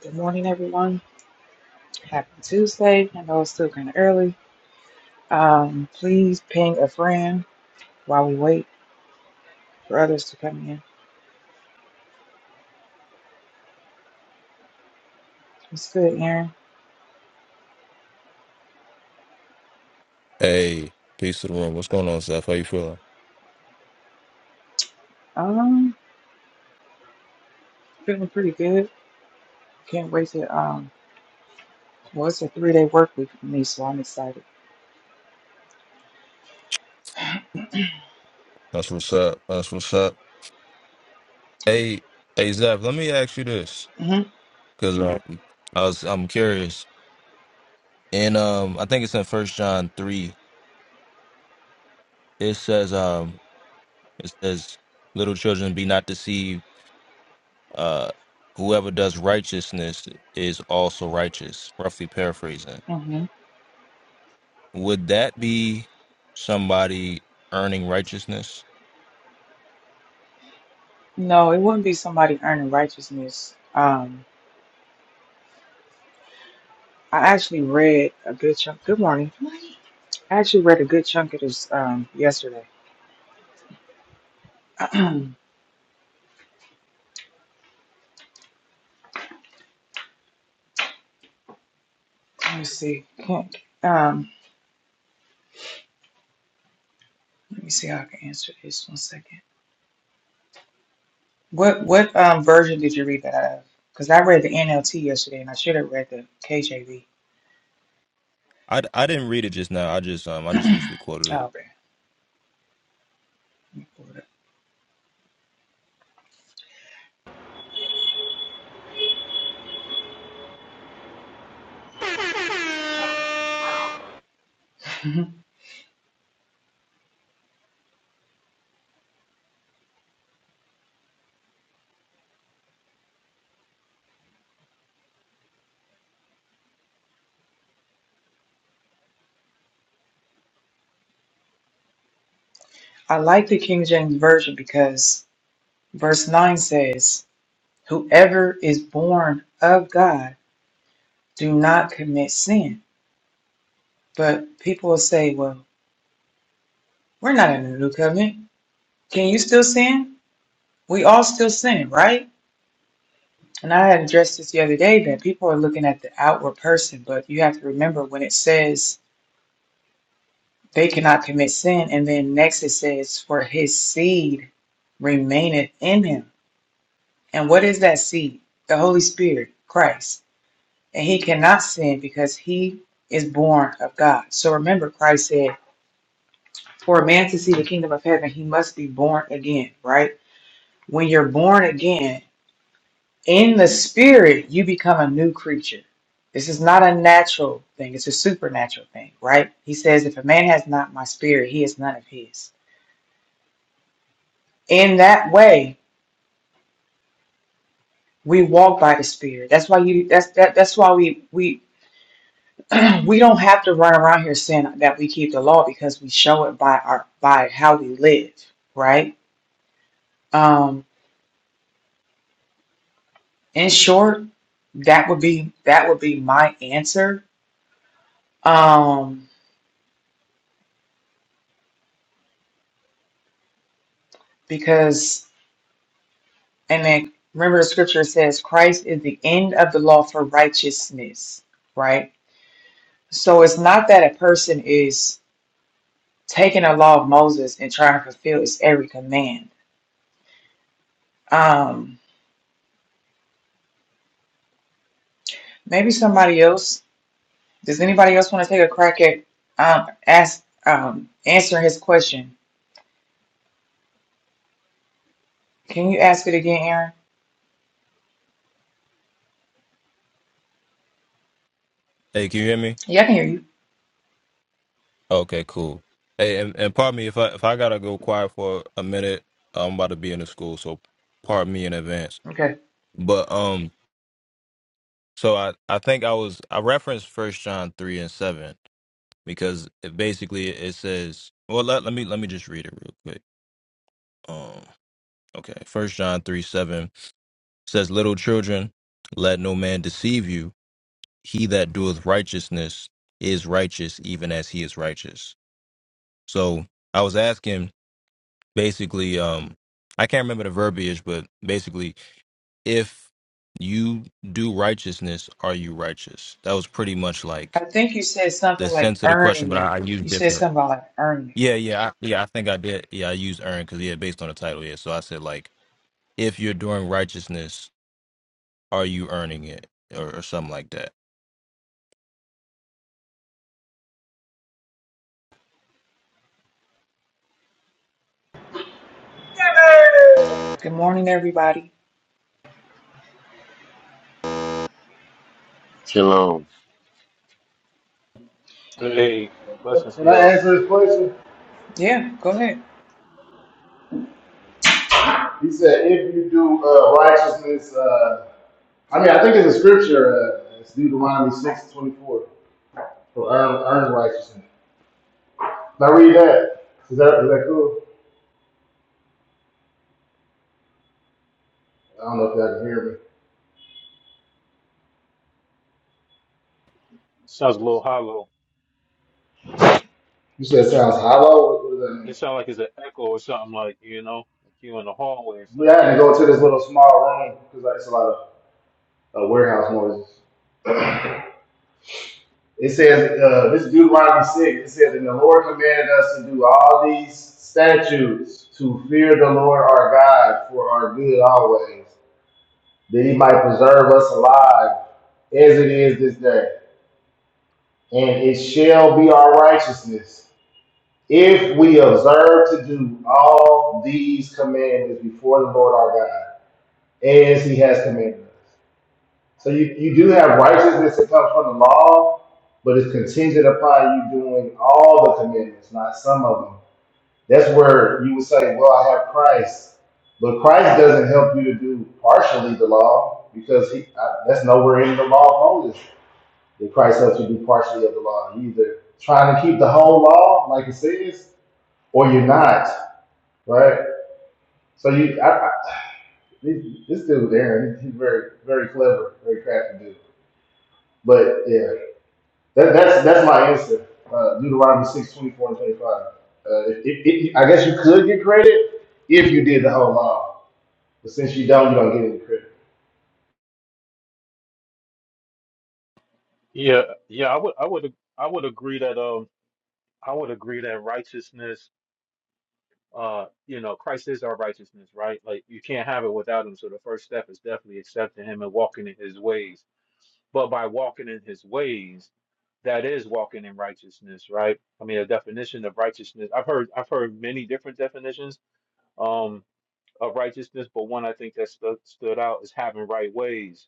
Good morning, everyone. Happy Tuesday. I know it's still kind of early. Um, please ping a friend while we wait for others to come in. It's good, Aaron. Hey, peace to the room. What's going on, Zeph? How you feeling? Um, feeling pretty good. Can't wait to um. Well, it's a three-day work week for me, so I'm excited. That's what's up. That's what's up. Hey, hey, Zeph. Let me ask you this, Mm-hmm. because um, I was I'm curious. And um, I think it's in First John three. It says um, it says, "Little children, be not deceived. Uh, whoever does righteousness is also righteous." Roughly paraphrasing. Mm-hmm. Would that be somebody earning righteousness? No, it wouldn't be somebody earning righteousness. Um, I actually read a good chunk. Good morning. I actually read a good chunk of this um yesterday. let me see. Can't um. Let me see how I can answer this. One second. What what um version did you read that out of? Because I read the NLT yesterday and I should have read the KJV. I I didn't read it just now. I just um I just loosely quoted it. Oh, man. Let me pull it up. I like the King James Version because verse 9 says, Whoever is born of God do not commit sin. But people will say, Well, we're not in the new covenant. Can you still sin? We all still sin, right? And I had addressed this the other day that people are looking at the outward person, but you have to remember when it says They cannot commit sin. And then next it says, For his seed remaineth in him. And what is that seed? The Holy Spirit, Christ. And he cannot sin because he is born of God. So remember, Christ said, For a man to see the kingdom of heaven, he must be born again, right? When you're born again, in the spirit, you become a new creature. This is not a natural thing, it's a supernatural thing, right? He says, If a man has not my spirit, he is none of his. In that way, we walk by the spirit that's why you that's that, that's why we we we don't have to run around here saying that we keep the law because we show it by our by how we live right um in short that would be that would be my answer um because and then remember the scripture says christ is the end of the law for righteousness right so it's not that a person is taking the law of moses and trying to fulfill its every command um Maybe somebody else. Does anybody else want to take a crack at um ask um answering his question? Can you ask it again, Aaron? Hey, can you hear me? Yeah, I can hear you. Okay, cool. Hey, and, and pardon me if I if I gotta go quiet for a minute. I'm about to be in the school, so pardon me in advance. Okay. But um, so I I think I was I referenced First John three and seven because it basically it says well let let me let me just read it real quick. Um, okay, First John three seven says, "Little children, let no man deceive you. He that doeth righteousness is righteous, even as he is righteous." So I was asking basically um i can't remember the verbiage but basically if you do righteousness are you righteous that was pretty much I like think you said the something like sense of the question earning but it. i, I You used said different something about like earning it. yeah yeah I, yeah i think i did yeah i used earn because yeah based on the title yeah so i said like if you're doing righteousness are you earning it or, or something like that Good morning, everybody. Shalom. Hey, blessings to Can I y'all. answer this question? Yeah, go ahead. He said, if you do uh, righteousness, uh, I mean, I think it's a scripture. Uh, it's Deuteronomy six twenty four for earn, earn righteousness. Now read that. Is that, is that cool? I don't know if y'all can hear me. Sounds a little hollow. You said it sounds hollow. What does that mean? It sounds like it's an echo or something like you know, like you in the hallway or We something. had to go to this little small room because like, it's a lot of uh, warehouse noises. It says, uh, this is Deuteronomy 6. It says, And the Lord commanded us to do all these statutes to fear the Lord our God for our good always that he might preserve us alive as it is this day. And it shall be our righteousness if we observe to do all these commandments before the Lord our God, as he has commanded us. So you, you do have righteousness that comes from the law, but it's contingent upon you doing all the commandments, not some of them. That's where you would say, Well, I have Christ. But Christ doesn't help you to do partially the law because he, I, that's nowhere in the law of Moses that Christ helps you be partially of the law. You're either trying to keep the whole law, like it says, or you're not, right? So you, I, I, this this dude Aaron, he's very, very clever, very crafty dude. But yeah, that, that's that's my answer. Uh, Deuteronomy six twenty four and twenty five. Uh, it, it, it, I guess you could get credit if you did the whole law, but since you don't, you don't get any credit. Yeah, yeah. I would, I would, I would agree that um, I would agree that righteousness, uh, you know, Christ is our righteousness, right? Like you can't have it without Him. So the first step is definitely accepting Him and walking in His ways. But by walking in His ways, that is walking in righteousness, right? I mean, a definition of righteousness. I've heard, I've heard many different definitions. Um. of righteousness, but one I think that stu- stood out is having right ways,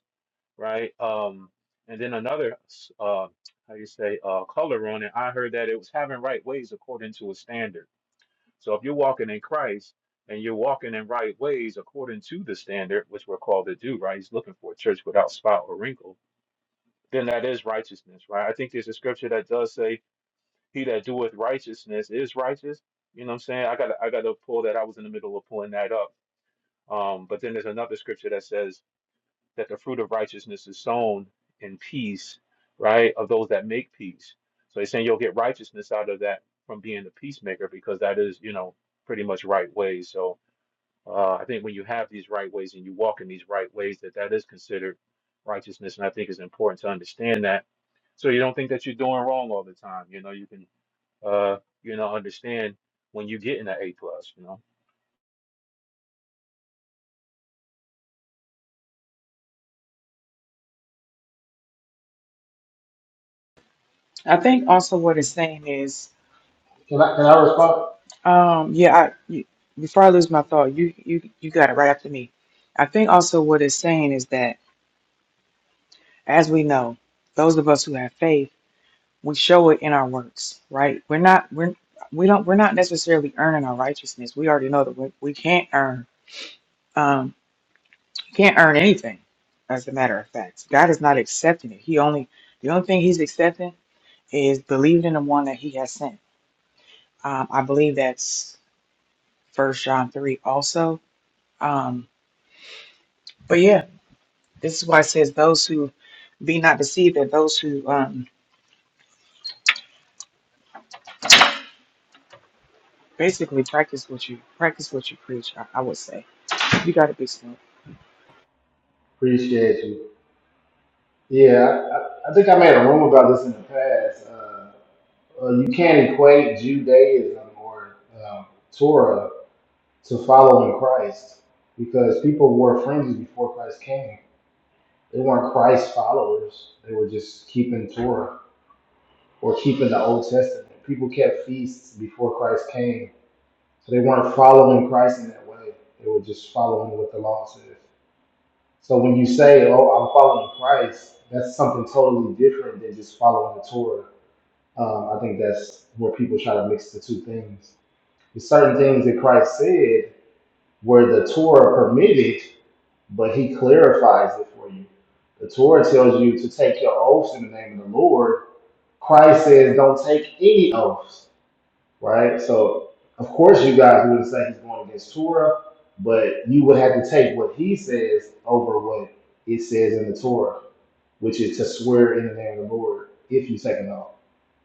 right? Um, and then another, uh, how you say, uh, color on it. I heard that it was having right ways according to a standard. So if you're walking in Christ and you're walking in right ways according to the standard, which we're called to do, right? He's looking for a church without spot or wrinkle. Then that is righteousness, right? I think there's a scripture that does say, "He that doeth righteousness is righteous." You know what I'm saying? I got to I got to pull that. I was in the middle of pulling that up um, but then there's another scripture that says that the fruit of righteousness is sown in peace, right, of those that make peace. So he's saying you'll get righteousness out of that from being a peacemaker because that is, you know, pretty much right ways. So uh, I think when you have these right ways and you walk in these right ways, that that is considered righteousness. And I think it's important to understand that so you don't think that you're doing wrong all the time. You know, you can, uh, you know, understand when you get in an A plus. You know. I think also what it's saying is, Can I can I respond? um, yeah, I you, before I lose my thought, you you you got it right after me. I think also what it's saying is that as we know, those of us who have faith we show it in our works, right? We're not we're we don't we're not necessarily earning our righteousness. We already know that we, we can't earn um can't earn anything as a matter of fact. God is not accepting it. He only the only thing he's accepting is believing in the one that he has sent. Um I believe that's first John three also. Um but yeah, this is why it says those who be not deceived that those who um basically practice what you practice what you preach, I, I would say. You gotta be smart. Appreciate you. Yeah, I, I I think I made a room about this in the past. Uh, Uh, you can't equate Judaism or um, Torah to following Christ because people wore fringes before Christ came. They weren't Christ followers. They were just keeping Torah or keeping the Old Testament. People kept feasts before Christ came. So they weren't following Christ in that way. They were just following what the law says. So when you say, oh, I'm following Christ, that's something totally different than just following the Torah. Um, I think that's where people try to mix the two things. certain things that Christ said where the Torah permitted, but he clarifies it for you. The Torah tells you to take your oaths in the name of the Lord. Christ says don't take any oaths, right? So, of course, you guys wouldn't say he's going against Torah, but you would have to take what he says over what it says in the Torah, which is to swear in the name of the Lord if you take an oath.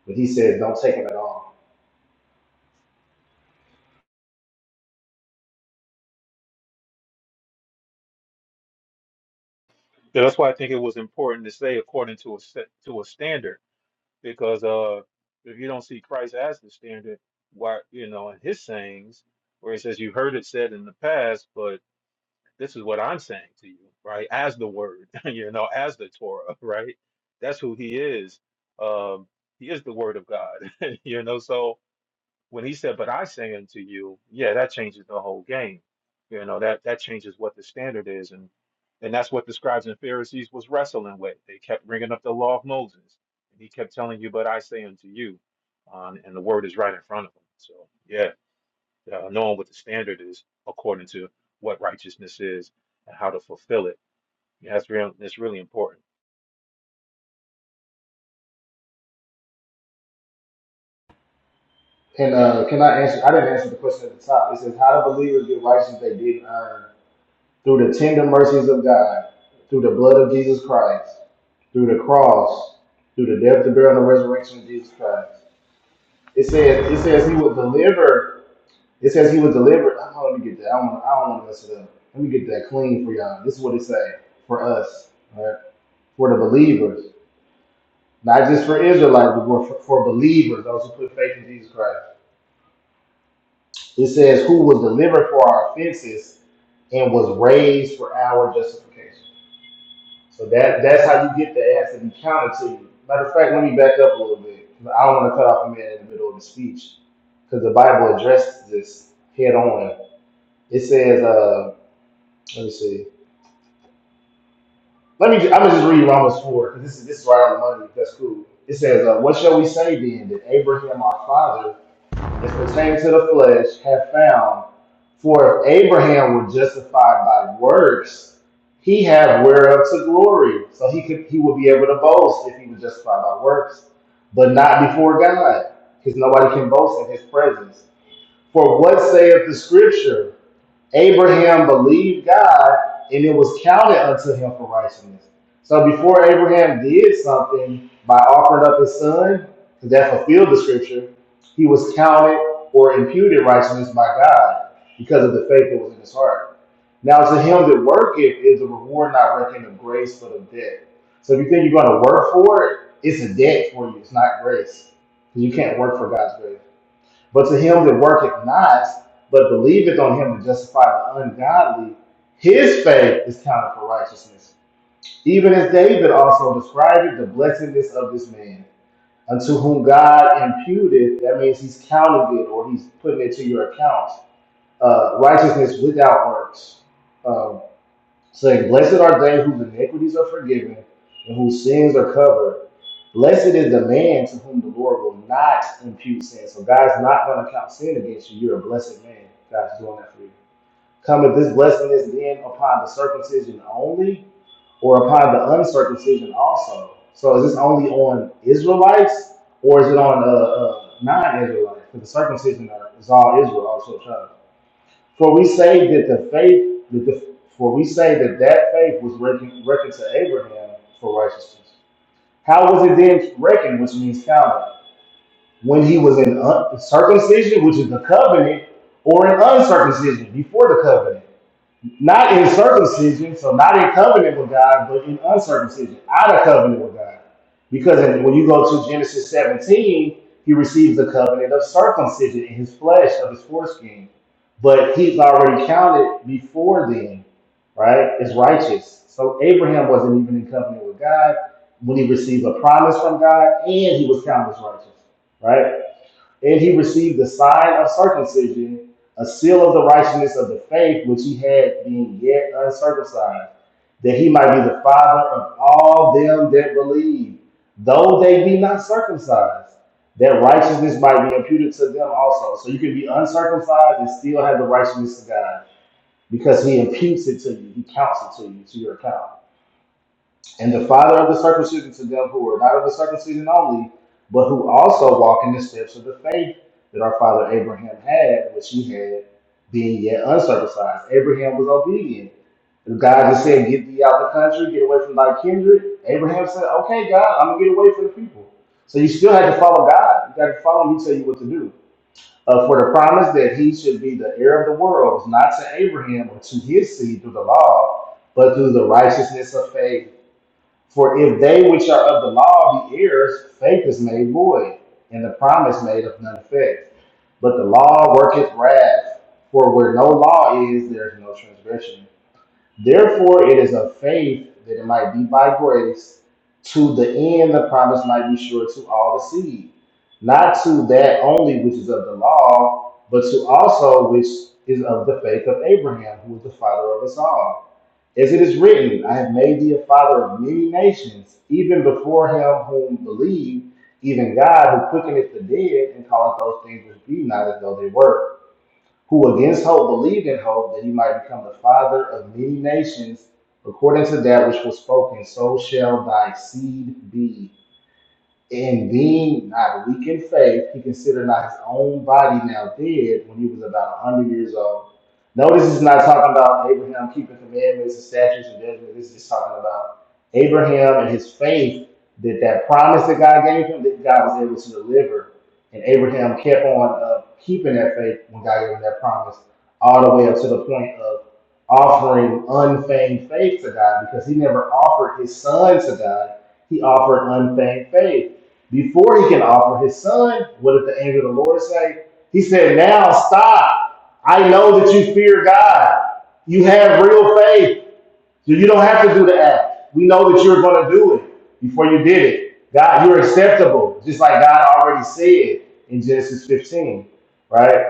But he says don't take it at all. Yeah, that's why I think it was important to say according to a set, to a standard, because uh, if you don't see Christ as the standard, why you know in his sayings where he says you heard it said in the past, but this is what I'm saying to you, right? As the word, you know, as the Torah, right? That's who he is. Um, he is the word of God, you know. So when he said, "But I say unto you," yeah, that changes the whole game. You know that that changes what the standard is, and and that's what the scribes and Pharisees was wrestling with. They kept bringing up the law of Moses, and he kept telling you, "But I say unto you," um, and the word is right in front of them. So yeah, uh, knowing what the standard is according to what righteousness is and how to fulfill it, yeah, that's real. That's really important. Can uh can I answer? I didn't answer the question at the top. It says, "How do believers get righteousness they didn't earn through the tender mercies of God, through the blood of Jesus Christ, through the cross, through the death, the burial, and the resurrection of Jesus Christ." It says it says He would deliver. It says He would deliver. I don't let me get that. I don't wanna- I don't want to mess it up. Let me get that clean for y'all. This is what it say for us, all right? For the believers, not just for Israelites, but for, for believers, those who put faith in Jesus Christ It says, who was delivered for our offenses and was raised for our justification. So that that's how you get the ass to be counted to you. Matter of fact, let me back up a little bit. I don't want to cut off a man in the middle of the speech because the Bible addresses this head on. It says, uh, let me see. Let me. Ju- I'm gonna just read Romans four because this is this is right on the money. That's cool. It says, uh, "What shall we say then? That Abraham our father as pertaining to the flesh have found. For if Abraham were justified by works, he had whereof to glory. So he could he would be able to boast if he was justified by works, but not before God, because nobody can boast in his presence. For what saith the scripture? Abraham believed God and it was counted unto him for righteousness. So before Abraham did something by offering up his son, because that fulfilled the scripture, he was counted or imputed righteousness by God because of the faith that was in his heart. Now to him that worketh is a reward not reckoned of grace but of debt. So if you think you're going to work for it, it's a debt for you. It's not grace. Because You can't work for God's grace. But to him that worketh not, but believeth on him to justify the ungodly, his faith is counted for righteousness. Even as David also described the blessedness of this man, unto whom God imputed, that means he's counting it or he's putting it to your account, uh, righteousness without works. Uh, saying, Blessed are they whose iniquities are forgiven and whose sins are covered. Blessed is the man to whom the Lord will not impute sin. So God's not going to count sin against you. You're a blessed man. God's doing that for you. Cometh this blessing is then upon the circumcision only, or upon the uncircumcision also. So is this only on Israelites, or is it on uh, uh, non-Israelites? Because the circumcision is all Israel, also. For we say that the faith, that the, for we say that that faith was reckoned, reckoned to Abraham for righteousness. How was it then reckoned, which means counted, when he was in un- circumcision, which is the covenant, or in uncircumcision before the covenant? not in circumcision, so not in covenant with God, but in uncircumcision, out of covenant with God. Because in- when you go to Genesis 17, he receives the covenant of circumcision in his flesh of his foreskin. But he's already counted before then, right? As righteous. So Abraham wasn't even in covenant with God when he received a promise from God, and he was counted as righteous, right? And he received the sign of circumcision, a seal of the righteousness of the faith which he had being yet uncircumcised, that he might be the father of all them that believe, though they be not circumcised, that righteousness might be imputed to them also. So you can be uncircumcised and still have the righteousness of God because he imputes it to you, he counts it to you, to your account. And the father of the circumcision to them who are not of the circumcision only, but who also walk in the steps of the faith that our father Abraham had, which he had, being yet uncircumcised. Abraham was obedient. If God just said, Get thee out the country, get away from thy kindred, Abraham said, Okay, God, I'm going to get away from the people. So you still had to follow God. You got to follow him, he tell you what to do. Uh, for the promise that he should be the heir of the world was not to Abraham or to his seed through the law, but through the righteousness of faith for if they which are of the law be heirs, faith is made void, and the promise made of none effect. But the law worketh wrath, for where no law is, there is no transgression. Therefore it is of faith that it might be by grace, to the end the promise might be sure to all the seed, not to that only which is of the law, but to also which is of the faith of Abraham, who is the father of us all. As it is written, I have made thee a father of many nations, even before him whom believed, even God who quickeneth the dead and calleth those things which be not as though they were, who against hope believed in hope that he might become the father of many nations, according to that which was spoken, so shall thy seed be. And being not weak in faith, he considered not his own body now dead when he was about a 100 years old. Notice he's not talking about Abraham keeping commandments and statutes and judgments. This is just talking about Abraham and his faith that that promise that God gave him, that God was able to deliver. And Abraham kept on uh, keeping that faith when God gave him that promise, all the way up to the point of offering unfeigned faith to God because he never offered his son to God. He offered unfeigned faith before he can offer his son, what did the angel of the Lord say? He said, Now stop. I know that you fear God. You have real faith. So you don't have to do the act. We know that you're going to do it before you did it. God, you're acceptable, just like God already said in Genesis 15, right?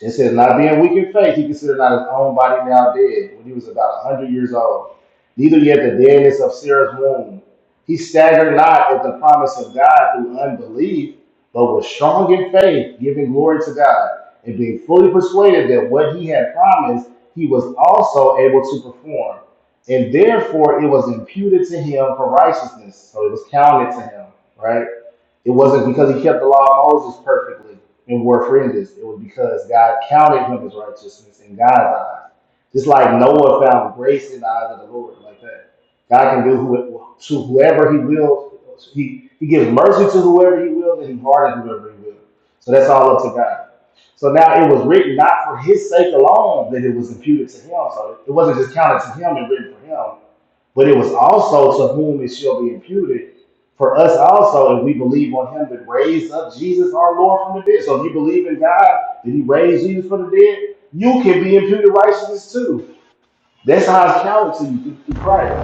It says, not being weak in faith, he considered not his own body now dead when he was about a hundred years old, neither yet the deadness of Sarah's womb. He staggered not at the promise of God through unbelief, but was strong in faith, giving glory to God, and being fully persuaded that what he had promised, he was also able to perform. And therefore it was imputed to him for righteousness. So it was counted to him, right? It wasn't because he kept the law of Moses perfectly and wore fringes. It was because God counted him as righteousness in God's eyes. Just like Noah found grace in the eyes of the Lord, like that. God can do who, to whoever he will. He, he gives mercy to whoever he will, and he hardens whoever he will. So that's all up to God. So now it was written not for his sake alone that it was imputed to him. So it wasn't just counted to him and written for him. But it was also to whom it shall be imputed. For us also, if we believe on him that raised up Jesus our Lord from the dead. So if you believe in God that he raised Jesus from the dead, you can be imputed righteousness too. That's how it's counted to you through, through Christ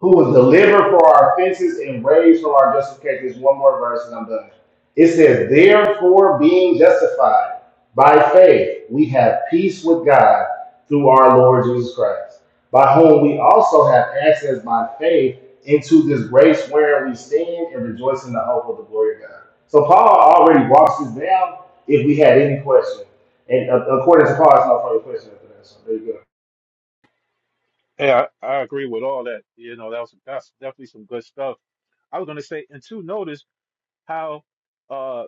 who was delivered for our offenses and raised for our justifications. One more verse and I'm done. It says, Therefore, being justified by faith, we have peace with God through our Lord Jesus Christ, by whom we also have access by faith into this grace where we stand and rejoice in the hope of the glory of God. So Paul already walks us down if we had any question. And uh, according to Paul, it's no further question after that. So there you go. Yeah, I, I agree with all that. You know, that was that's definitely some good stuff. I was gonna say, and two, notice. how uh,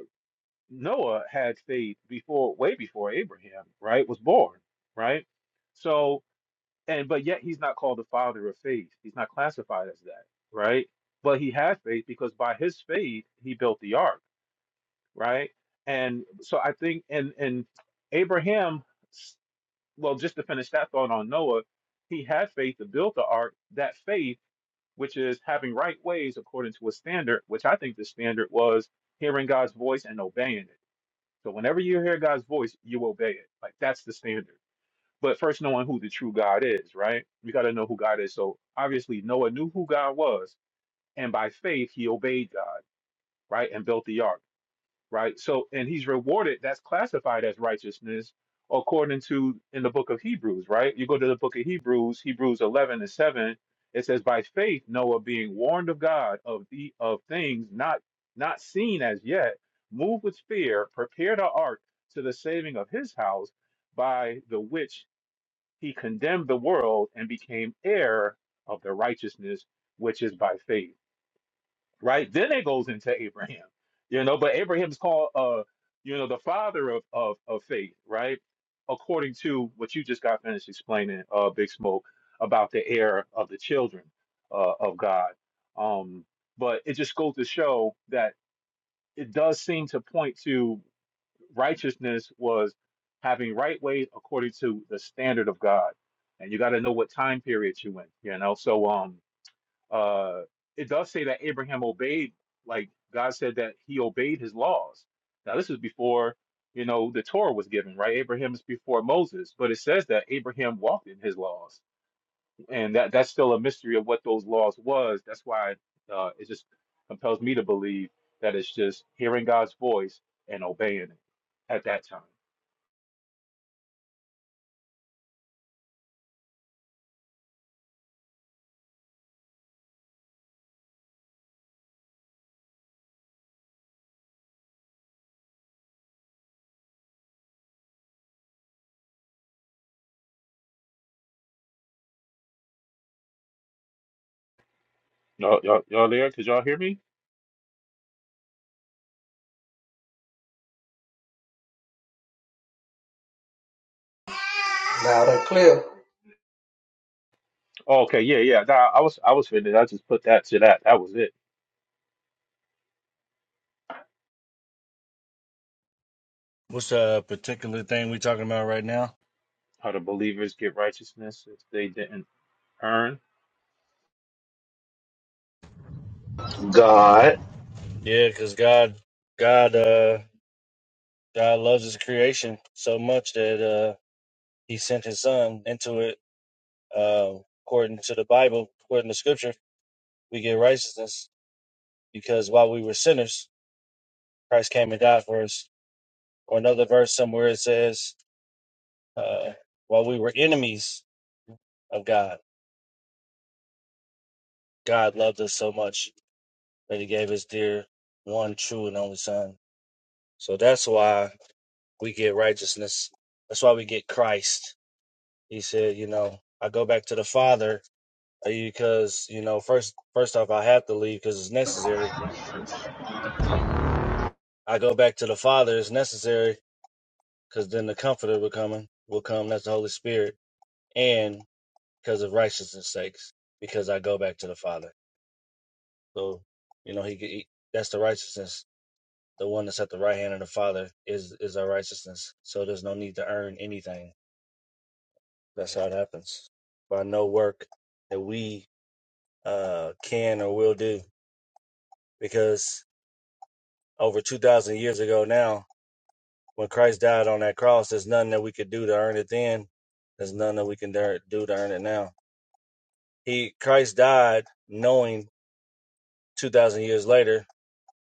Noah had faith before, way before Abraham, right, was born, right? So, and but yet he's not called the father of faith. He's not classified as that, right? But he had faith because by his faith he built the ark, right? And so I think, and and Abraham, s- well, just to finish that thought on Noah, he had faith to build the ark. That faith which is having right ways according to a standard, which I think the standard was hearing God's voice and obeying it. So whenever you hear God's voice, you obey it. Like that's the standard. But first, knowing who the true God is, right? You got to know who God is. So obviously, Noah knew who God was, and by faith, he obeyed God, right? And built the ark right? So, and he's rewarded, that's classified as righteousness according to in the book of Hebrews, right? You go to the book of Hebrews, Hebrews 11 and 7, it says, By faith, Noah being warned of God of the of things not not seen as yet, moved with fear, prepared an ark to the saving of his house, by the which he condemned the world and became heir of the righteousness which is by faith right? Then it goes into Abraham, you know. But Abraham's called, uh, you know, the father of of of faith, right? According to what you just got finished explaining, uh, Big Smoke, about the heir of the children uh, of God. Um, but it just goes to show that it does seem to point to righteousness was having right ways according to the standard of God, and you got to know what time period you in, you know. So, um, uh, it does say that Abraham obeyed, like God said that he obeyed his laws. Now, this is before, you know, the Torah was given, right? Abraham is before Moses, but it says that Abraham walked in his laws. And that, that's still a mystery of what those laws was. That's why uh, it just compels me to believe that it's just hearing God's voice and obeying it at that time. Y'all, y'all, y'all there? Could y'all hear me? Now and clear. Oh, okay, yeah, yeah. Nah, I was, I was finished. I just put that to that. That was it. What's the particular thing we are talking about right now? How the believers get righteousness if they didn't earn? God. Yeah, because God, God, uh, God loves His creation so much that uh, He sent His Son into it. Uh, according to the Bible, according to Scripture, we get righteousness because while we were sinners, Christ came and died for us. Or another verse somewhere it says, uh, "While we were enemies of God, God loved us so much that He gave His dear, one true and only Son." So that's why. we get righteousness. That's why we get Christ. He said, you know, I go back to the Father because, you know, first first off, I have to leave because it's necessary. I go back to the Father. It's necessary because then the Comforter will come. Will come. That's the Holy Spirit, and because of righteousness' sakes, because I go back to the Father. So, you know, he, he that's the righteousness. The one that's at the right hand of the Father is is our righteousness. So there's no need to earn anything. That's how it happens by no work that we uh, can or will do because over 2,000 years ago now, when Christ died on that cross, there's nothing that we could do to earn it then. There's nothing that we can dar- do to earn it now. He Christ died knowing 2,000 years later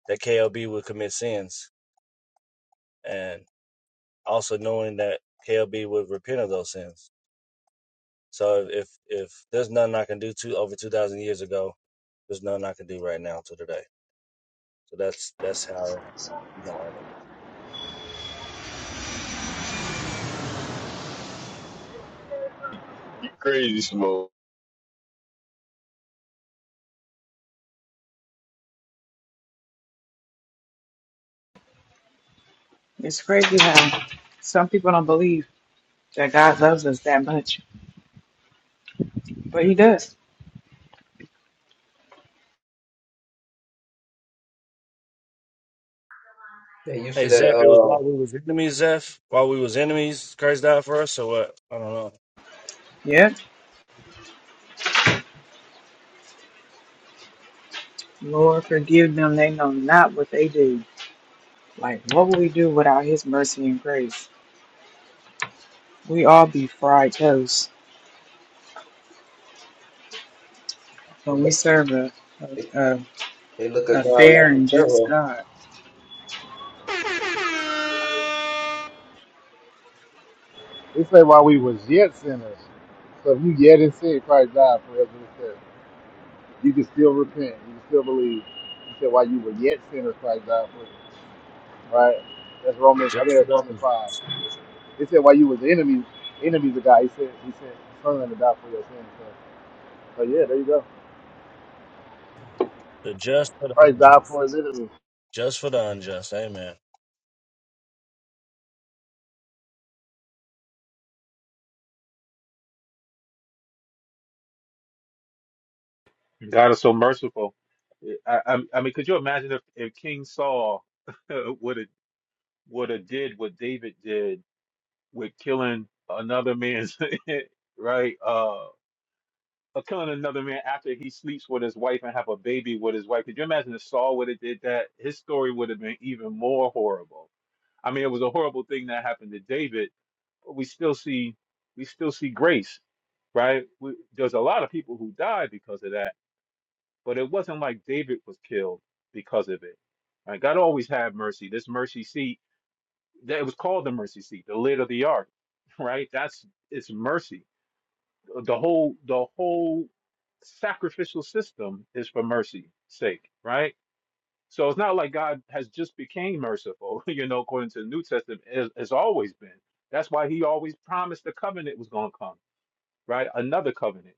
that KLB would commit sins and also knowing that KLB would repent of those sins. So if if there's nothing I can do to over 2,000 years ago, there's nothing I can do right now to today. So that's that's how you don't earn it. You crazy, Smoke. It's crazy how some people don't believe that God loves us that much, but He does. They used Hey to that. Zeph, it was Uh, while we was enemies, Zeph. While we was enemies, Christ died for us, So what? I don't know. Yep. Lord, forgive them. They know not what they do. Like, what would we do without His mercy and grace? We all be fried toast they when we look, serve a, they, a, a, they look at a God fair like he's and just Pharaoh. God. They say while we was yet sinners. So if you yet in sin, Christ died for us in the sin. You can still repent. You can still believe. He said while you were yet sinners, Christ died for you. Right? That's The Romans. I think just for that's the Romans unjust. five. It said while you was enemies, enemies of God. He said he said son to die for your sins. So, so yeah, there you go. The just for the Christ died unjust. for his enemies. Just for the unjust. Amen. God is so merciful. I, I, I mean, could you imagine if, if King Saul would have would have did what David did with killing another man's right? Uh, uh, killing another man after he sleeps with his wife and have a baby with his wife. Could you imagine if Saul would have did that? His story would have been even more horrible. I mean, it was a horrible thing that happened to David, but we still see we still see grace, right? We, there's a lot of people who died because of that, but it wasn't like David was killed because of it. Right? God always had mercy. This mercy seat, that it was called the mercy seat, the lid of the ark, right? That's it's mercy. The whole the whole sacrificial system is for mercy's sake, right? So it's not like God has just became merciful, you know, according to the New Testament, it has always been. That's why he always promised the covenant was going to come right? Another covenant.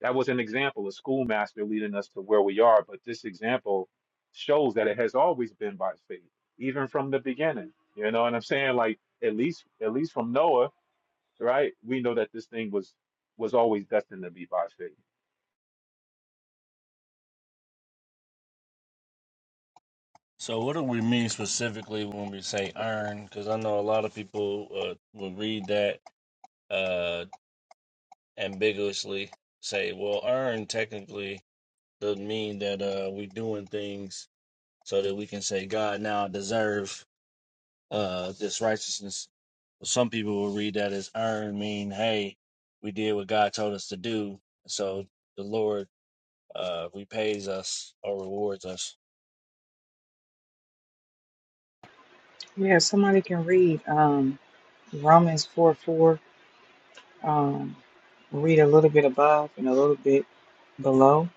That was an example, a schoolmaster leading us to where we are. But this example shows that it has always been by faith, even from the beginning. You know what I'm saying? Like at least at least from Noah, right? We know that this thing was was always destined to be by faith. So what do we mean specifically when we say earn? Because I know a lot of people uh, will read that uh, ambiguously, say, well, earn technically does mean that uh, we doing things so that we can say, God, now I deserve uh, this righteousness some people will read that as earn mean hey we did what god told us to do so the lord uh repays us or rewards us Yeah, if somebody can read um, Romans 4 4, um, read a little bit above and a little bit below.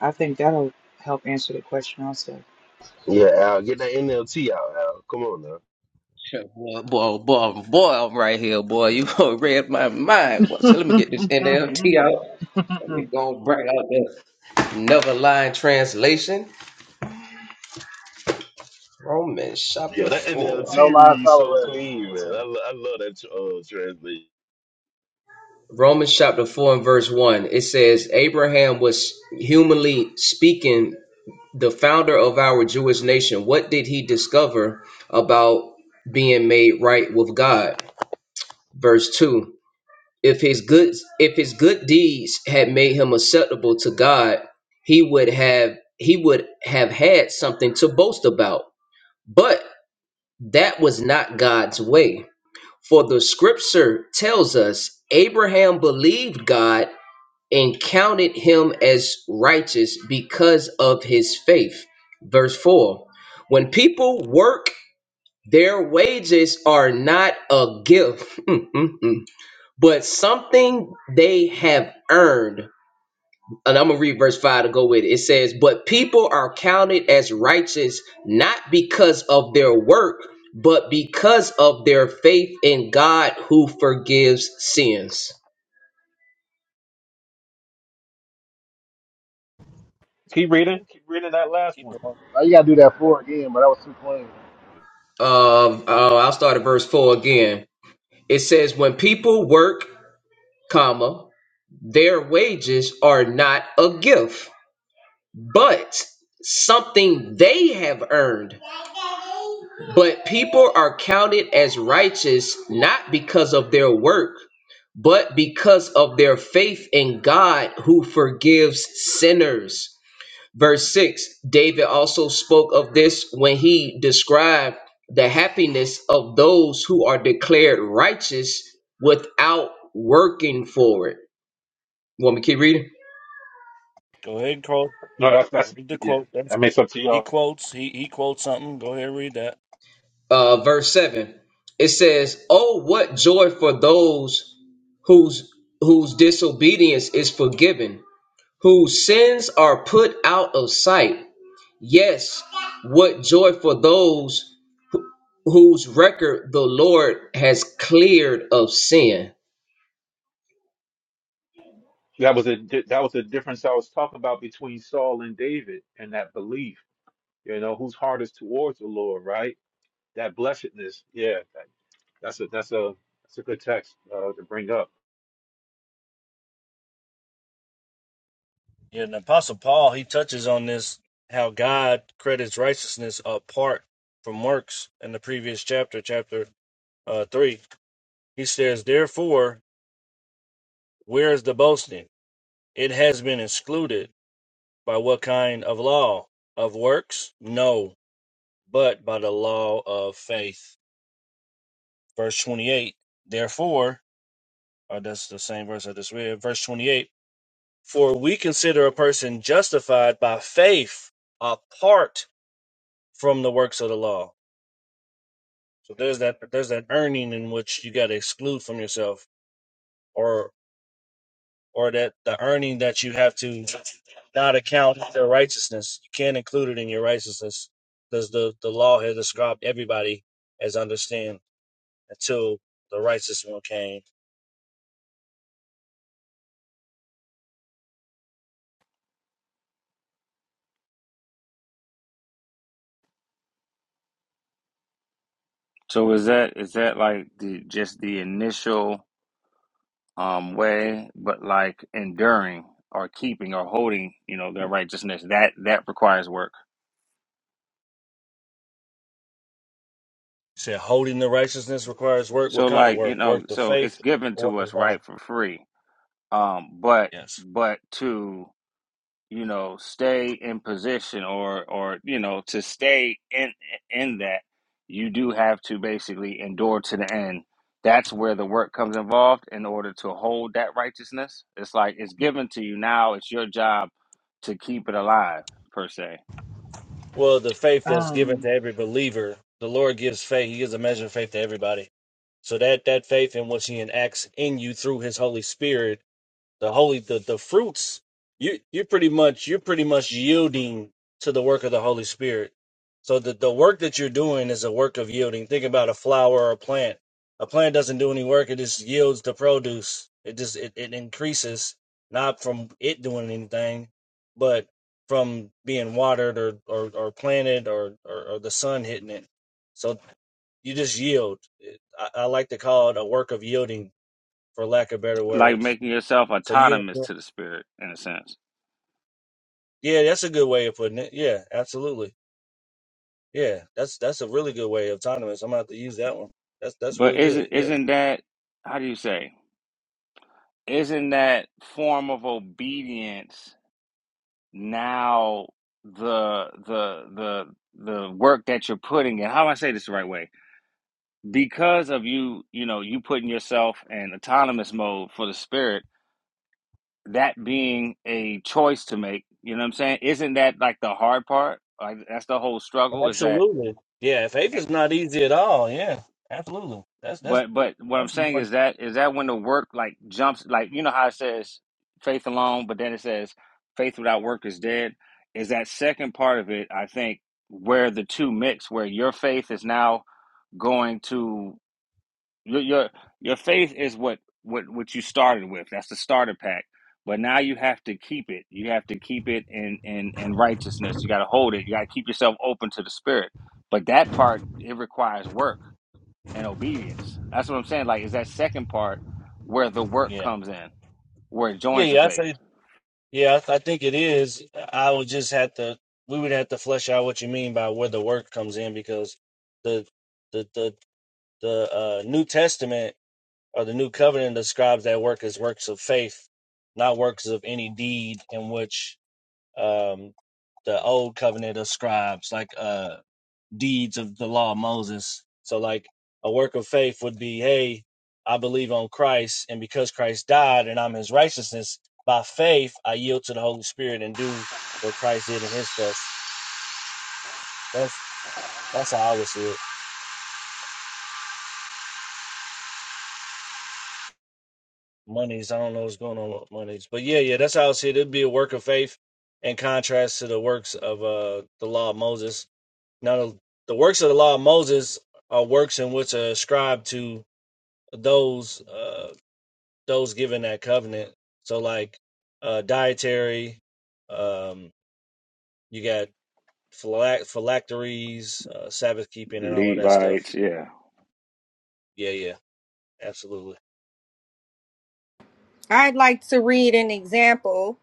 I think that'll help answer the question also. Yeah, Al, get that NLT out, Al. Come on now. Shit, Boy, boy, boy, boy, I'm right here, boy. You read my mind. Boy. So let me get this NLT out. Let me go and bring out the Never Lying Translation. Romans chapter Yeah, that 4. No NLT lies reads so tolerated. clean, man. I, lo- I love that uh, translation. Romans chapter 4 and verse 1. It says, Abraham was humanly speaking the founder of our Jewish nation. What did he discover about being made right with God? verse 2 if his good if his good deeds had made him acceptable to god he would have he would have had something to boast about but that was not god's way for the scripture tells us abraham believed god and counted him as righteous because of his faith verse 4 when people work their wages are not a gift but something they have earned. And I'm going to read verse 5 to go with it. It says, But people are counted as righteous not because of their work, but because of their faith in God who forgives sins. Keep reading. Keep reading that last Keep one. going. Now you gotta do that four again, but that was too plain. Uh, uh, I'll start at verse 4 again. It says, When people work, comma, their wages are not a gift, but something they have earned But people are counted as righteous not because of their work, but because of their faith in God who forgives sinners. Verse 6 David also spoke of this when he described the happiness of those who are declared righteous without working for it. Want me to keep reading? go ahead and quote No, that's that's read the yeah. quote I That's, mean, it's up to he y'all. quotes he, he quotes something go ahead and read that uh, verse 7 it says oh what joy for those whose whose disobedience is forgiven whose sins are put out of sight yes what joy for those who- whose record the lord has cleared of sin That was a di- that was the difference I was talking about between Saul and David and that belief. You know, whose heart is towards the Lord, right? that blessedness. Yeah, that, that's a that's a that's a good text uh, to bring up. yeah and apostle paul he touches on this how god credits righteousness apart from works in the previous chapter chapter uh three he says therefore where is the boasting it has been excluded By what kind of law? Of works? No, but by the law of faith. Verse 28. Therefore, or that's the same verse I just read. Verse 28. For we consider a person justified by faith apart from the works of the law. So there's that there's that earning in which you got to exclude from yourself, or or that the earning that you have to not account their righteousness. You can't include it in your righteousness because the, the law has described everybody as understand until the righteous one came. It So is that is that like the just the initial um way, but like enduring or keeping or holding, you know, their righteousness that that requires work. said holding the righteousness requires work. What So kind of like you work? know, Work the so it's faith or given work to the us law? right for free. Um, but Yes. but to you know stay in position or or you know to stay in in that you do have to basically endure to the end that's where the work comes involved in order to hold that righteousness it's like it's given to you now it's your job to keep it alive per se Well, the faith that's given um, to every believer, the Lord gives faith. He gives a measure of faith to everybody. So that that faith in which he enacts in you through his Holy Spirit the holy the, the fruits you you pretty much you're pretty much yielding to the work of the holy spirit so the, the work that you're doing is a work of yielding think about a flower or a plant a plant doesn't do any work it just yields the produce it just it, it increases not from it doing anything but from being watered or or, or planted or, or or the sun hitting it so you just yield I, I like to call it a work of yielding for lack of better like words making yourself so you're autonomous to the spirit in a sense Yeah, that's a good way of putting it. Yeah, absolutely. Yeah, that's that's a really good way of autonomous. I'm gonna have to use that one. That's that's but really good. isn't Yeah, isn't that how do you say isn't that form of obedience now the the the the work that you're putting in how do i say this the right way because of you you know you putting yourself in autonomous mode for the spirit that being a choice to make you know what i'm saying isn't that like the hard part like that's the whole struggle is that absolutely. Yeah, faith eh, is not easy at all. Yeah, absolutely. That's that's But but what I'm that's saying more. is that is that when the work like jumps like you know how it says faith alone, but then it says faith without work is dead. Is that second part of it? I think where the two mix, where your faith is now going to your your, your faith is what what what you started with. That's the starter pack. But now you have to keep it. You have to keep it in in in righteousness. You got to hold it. You got to keep yourself open to the spirit. But that part it requires work and obedience. That's what I'm saying. Like, is that second part where the work Yeah, comes in, where it yeah, joins the yeah. I faith? say. Yeah, I, I think it is. I would just have to. We would have to flesh out what you mean by where the work comes in because the the the the uh, New Testament or the New Covenant describes that work as works of faith, not works of any deed in which um, the old covenant of scribes, like uh, deeds of the law of Moses. So, like a work of faith would be, hey, I believe on Christ, and because Christ died and I'm His righteousness, by faith I yield to the Holy Spirit and do what Christ did in His flesh. That's that's how I would see it. Monies, I don't know what's going on with monies, but yeah, yeah, that's how I would see it. It'd be a work of faith in contrast to the works of uh, the law of Moses Now, the works of the law of Moses are works in which are ascribed to those uh, those given that covenant. So, like uh, dietary, um, you got phylacteries, uh, Sabbath keeping, and all of that stuff. Levites, yeah. Yeah, yeah, absolutely. I'd like to read an example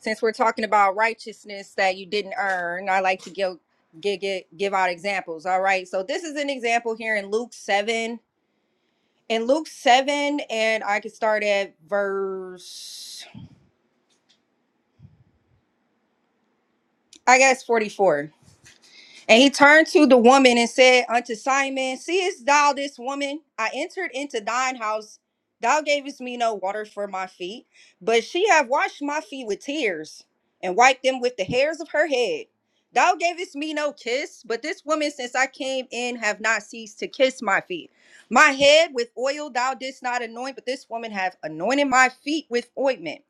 since we're talking about righteousness that you didn't earn. I like to give, give, give give out examples. All right. So this is an example here in Luke 7. In Luke 7, and I could start at verse, I guess, 44. And he turned to the woman and said unto Simon, Seest thou this woman? I entered into thine house. Thou gavest me no water for my feet, but she hath washed my feet with tears and wiped them with the hairs of her head. Thou gavest me no kiss, but this woman since I came in have not ceased to kiss my feet. My head with oil thou didst not anoint, but this woman hath anointed my feet with ointment.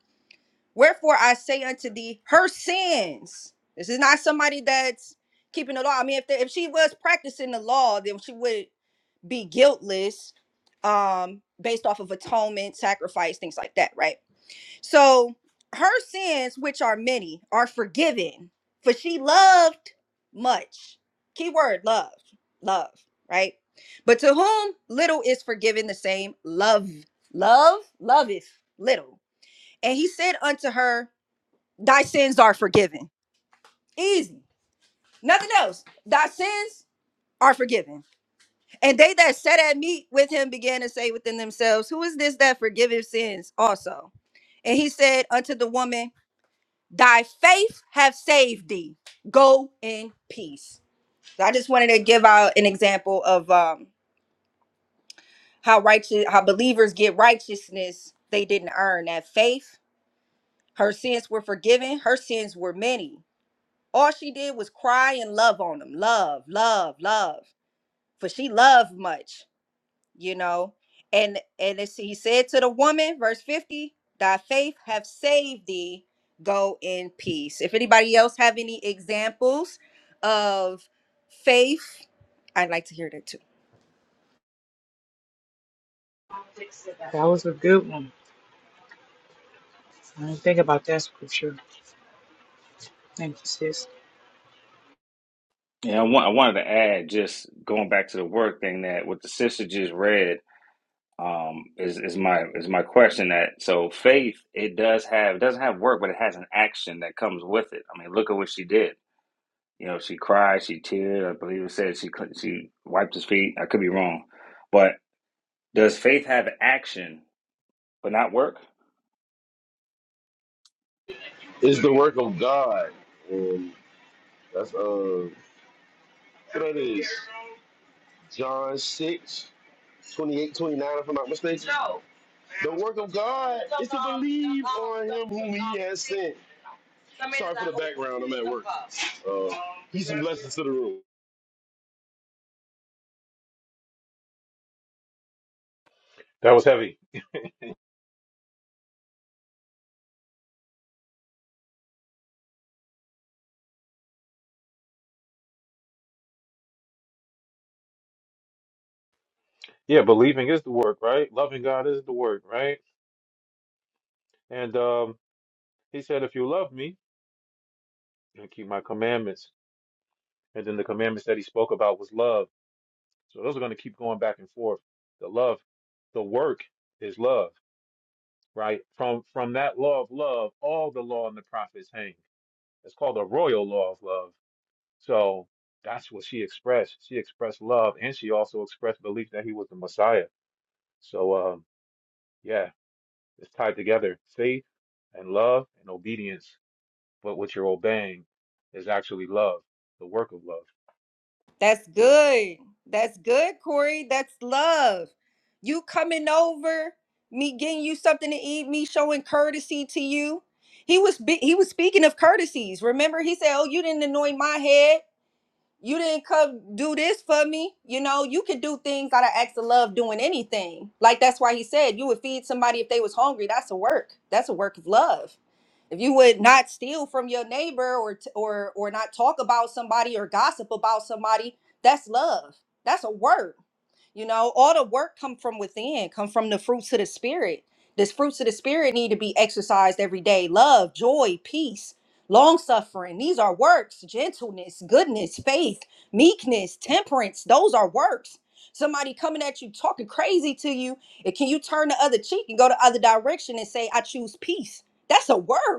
Wherefore I say unto thee, her sins. This is not somebody that's keeping the law. I mean, if they, if she was practicing the law, then she would be guiltless, um, based off of atonement, sacrifice, things like that, right? So her sins, which are many, are forgiven, for she loved much. Key word: love, love, right? But to whom little is forgiven, the same love, love, loveth little. And he said unto her thy sins are forgiven. Easy. Nothing else. Thy sins are forgiven. And they that sat at meat with him began to say within themselves, Who is this that forgiveth sins also? And he said unto the woman, Thy faith hath saved thee. Go in peace. So I just wanted to give out an example of um, how righteous, how believers get righteousness they didn't earn. That faith, her sins were forgiven. Her sins were many. All she did was cry and love on him. Love, love, love. For she loved much, you know. And and it's, he said to the woman, verse 50, thy faith have saved thee. Go in peace. If anybody else have any examples of faith, I'd like to hear that too. that was a good one. I didn't think about that scripture. Thank you, sis. And I, want, I wanted to add, just going back to the work thing, that what the sister just read um, is is my is my question. That so faith it does have it doesn't have work, but it has an action that comes with it. I mean, look at what she did. You know, she cried, she teared. I believe it said she cl- she wiped his feet. I could be wrong, but does faith have action but not work? It's the work of God. And that's, uh, what that is? John 6 28, 29. if I'm not mistaken. The work of God is to believe on him whom he has sent. Sorry for the background. I'm at work. Uh, peace and blessings to the room. That was heavy. Yeah, believing is the work, right? Loving God is the work, right? And um, he said, "If you love me, and keep my commandments." And then the commandments that he spoke about was love. So those are going to keep going back and forth. The love, the work is love, right? From from that law of love, all the law and the prophets hang. It's called the royal law of love So that's what she expressed. She expressed love and she also expressed belief that he was the Messiah. So um yeah, it's tied together. Faith and love and obedience. But what you're obeying is actually love, the work of love. That's good. That's good, Corey. That's love. You coming over, me getting you something to eat, me showing courtesy to you. He was be- he was speaking of courtesies. Remember, he said, "Oh, you didn't anoint my head." You didn't come do this for me. You know, you could do things out of acts of love doing anything. Like that's why he said you would feed somebody if they was hungry. That's a work. That's a work of love. If you would not steal from your neighbor or t- or or not talk about somebody or gossip about somebody, that's love. That's a work. You know, all the work come from within, come from the fruits of the spirit. This fruits of the spirit need to be exercised every day. Love, joy, peace, long suffering. These are works, gentleness, goodness, faith, meekness, temperance. Those are works. Somebody coming at you talking crazy to you, and can you turn the other cheek and go the other direction and say, I choose peace? That's a work.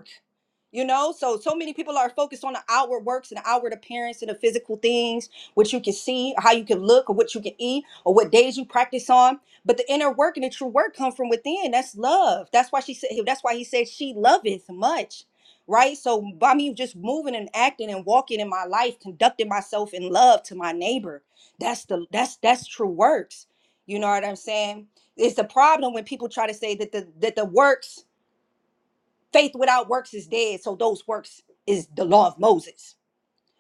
You know, so so many people are focused on the outward works and the outward appearance and the physical things, what you can see, or how you can look, or what you can eat, or what days you practice on. But the inner work and the true work come from within. That's love. That's why she said. That's why he said she loveth much, right? So by me just moving and acting and walking in my life, conducting myself in love to my neighbor, that's the that's that's true works. You know what I'm saying? It's the problem when people try to say that the that the works faith without works is dead so those works is the law of moses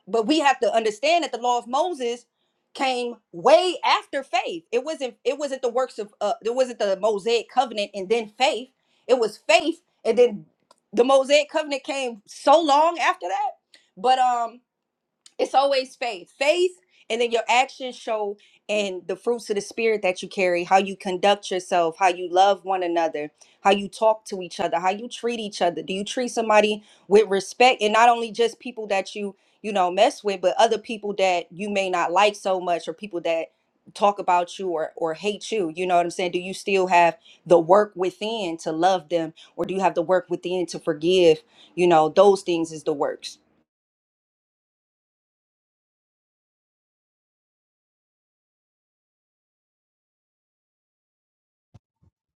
but we have to understand that the law of moses came way after faith it wasn't it wasn't the works of uh it wasn't the mosaic covenant and then faith it was faith and then the mosaic covenant came so long after that but um it's always faith. Faith, and then your actions show and the fruits of the spirit that you carry, how you conduct yourself, how you love one another, how you talk to each other, how you treat each other. Do you treat somebody with respect and not only just people that you, you know, mess with, but other people that you may not like so much or people that talk about you or or hate you. You know what I'm saying? Do you still have the work within to love them or do you have the work within to forgive? You know, those things is the works.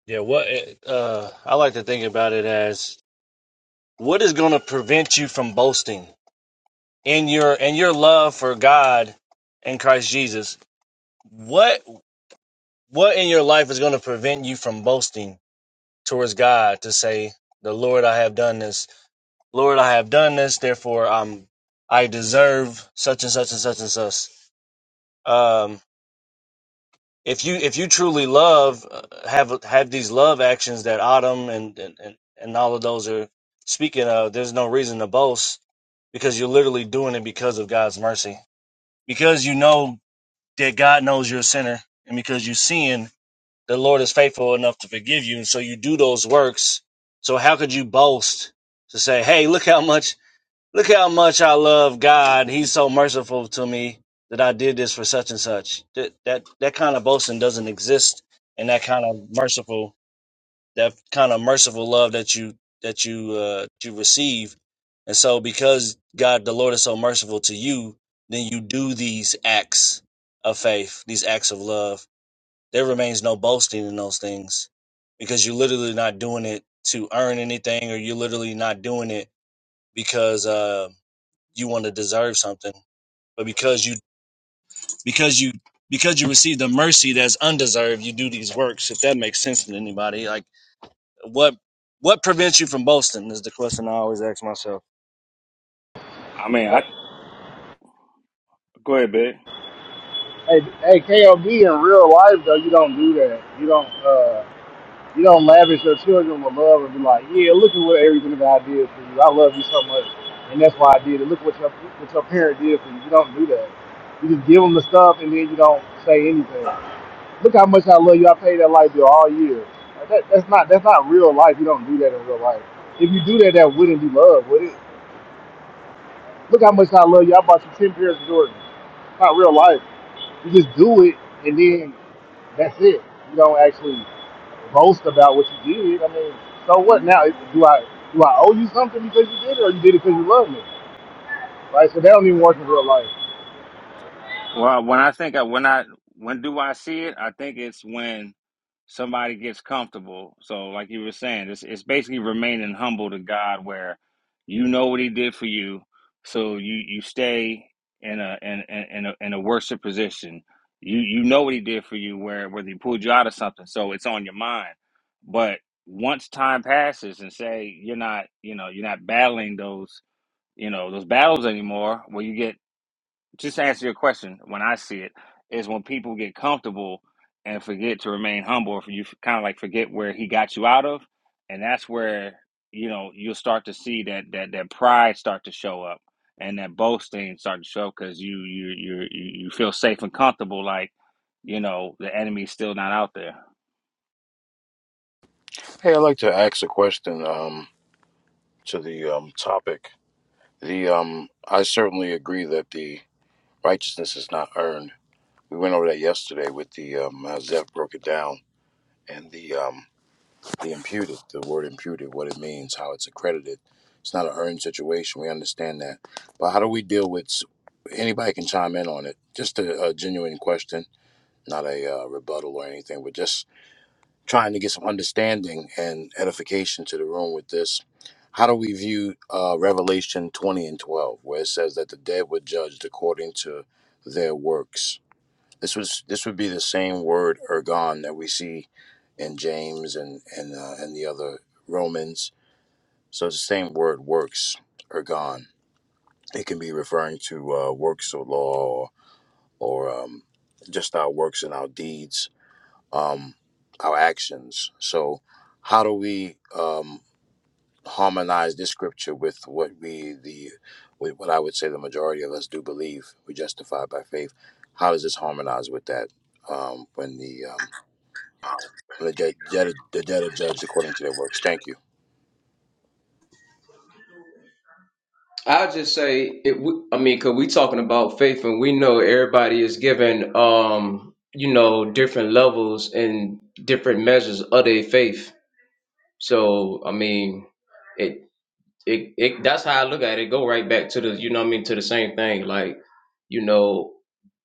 Yeah, what uh, I like to think about it as what is going to prevent you from boasting in your in your love for God and Christ Jesus. What What in your life is going to prevent you from boasting towards God to say, "The Lord, I have done this. Lord, I have done this. Therefore, I'm I deserve such and such and such and such." Um, if you if you truly love, uh, have have these love actions that Autumn and and and and all of those are speaking of. There's no reason to boast because you're literally doing it because of God's mercy. Because you know that God knows you're a sinner, and because you sin, the Lord is faithful enough to forgive you, and so you do those works. So how could you boast to say, "Hey, look how much, look how much I love God. He's so merciful to me that I did this for such and such." That that that kind of boasting doesn't exist, and that kind of merciful, that kind of merciful love that you that you uh, that you receive, and so because God, the Lord, is so merciful to you, then you do these acts of faith, these acts of love there remains no boasting in those things because you're literally not doing it to earn anything or you're literally not doing it because uh, you want to deserve something but because you because you because you receive the mercy that's undeserved you do these works if that makes sense to anybody like what what prevents you from boasting is the question i always ask myself I mean, I Go ahead, babe. Hey, hey, KOB in real life though, you don't do that. You don't. uh, You don't lavish your children with love and be like, yeah, look at what everything that I did for you. I love you so much, and that's why I did it. Look what your what your parent did for you. You don't do that. You just give them the stuff, and then you don't say anything. Look how much I love you. I paid that light bill all year. Like, that, that's not that's not real life. You don't do that in real life. If you do that, that wouldn't be love, would it? Look how much I love you. I bought you ten pairs of Jordans. It's not real life. You just do it, and then that's it. You don't actually. boast about what you did. I mean, so what now? Do I do I owe you something because you did it, or you did it because you love me? Right? So that don't even work in real life. Well, when I think I when I when do I see it? I think it's when somebody gets comfortable. So, like you were saying, it's it's basically remaining humble to God, where you know what He did for you, so you you stay in a in in, in a in a worship position. You you know what He did for you, where whether He pulled you out of something, so it's on your mind. But once time passes, and say you're not you know you're not battling those you know those battles anymore, where you get just to answer your question, when I see it, is when people get comfortable and forget to remain humble, or you kind of like forget where he got you out of, and that's where you know you'll start to see that that that pride start to show up and that boasting start to show up because you you you you you feel safe and comfortable, like you know the enemy's still not out there. Hey, I'd like to ask a question um, to the um, topic. The um, I certainly agree that the righteousness is not earned. We went over that yesterday with the um, how Zeph broke it down and the um, the imputed, the word imputed, what it means, how it's accredited. It's not an earned situation. We understand that, but how do we deal with? s- Anybody can chime in on it. Just a, a genuine question, not a uh, rebuttal or anything, but just trying to get some understanding and edification to the room with this. How do we view uh, Revelation 20 and 12, where it says that the dead were judged according to their works? This was this would be the same word ergon that we see in James and and uh, and the other Romans. So it's the same word works ergon. It can be referring to uh, works of law or, or um, just our works and our deeds um, our actions. So, how do we um, harmonize this scripture with what we the with what I would say the majority of us do believe? We justify by faith. How does this harmonize with that um, when the um, when the dead, judge, the dead are judged according to their works? Thank you. i'll just say it we- i mean because we talking about faith and we know everybody is given um you know different levels and different measures of their faith So I mean, it it it that's how I look at it. It Go right back to the you know what I mean to the same thing. Like you know,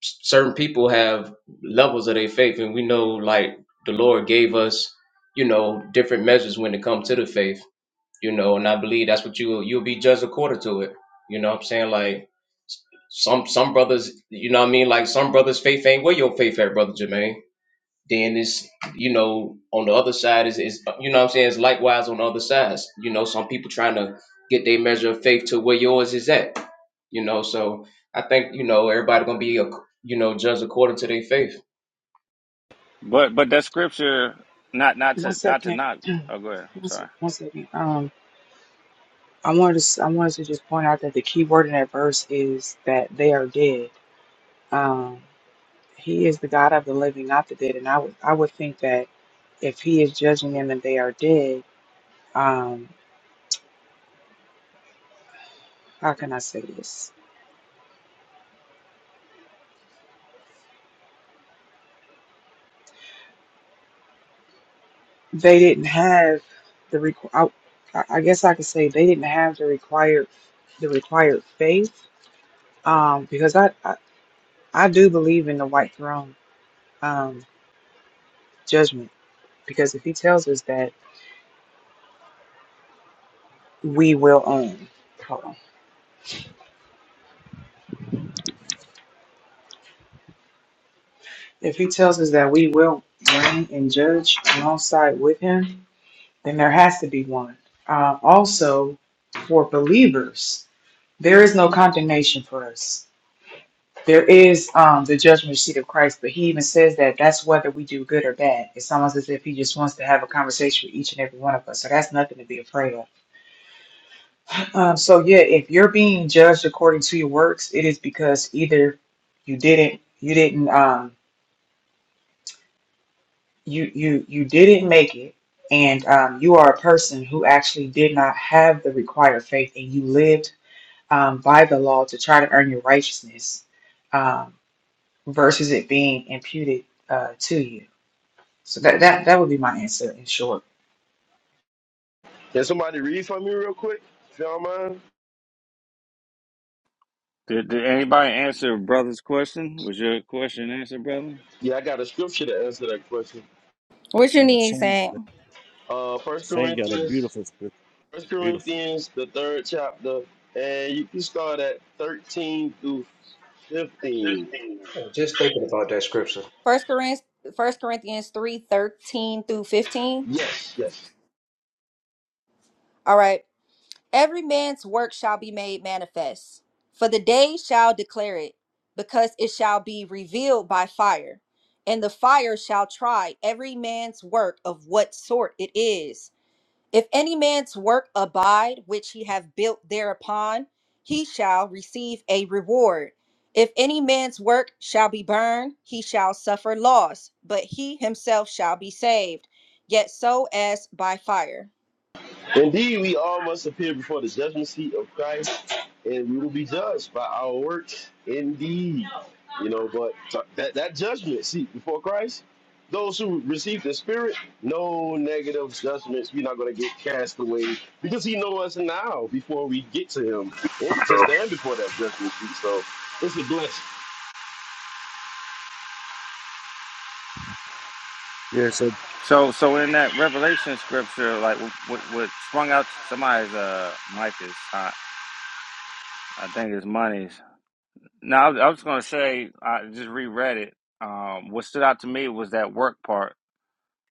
s- certain people have levels of their faith, and we know like the Lord gave us you know different measures when it comes to the faith. You know, and I believe that's what you you'll be judged according to it. You know what I'm saying? Like some some brothers, you know what I mean? Like some brothers' faith ain't where your faith at, brother Jermaine then it's you know on the other side is is you know what I'm saying it's likewise on the other sides. You know, some people trying to get their measure of faith to where yours is at. You know, so I think you know everybody gonna be a you know judged according to their faith. But but that scripture, not not One to not to second. knock. Oh, go ahead. I'm One se- sorry. one second. Um, I wanted to. s- I wanted to just point out that the key word in that verse is that they are dead. Um, he is the God of the living, not the dead. And I would. I would think that if he is judging them and they are dead, um, how can I say this? They didn't have the requ- I, I guess I could say they didn't have the required the required faith um, because I, I I do believe in the white throne um, judgment. Because if he tells us that we will own, hold on. if he tells us that we will reign and judge alongside with him, then there has to be one. Uh, also, for believers, there is no condemnation for us. There is um, the judgment seat of Christ, but he even says that that's whether we do good or bad. It's almost as if he just wants to have a conversation with each and every one of us. So that's nothing to be afraid of Um, so yeah, if you're being judged according to your works, it is because either you didn't, you didn't, um, you you you didn't make it, and um, you are a person who actually did not have the required faith, and you lived um, by the law to try to earn your righteousness, um, versus it being imputed uh, to you. So that that that would be my answer in short. Can somebody read for me real quick, if you don't mind? Did, did anybody answer brother's question? Was your question answered, brother? Yeah, I got a scripture to answer that question. What's your need, saying? Uh, First Corinthians, First Corinthians, the third chapter, and you can start at thirteen through fifteen. Just thinking about that scripture. First Corinthians, First Corinthians three thirteen through fifteen. Yes, yes. All right. Every man's work shall be made manifest, for the day shall declare it, because it shall be revealed by fire, and the fire shall try every man's work of what sort it is. If any man's work abide, which he have built thereupon, he shall receive a reward. If any man's work shall be burned, he shall suffer loss, but he himself shall be saved, yet so as by fire. Indeed, we all must appear before the judgment seat of Christ, and we will be judged by our works. Indeed, you know, but that that judgment seat before Christ, those who receive the Spirit, no negative judgments. We're not going to get cast away because He knows us now before we get to Him and to stand before that judgment seat. So it's a blessing. yeah so So, so in that Revelation scripture, like what what sprung out somebody's uh mic is hot. I think it's money's. Now, I was, I was gonna say I just reread it. Um, what stood out to me was that work part,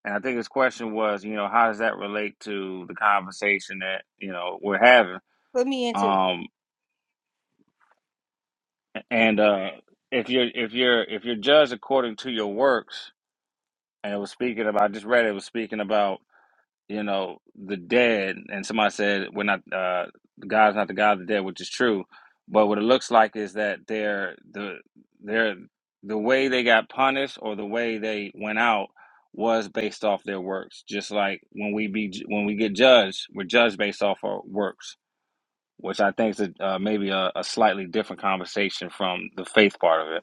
and I think his question was, you know, how does that relate to the conversation that you know we're having? Put me into. Um, and uh, if you're if you're if you're judged according to your works, and it was speaking about, I just read it, it was speaking about. you know, the dead, and somebody said we're not uh God's not the God of the dead, which is true. But what it looks like is that they're the they're the way they got punished or the way they went out was based off their works. Just like when we be when we get judged, we're judged based off our works, which I think is a, uh, maybe a, a slightly different conversation from the faith part of it.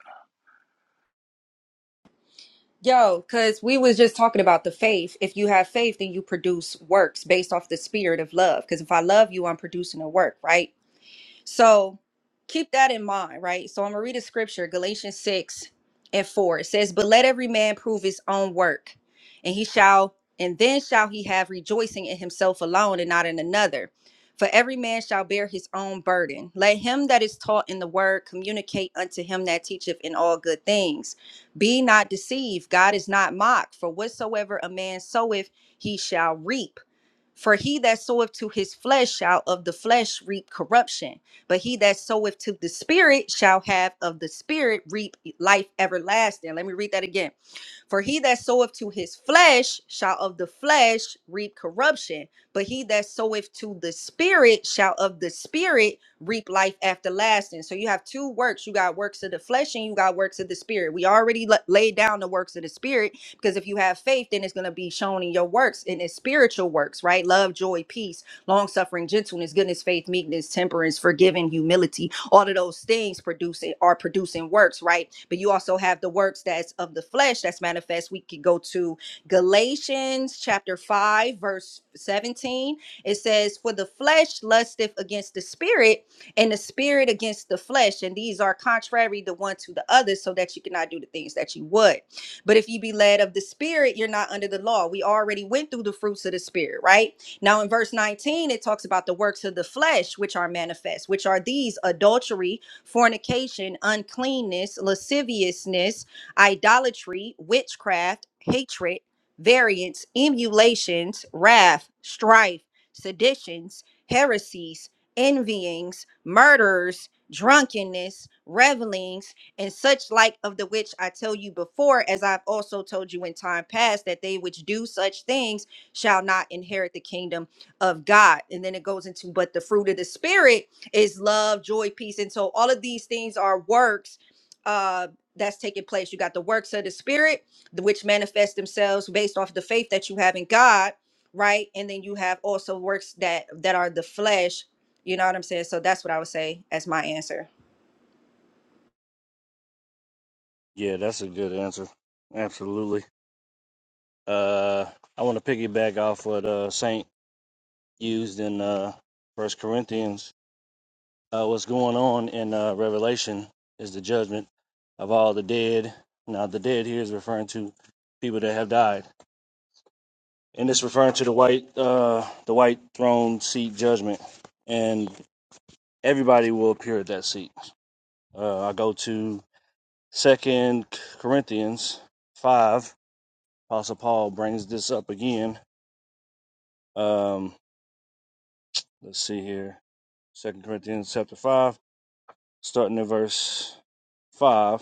Yo, because we was just talking about the faith. If you have faith, then you produce works based off the spirit of love. Because if I love you, I'm producing a work, right? So keep that in mind, right? So I'm going to read a scripture, Galatians 6 and 4. It says, But let every man prove his own work, and he shall, and then shall he have rejoicing in himself alone and not in another. For every man shall bear his own burden. Let him that is taught in the word communicate unto him that teacheth in all good things. Be not deceived, God is not mocked, for whatsoever a man soweth, he shall reap. For he that soweth to his flesh shall of the flesh reap corruption, but he that soweth to the spirit shall have of the spirit reap life everlasting. Let me read that again. For he that soweth to his flesh shall of the flesh reap corruption, but he that soweth to the spirit shall of the spirit reap life everlasting. So you have two works. You got works of the flesh and you got works of the spirit. We already la- laid down the works of the spirit because if you have faith, then it's going to be shown in your works, in its spiritual works, right? Love, joy, peace long suffering, gentleness, goodness, faith, meekness, temperance, forgiving, humility. All of those things producing are producing works, right? But you also have the works that's of the flesh that's manifest. We could go to Galatians chapter 5, verse 17. It says, For the flesh lusteth against the spirit, and the spirit against the flesh, and these are contrary the one to the other, so that you cannot do the things that you would. But if you be led of the spirit, you're not under the law. We already went through the fruits of the spirit, right? Now, in verse 19, it talks about the works of the flesh, which are manifest, which are these adultery, fornication, uncleanness, lasciviousness, idolatry, witchcraft, hatred, variance, emulations, wrath, strife, seditions, heresies, envyings, murders, drunkenness, revelings, and such like of the which I tell you before, as I've also told you in time past, that they which do such things shall not inherit the kingdom of God. And then it goes into, but the fruit of the spirit is love, joy, peace. And so all of these things are works uh that's taking place. You got the works of the spirit, the- which manifest themselves based off the faith that you have in God, right? And then you have also works that that are the flesh. You know what I'm saying? So that's what I would say as my answer. yeah that's a good answer absolutely uh i want to piggyback off what uh saint used in uh first corinthians uh, what's going on in uh, Revelation is the judgment of all the dead. Now, the dead here is referring to people that have died, and it's referring to the white, uh, the white throne seat judgment, and everybody will appear at that seat. Uh, I go to Second Corinthians five. Apostle Paul brings this up again. Um, let's see here. Second Corinthians chapter five, starting at verse five.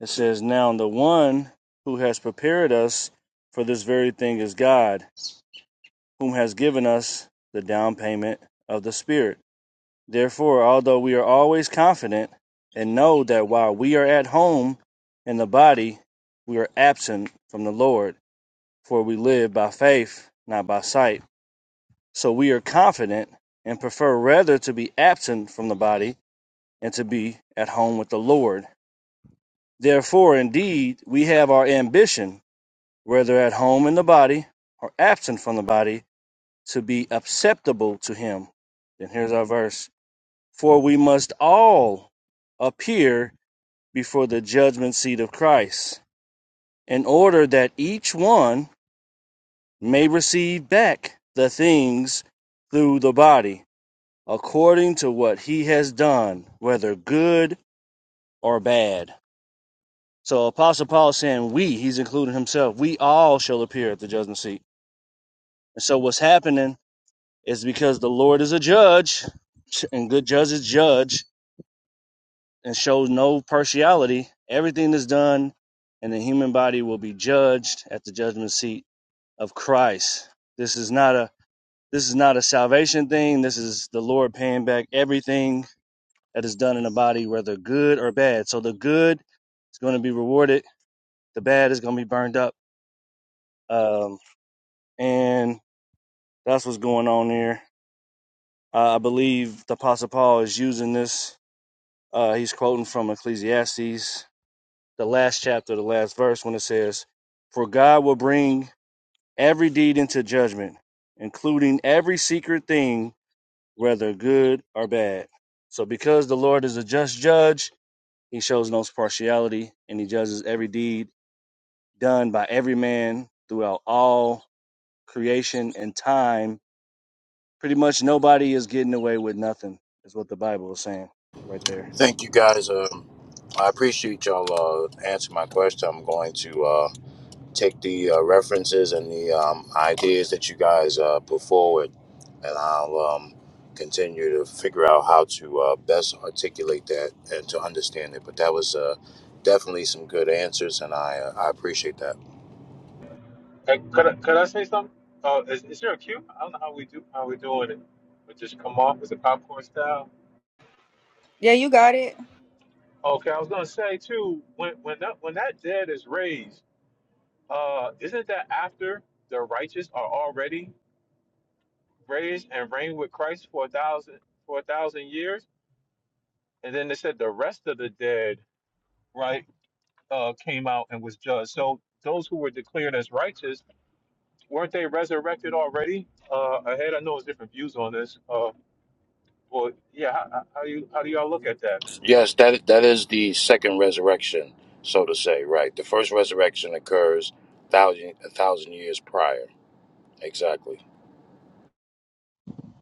It says, Now the one who has prepared us for this very thing is God, whom has given us the down payment of the Spirit. Therefore, although we are always confident and know that while we are at home in the body, we are absent from the Lord, for we live by faith, not by sight. So we are confident and prefer rather to be absent from the body and to be at home with the Lord. Therefore, indeed, we have our ambition whether at home in the body or absent from the body, to be acceptable to him. Then here's our verse. For we must all appear before the judgment seat of Christ, in order that each one may receive back the things through the body, according to what he has done, whether good or bad. So Apostle Paul is saying we, he's including himself, we all shall appear at the judgment seat. And so what's happening Is because the Lord is a judge, and good judges judge and shows no partiality. Everything that's done in the human body will be judged at the judgment seat of Christ. This is not a this is not a salvation thing. This is the Lord paying back everything that is done in the body, whether good or bad. So the good is going to be rewarded. The bad is going to be burned up. Um, and that's what's going on here. Uh, I believe the Apostle Paul is using this Uh, he's quoting from Ecclesiastes, the last chapter, the last verse, when it says, For God will bring every deed into judgment, including every secret thing, whether good or bad. So, because the Lord is a just judge, he shows no partiality and he judges every deed done by every man throughout all creation and time. Pretty much nobody is getting away with nothing, is what the Bible is saying right there. Thank you, guys. Um, I appreciate y'all uh, answering my question. I'm going to. Uh, take the uh, references and the um, ideas that you guys uh, put forward, and I'll um, continue to figure out how to uh, best articulate that and to understand it. But that was uh, definitely some good answers, and I uh, I appreciate that. Hey, could I, could I say something? Uh, is, is there a cue? I don't know how we do how we doing it. We just come off as a popcorn style. Yeah, you got it. Okay, I was gonna say too. When when that when that dead is raised, uh, isn't that after the righteous are already raised and reigned with Christ for a thousand for a thousand years, and then they said the rest of the dead, right, uh, came out and was judged. So those who were declared as righteous weren't they resurrected already? Uh, ahead, I know there's different views on this. Uh, well, yeah, how, how do you how do y'all look at that? Yes, that that is the second resurrection, so to say. Right, the first resurrection occurs thousand a thousand years prior. Exactly.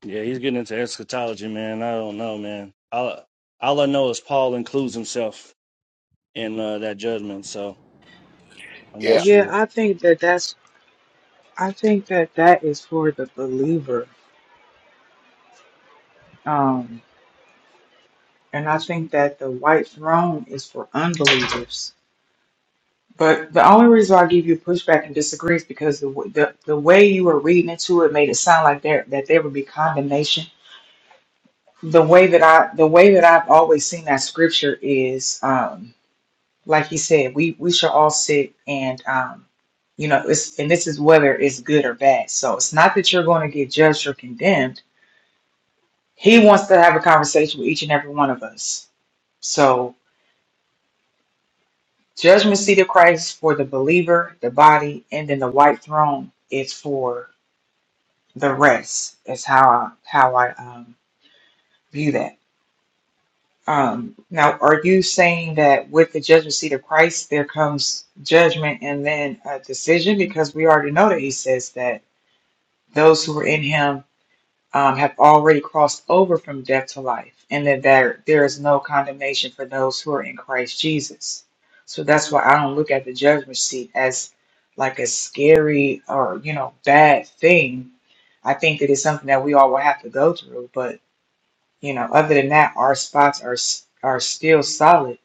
Yeah, he's getting into eschatology, man. I don't know, man. All, all I know is Paul includes himself in uh, that judgment, so I'm not Yeah. Yeah, sure. I think that that's I think that that is for the believer. Um And I think that the white throne is for unbelievers. But the only reason I give you pushback and disagree is because the, w- the the way you were reading into it made it sound like there that there would be condemnation. The way that I the way that I've always seen that scripture is um, like he said, we we shall all sit and um, you know it's and this is whether it's good or bad. So it's not that you're going to get judged or condemned. He wants to have a conversation with each and every one of us. So. Judgment seat of Christ for the believer, the body, and then the white throne is for the rest. Is how I, how I um, view that. Um, now, are you saying that with the judgment seat of Christ there comes judgment and then a decision? Because we already know that He says that those who are in Him um, have already crossed over from death to life, and that there, there is no condemnation for those who are in Christ Jesus. So that's why I don't look at the judgment seat as like a scary or, you know, bad thing. I think that it's something that we all will have to go through. But, you know, other than that, our spots are s- are still solid.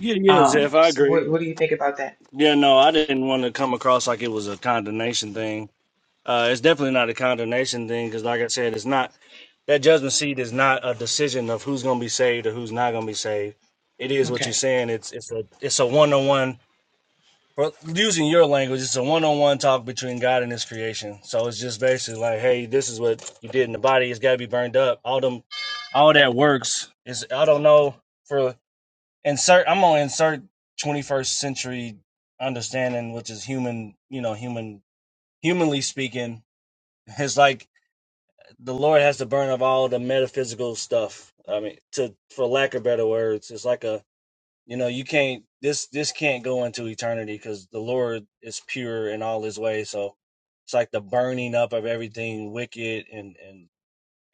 Yeah, yeah, Um, Zeph, I so agree. what, what do you think about that? Yeah, no, I didn't want to come across like it was a condemnation thing. Uh, it's definitely not a condemnation thing because, like I said, it's not that judgment seat is not a decision of who's going to be saved or who's not going to be saved. It is what you're Okay. saying. It's it's a it's a one on one. For using your language, it's a one-on-one talk between God and His creation. So it's just basically like, hey, this is what you did in the body. It's got to be burned up. All them, all that works is I don't know for insert. I'm gonna insert 21st century understanding, which is human. You know, human, humanly speaking, it's like the Lord has to burn up all the metaphysical stuff. I mean, to for lack of better words, it's like a you know you can't this this can't go into eternity because the lord is pure in all his ways so it's like the burning up of everything wicked and and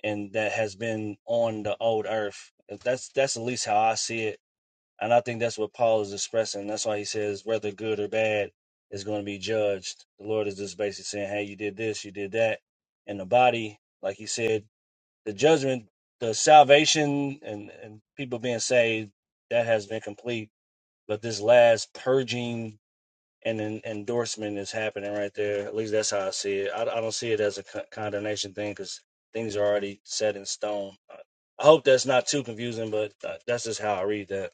and that has been on the old earth that's that's at least how i see it and i think that's what paul is expressing that's why he says whether good or bad is going to be judged the lord is just basically saying hey you did this you did that and the body like he said the judgment the salvation and and people being saved that has been complete but this last purging and en- endorsement is happening right there. At least that's how I see it. I, I don't see it as a con- condemnation thing because things are already set in stone. I I hope that's not too confusing, but uh, that's just how I read that.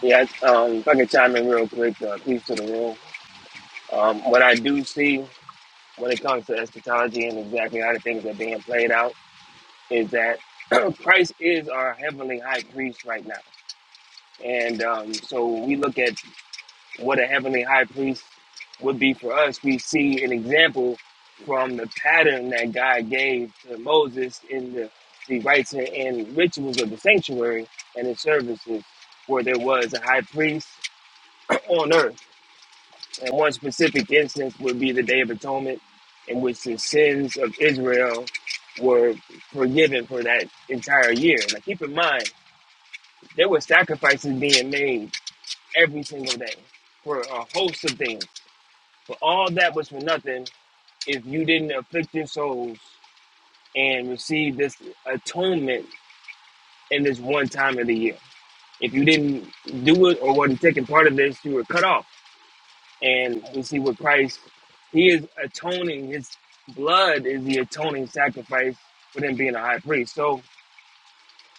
Yeah, um, if I can chime in real quick, uh, piece to the room. Um, what I do see when it comes to eschatology and exactly how the things are being played out is that Christ is our heavenly high priest right now. And um, so when we look at what a heavenly high priest would be for us, we see an example from the pattern that God gave to Moses in the, the rites and, and rituals of the sanctuary and his services, where there was a high priest on earth And one specific instance would be the Day of Atonement, in which the sins of Israel were forgiven for that entire year. Now, keep in mind, there were sacrifices being made every single day for a host of things, but all that was for nothing if you didn't afflict your souls and receive this atonement in this one time of the year. If you didn't do it or wasn't taking part of this, you were cut off And we see what Christ, he is atoning, his blood is the atoning sacrifice for them being a high priest. So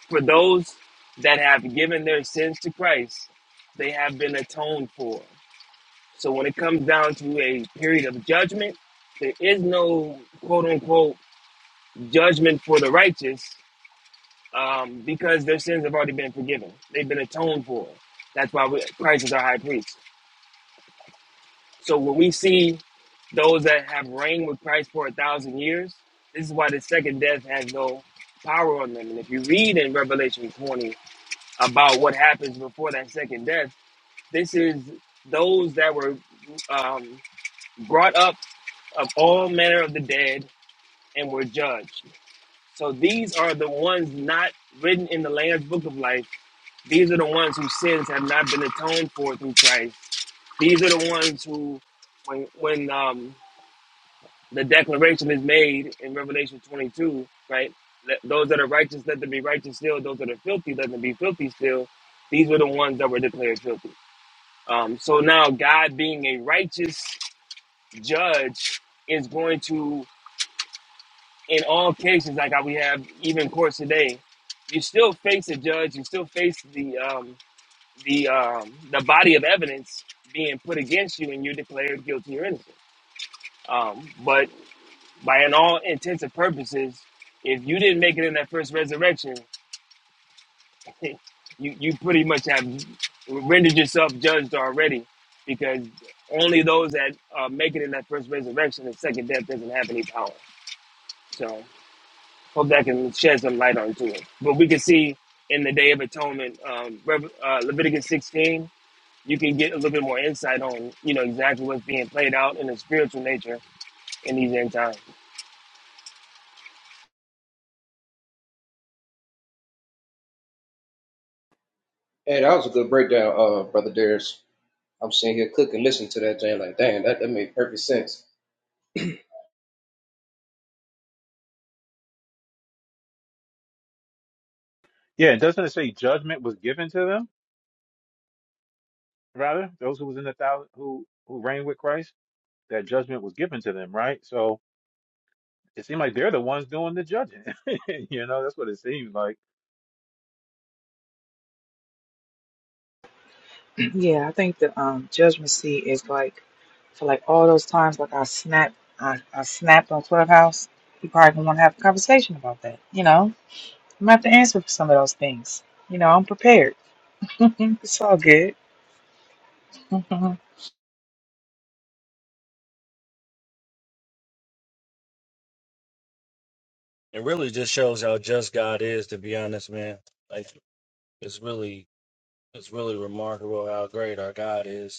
for those that have given their sins to Christ, they have been atoned for. So when it comes down to a period of judgment, there is no quote unquote judgment for the righteous um, because their sins have already been forgiven. They've been atoned for. That's why we, Christ is our high priest. So when we see those that have reigned with Christ for a thousand years, this is why the second death has no power on them. And if you read in Revelation 20 about what happens before that second death, this is those that were um, brought up of all manner of the dead and were judged. So these are the ones not written in the Lamb's Book of Life. These are the ones whose sins have not been atoned for through Christ. These are the ones who, when when um, the declaration is made in Revelation 22, right? Let, those that are righteous, let them be righteous still. Those that are filthy, let them be filthy still. These were the ones that were declared filthy. Um, so now, God being a righteous judge is going to, in all cases, like how we have even courts today, you still face a judge, you still face the um, the um, the body of evidence being put against you, and you're declared guilty or innocent. Um, but by in all intents and purposes, if you didn't make it in that first resurrection, you you pretty much have rendered yourself judged already, because only those that uh, make it in that first resurrection, the second death doesn't have any power. So hope that can shed some light onto it. But we can see in the Day of Atonement, um, Rev- uh, Leviticus 16, you can get a little bit more insight on you know exactly what's being played out in the spiritual nature in these end times. Hey, that was a good breakdown, uh, brother Darius. I'm sitting here cooking, listening to that thing, like, dang, that, that made perfect sense. Yeah, doesn't it say judgment was given to them? Rather, those who was in the thousand who who reigned with Christ, that judgment was given to them, right? So it seemed like they're the ones doing the judging. you know, that's what it seems like. Yeah, I think the um judgment seat is like for like all those times like I snapped I, I snapped on Clubhouse. You probably gonna want to have a conversation about that. You know, I'm gonna have to answer for some of those things. You know, I'm prepared. it's all good. Mhm. It really just shows how just God is, to be honest, man. Like it's really, it's really remarkable how great our God is.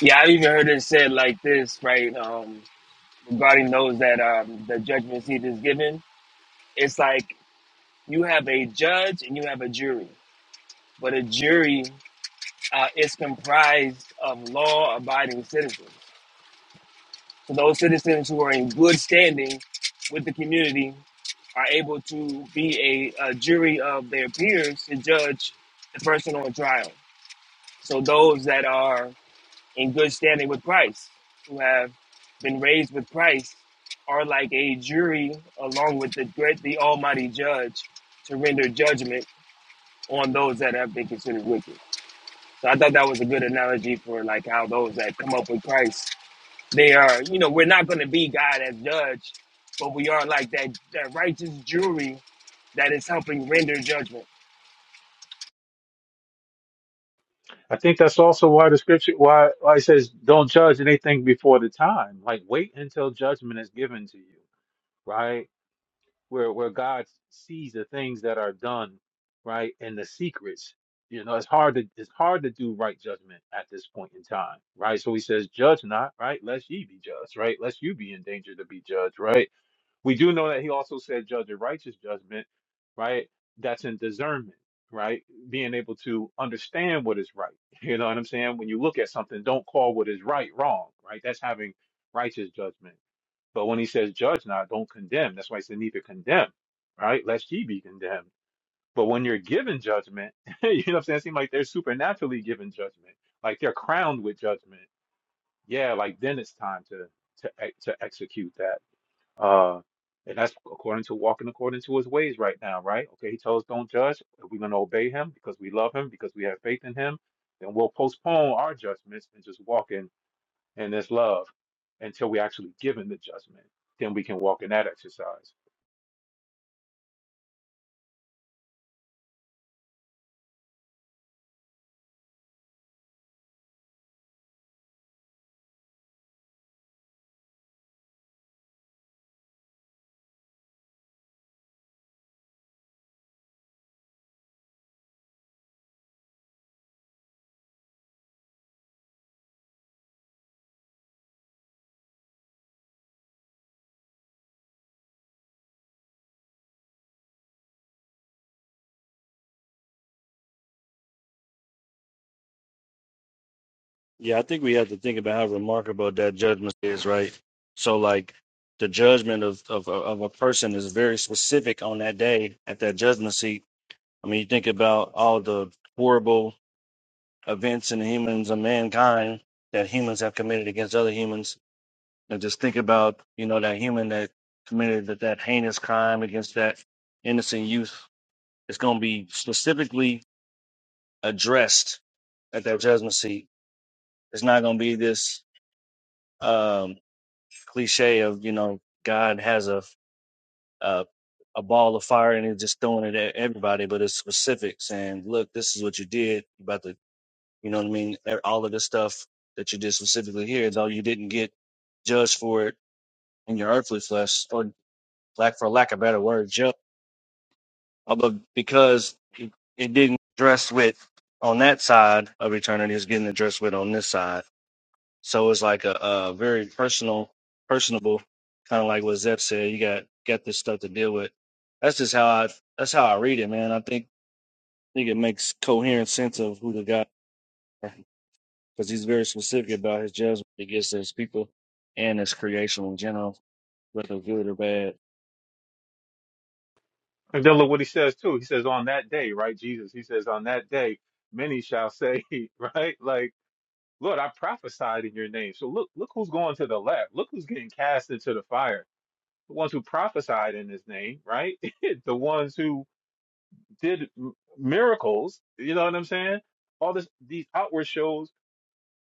Yeah, I even heard it said like this, right? um, regarding those that um, the judgment seat is given. It's like you have a judge and you have a jury, but a jury uh, is comprised of law-abiding citizens. So those citizens who are in good standing with the community are able to be a, a jury of their peers to judge the person on trial. So those that are in good standing with Christ, who have been raised with Christ, are like a jury along with the great, the Almighty Judge, to render judgment on those that have been considered wicked. So I thought that was a good analogy for like how those that come up with Christ, they are, you know, we're not going to be God as judge, but we are like that that righteous jury that is helping render judgment. I think that's also why the scripture why why it says don't judge anything before the time. Like wait until judgment is given to you, right? Where where God sees the things that are done, right, and the secrets. You know, it's hard to it's hard to do right judgment at this point in time, right? So he says, judge not, right? Lest ye be judged, right? Lest you be in danger to be judged, right? We do know that he also said, judge a righteous judgment, right? That's in discernment, right? Being able to understand what is right. You know what I'm saying? When you look at something, don't call what is right wrong, right? That's having righteous judgment. But when he says, judge not, don't condemn, that's why he said, neither condemn, right? Lest ye be condemned. But when you're given judgment, you know what I'm saying? It seems like they're supernaturally given judgment, like they're crowned with judgment. Yeah, like then it's time to to to execute that. Uh, and that's according to walking according to his ways right now, right? Okay, he tells us don't judge. If we're going to obey him because we love him, because we have faith in him, then we'll postpone our judgments and just walk in, in this love until we actually give him the judgment. Then we can walk in that exercise. Yeah, I think we have to think about how remarkable that judgment is, right? So, like, the judgment of, of, of a person is very specific on that day at that judgment seat. I mean, you think about all the horrible events in humans and mankind that humans have committed against other humans. And just think about, you know, that human that committed that, that heinous crime against that innocent youth. It's going to be specifically addressed at that judgment seat. It's not going to be this. um, cliche of you know God has a a, a ball of fire and he's just throwing it at everybody, but it's specifics and look, this is what you did you about to, you know what I mean. E- All of the stuff that you did specifically here, though you didn't get judged for it in your earthly flesh, or lack for lack of better word, ju- uh, but because it, it didn't address with on that side of eternity, it's getting addressed with on this side. So it's like a, a very personal, personable, kind of like what Zep said. You got got this stuff to deal with. That's just how I that's how I read it, man. I think think it makes coherent sense of who the guy are because he's very specific about his judgment against his people and his creation in general, whether good or bad. And then look what he says too. He says, on that day, right? Jesus, he says, on that day, many shall say, right? Like, Lord, I prophesied in your name. So look, look who's going to the left. Look who's getting cast into the fire the ones who prophesied in his name, right? the ones who did m- miracles, you know what I'm saying? All this, these outward shows.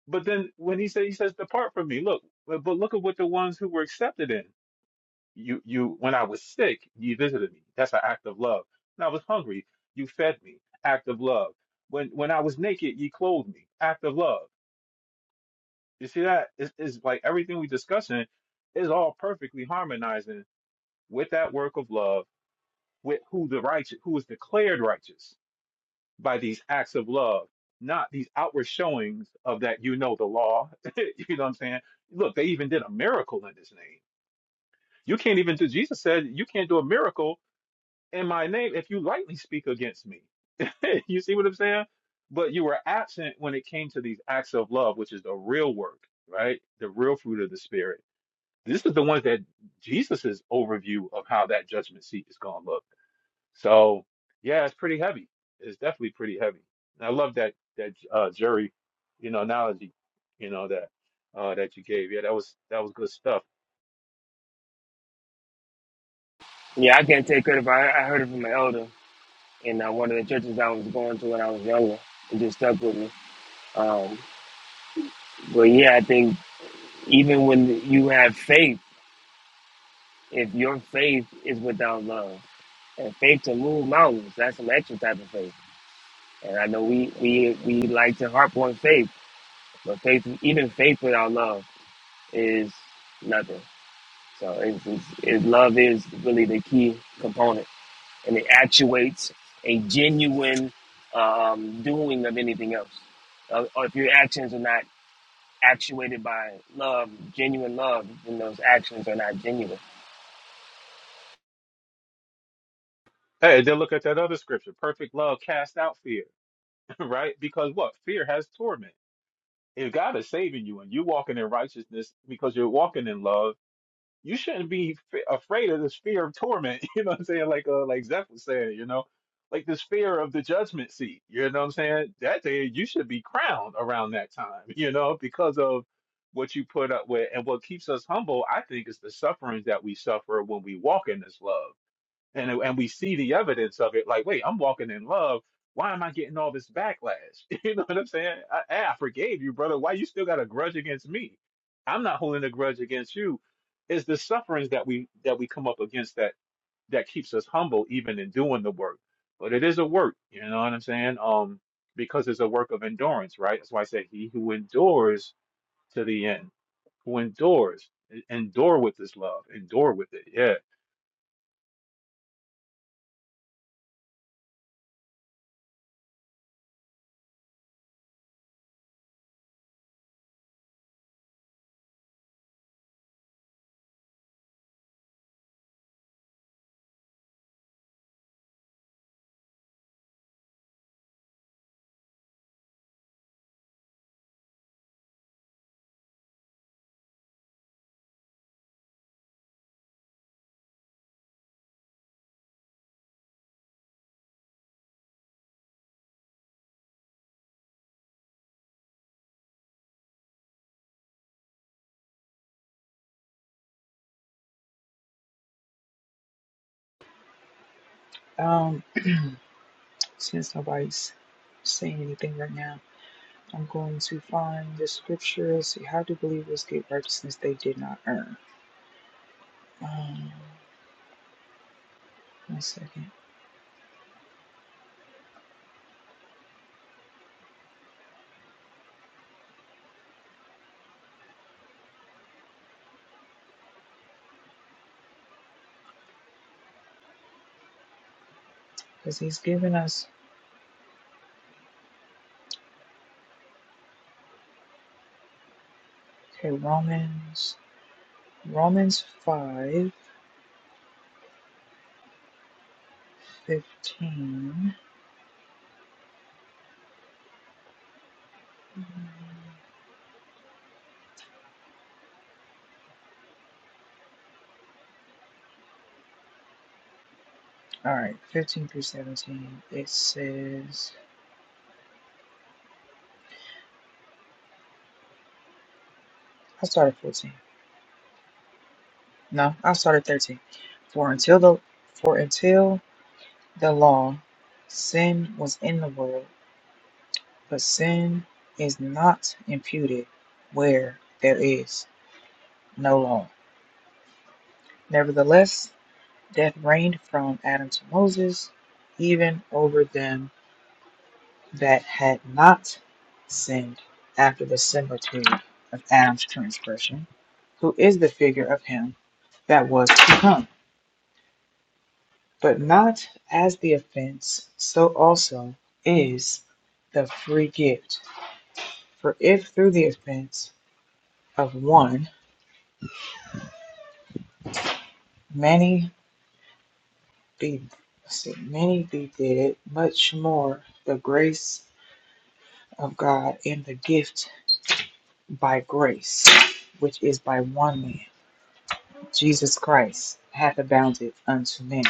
But then when he said, he says, depart from me, look, but but look at what the ones who were accepted in. You, you, when I was sick, you visited me. That's an act of love. When I was hungry, you fed me. Act of love. When, when I was naked, you clothed me. Act of love. You see that? It's, it's like everything we discussing is all perfectly harmonizing with that work of love with who the righteous, who is declared righteous by these acts of love, not these outward showings of that you know the law. you know what I'm saying? Look, they even did a miracle in his name. You can't even do. Jesus said you can't do a miracle in my name if you lightly speak against me. you see what I'm saying? But you were absent when it came to these acts of love, which is the real work, right? The real fruit of the spirit. This is the ones that Jesus's overview of how that judgment seat is going to look. So yeah, it's pretty heavy. It's definitely pretty heavy. And I love that that uh, jury, you know, analogy, you know that uh, that you gave. Yeah, that was that was good stuff. Yeah, I can't take credit, but I, I heard it from an elder in uh, one of the churches I was going to when I was younger. It just stuck with me. Um, But yeah, I think even when you have faith, if your faith is without love, and faith to move mountains, that's some extra type of faith. And I know we we we like to harp on faith, but faith, even faith without love, is nothing. So it's, it's, it, love is really the key component, and it actuates a genuine um, doing of anything else. Uh, or if your actions are not actuated by love, genuine love, then those actions are not genuine. Hey, then look at that other scripture. Perfect love cast out fear, right? Because what? Fear has torment. If God is saving you and you're walking in righteousness because you're walking in love you shouldn't be f- afraid of this fear of torment. You know what I'm saying? Like uh, like Zeph was saying, you know, like this fear of the judgment seat. You know what I'm saying? That day you should be crowned around that time. You know, because of what you put up with and what keeps us humble. I think is the sufferings that we suffer when we walk in this love and and we see the evidence of it. Like, wait, I'm walking in love. Why am I getting all this backlash? You know what I'm saying? I, hey, I forgave you, brother. Why you still got a grudge against me? I'm not holding a grudge against you. It's the sufferings that we that we come up against that that keeps us humble, even in doing the work. But it is a work, you know what I'm saying? Um, because it's a work of endurance, right? That's why I said he who endures to the end, who endures, e-, endure with this love, endure with it. Yeah, um, since nobody's saying anything right now, I'm going to find the scripture. Let's see, how do believers get righteousness they did not earn? Um, one second, because he's given us okay Romans. Romans five fifteen. All right, 15 through 17. It says, I started 14. No, I started 13. For until the for until the law, sin was in the world, but sin is not imputed where there is no law. Nevertheless, death reigned from Adam to Moses, even over them that had not sinned after the similitude of Adam's transgression, who is the figure of him that was to come. But not as the offense, so also is the free gift. For if through the offense of one many be see, many be dead, much more the grace of God and the gift by grace, which is by one man Jesus Christ hath abounded unto men.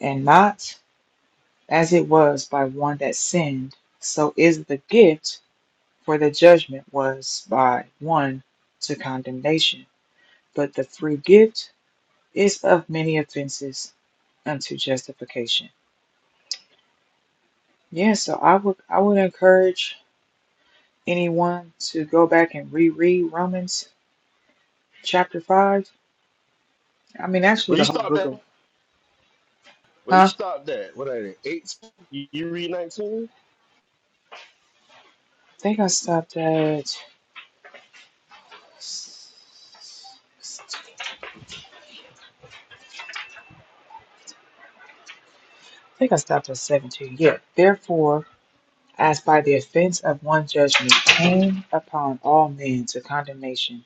And not as it was by one that sinned, so is the gift, for the judgment was by one to condemnation. But the free gift is of many offenses unto justification. Yeah, so I would I would encourage anyone to go back and reread Romans chapter five. I mean actually Where you the whole stop book of that? Where you huh? stop that? What are eight? You you read nineteen? I think I stopped at I think I stopped at 17. Yeah. Therefore, as by the offense of one judgment came upon all men to condemnation,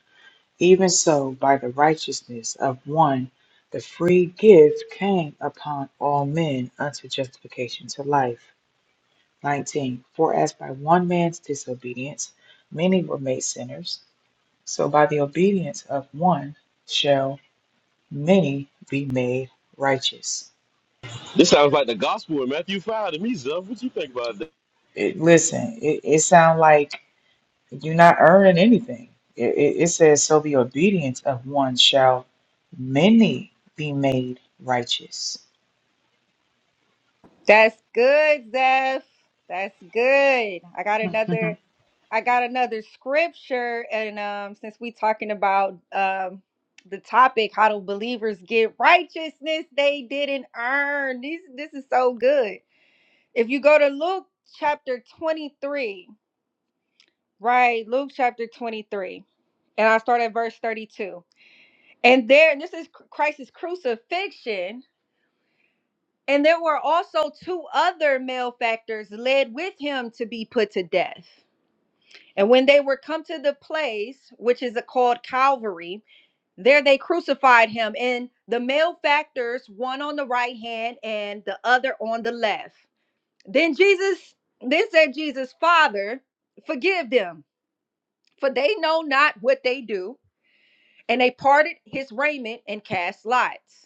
even so by the righteousness of one the free gift came upon all men unto justification to life. 19. For as by one man's disobedience many were made sinners, so by the obedience of one shall many be made righteous. This sounds like the gospel in Matthew five to me, Zuff. What you think about that? It, listen, it, it sounds like You're not earning anything. It, it, it says, So the obedience of one shall many be made righteous. That's good, Zeph. That's good. I got Mhm. another I got another scripture and um since we talking about um the topic how do believers get righteousness they didn't earn. This this is so good. If you go to Luke chapter 23, right? Luke chapter 23. And I start at verse 32. And there and this is Christ's crucifixion And there were also two other malefactors led with him to be put to death. And when they were come to the place, which is called Calvary, there they crucified him, and the malefactors, one on the right hand and the other on the left. Then Jesus, then said Jesus, Father, forgive them, for they know not what they do. And they parted his raiment and cast lots.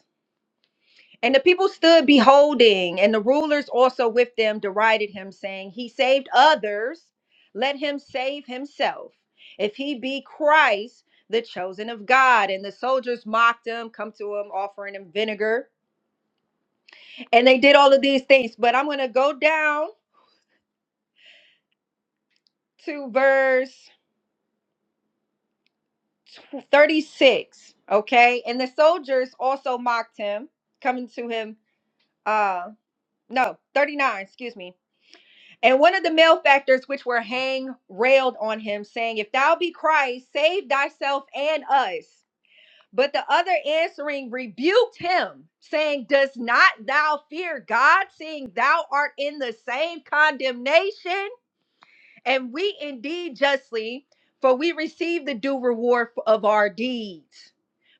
And the people stood beholding, and the rulers also with them derided him, saying, He saved others, let him save himself. If he be Christ, the chosen of God. And the soldiers mocked him, come to him, offering him vinegar. And they did all of these things. But I'm going to go down to verse 36. Okay. And the soldiers also mocked him, coming to him. Uh, no, 39, excuse me And one of the malefactors which were hanged railed on him, saying, If thou be Christ, save thyself and us. But the other answering rebuked him, saying, Does not thou fear God, seeing thou art in the same condemnation? And we indeed justly, for we receive the due reward of our deeds.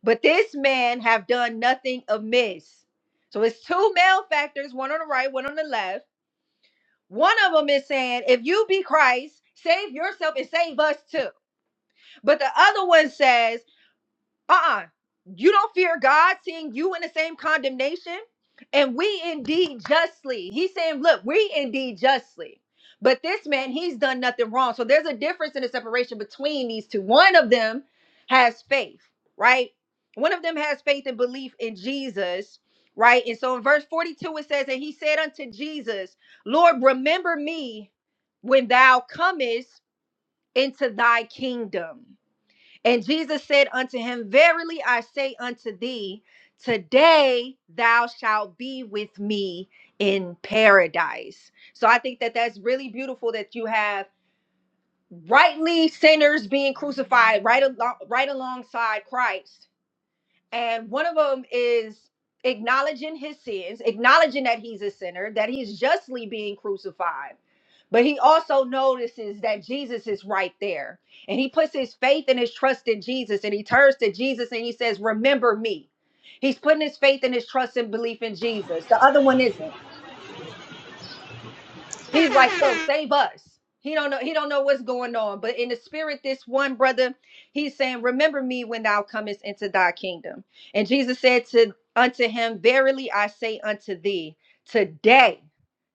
But this man have done nothing amiss. So it's two malefactors, one on the right, one on the left one of them is saying, if you be Christ, save yourself and save us too. But the other one says, uh-uh you don't fear god seeing you in the same condemnation and we indeed justly he's saying look we indeed justly but this man he's done nothing wrong so there's a difference in the separation between these two one of them has faith right one of them has faith and belief in jesus right and so in verse 42 it says and he said unto jesus lord remember me when thou comest into thy kingdom and Jesus said unto him, Verily I say unto thee, today thou shalt be with me in paradise. So I think that that's really beautiful that you have rightly sinners being crucified right, along, right alongside Christ and one of them is acknowledging his sins, acknowledging that he's a sinner, that he's justly being crucified. But he also notices that Jesus is right there. And he puts his faith and his trust in Jesus. And he turns to Jesus and he says, Remember me. He's putting his faith and his trust and belief in Jesus. The other one isn't. He's like, yo, save us. He don't know. He don't know what's going on. But in the spirit, this one brother, he's saying, "Remember me when thou comest into thy kingdom." And Jesus said to unto him, "Verily I say unto thee, today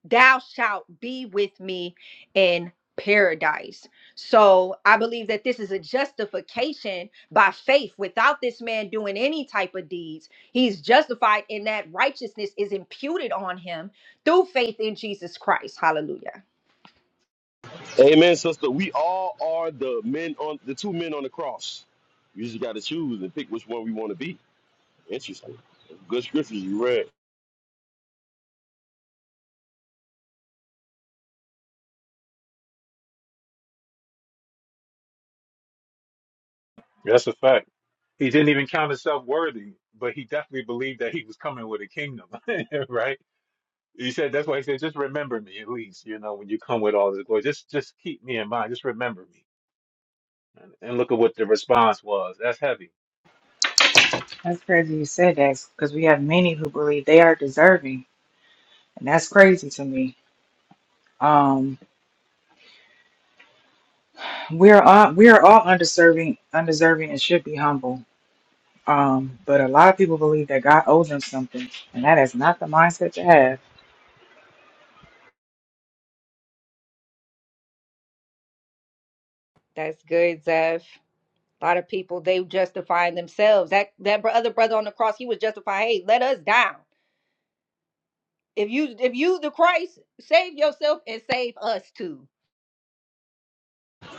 thou shalt be with me in paradise." So I believe that this is a justification by faith. Without this man doing any type of deeds, he's justified in that righteousness is imputed on him through faith in Jesus Christ. Hallelujah. Amen, sister. We all are the men on the two men on the cross. We just got to choose and pick which one we want to be. Interesting. Good scriptures you read. that's a fact. He didn't even count himself worthy, but he definitely believed that he was coming with a kingdom, right? He said that's why he said, just remember me at least, you know, when you come with all this glory. Just just keep me in mind. Just remember me. And, and look at what the response was. That's heavy. that's crazy you said that because we have many who believe they are deserving, and that's crazy to me. Um, we're all we're all undeserving, undeserving, and should be humble. Um, but a lot of people believe that God owes them something, and that is not the mindset to have. That's good, Zev. A lot of people they justify themselves. That that br- other brother on the cross, he was justified. hey, let us down. If you if you the Christ, save yourself and save us too.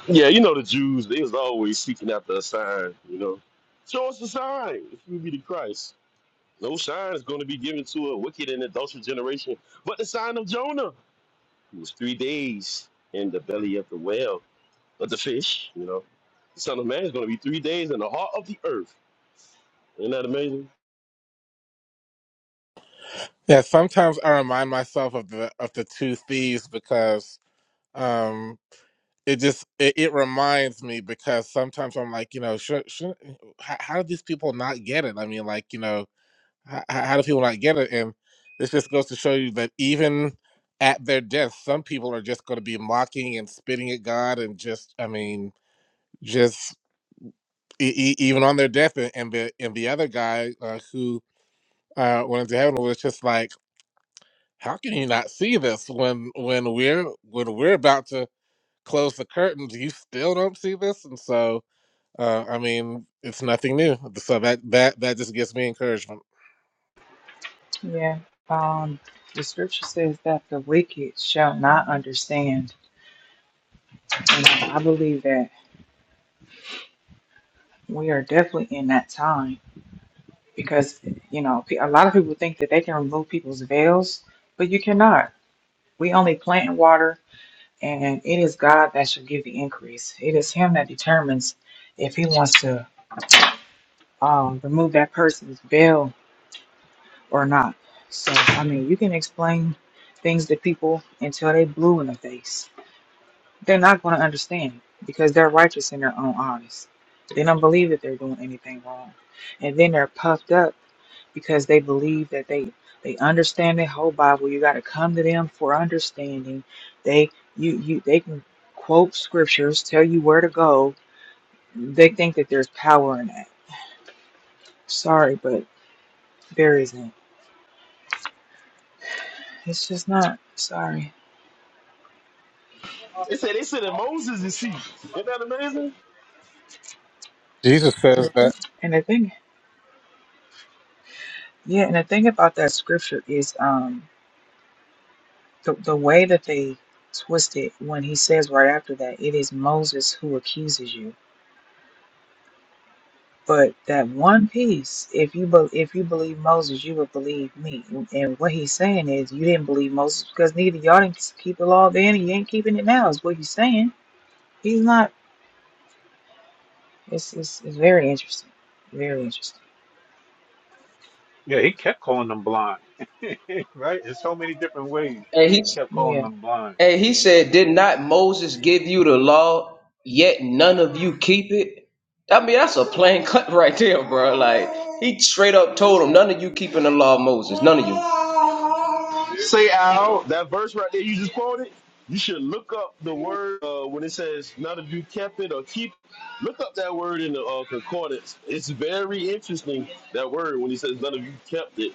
Yeah, you know the Jews. They was always seeking after a sign. You know, show us the sign if you be the Christ. No sign is going to be given to a wicked and adulterous generation, but the sign of Jonah. He was three days in the belly of the whale of the fish. You know, the Son of Man is going to be three days in the heart of the earth. Isn't that amazing? Yeah, sometimes I remind myself of the of the two thieves because um it just it, it reminds me because sometimes I'm like, you know, should, should, how, how do these people not get it? I mean, like, you know, how, how do people not get it? And this just goes to show you that even at their death, some people are just going to be mocking and spitting at God and just, I mean, just e- e- even on their death. And, and the and the other guy uh, who uh, went into heaven was just like. how can you not see this when when we're when we're about to close the curtains you still don't see this and so uh i mean it's nothing new so that that that just gives me encouragement Yeah. Um, the scripture says that the wicked shall not understand. You know, I believe that we are definitely in that time because, you know, pe- a lot of people think that they can remove people's veils, but you cannot. We only plant and water, and it is God that should give the increase. It is Him that determines if He wants to um, remove that person's veil or not. So, I mean, you can explain things to people until they blue in the face They're not going to understand because they're righteous in their own eyes. They don't believe that they're doing anything wrong. And then they're puffed up because they believe that they they understand the whole Bible. You got to come to them for understanding. They you you they can quote scriptures, tell you where to go. They think that there's power in that. Sorry, but there isn't. It's just not. Sorry. They said they said that Moses is she. Isn't that amazing? jesus says that And the thing, yeah, and the thing about that scripture is, um. The, the way that they twist it when he says right after that, it is Moses who accuses you. But that one piece, if you be, if you believe Moses, you would believe me. And what he's saying is, you didn't believe Moses because neither y'all didn't keep the law then, and you ain't keeping it now. Is what he's saying. He's not. It's it's, it's very interesting. Very interesting. Yeah, he kept calling them blind. right? In so many different ways. And he He kept calling Yeah. them blind. And he said, Did not Moses give you the law, yet none of you keep it? I mean, that's a plain cut right there, bro. Like, he straight up told him, None of you keeping the law of Moses. None of you. Say out that verse right there you just quoted. You should look up the word uh, when it says not if you kept it or keep. it. Look up that word in the uh, concordance. It's very interesting that word when he says none of you kept it.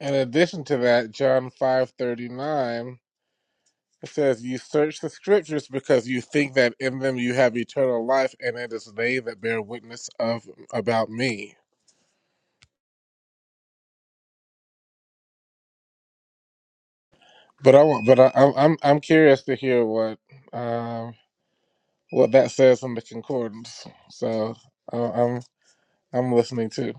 in addition to that john five thirty nine says you search the scriptures because you think that in them you have eternal life and it is they that bear witness of about me but i want but I, i'm i'm I'm curious to hear what Um, what that says in the concordance. So I I'm I'm listening too.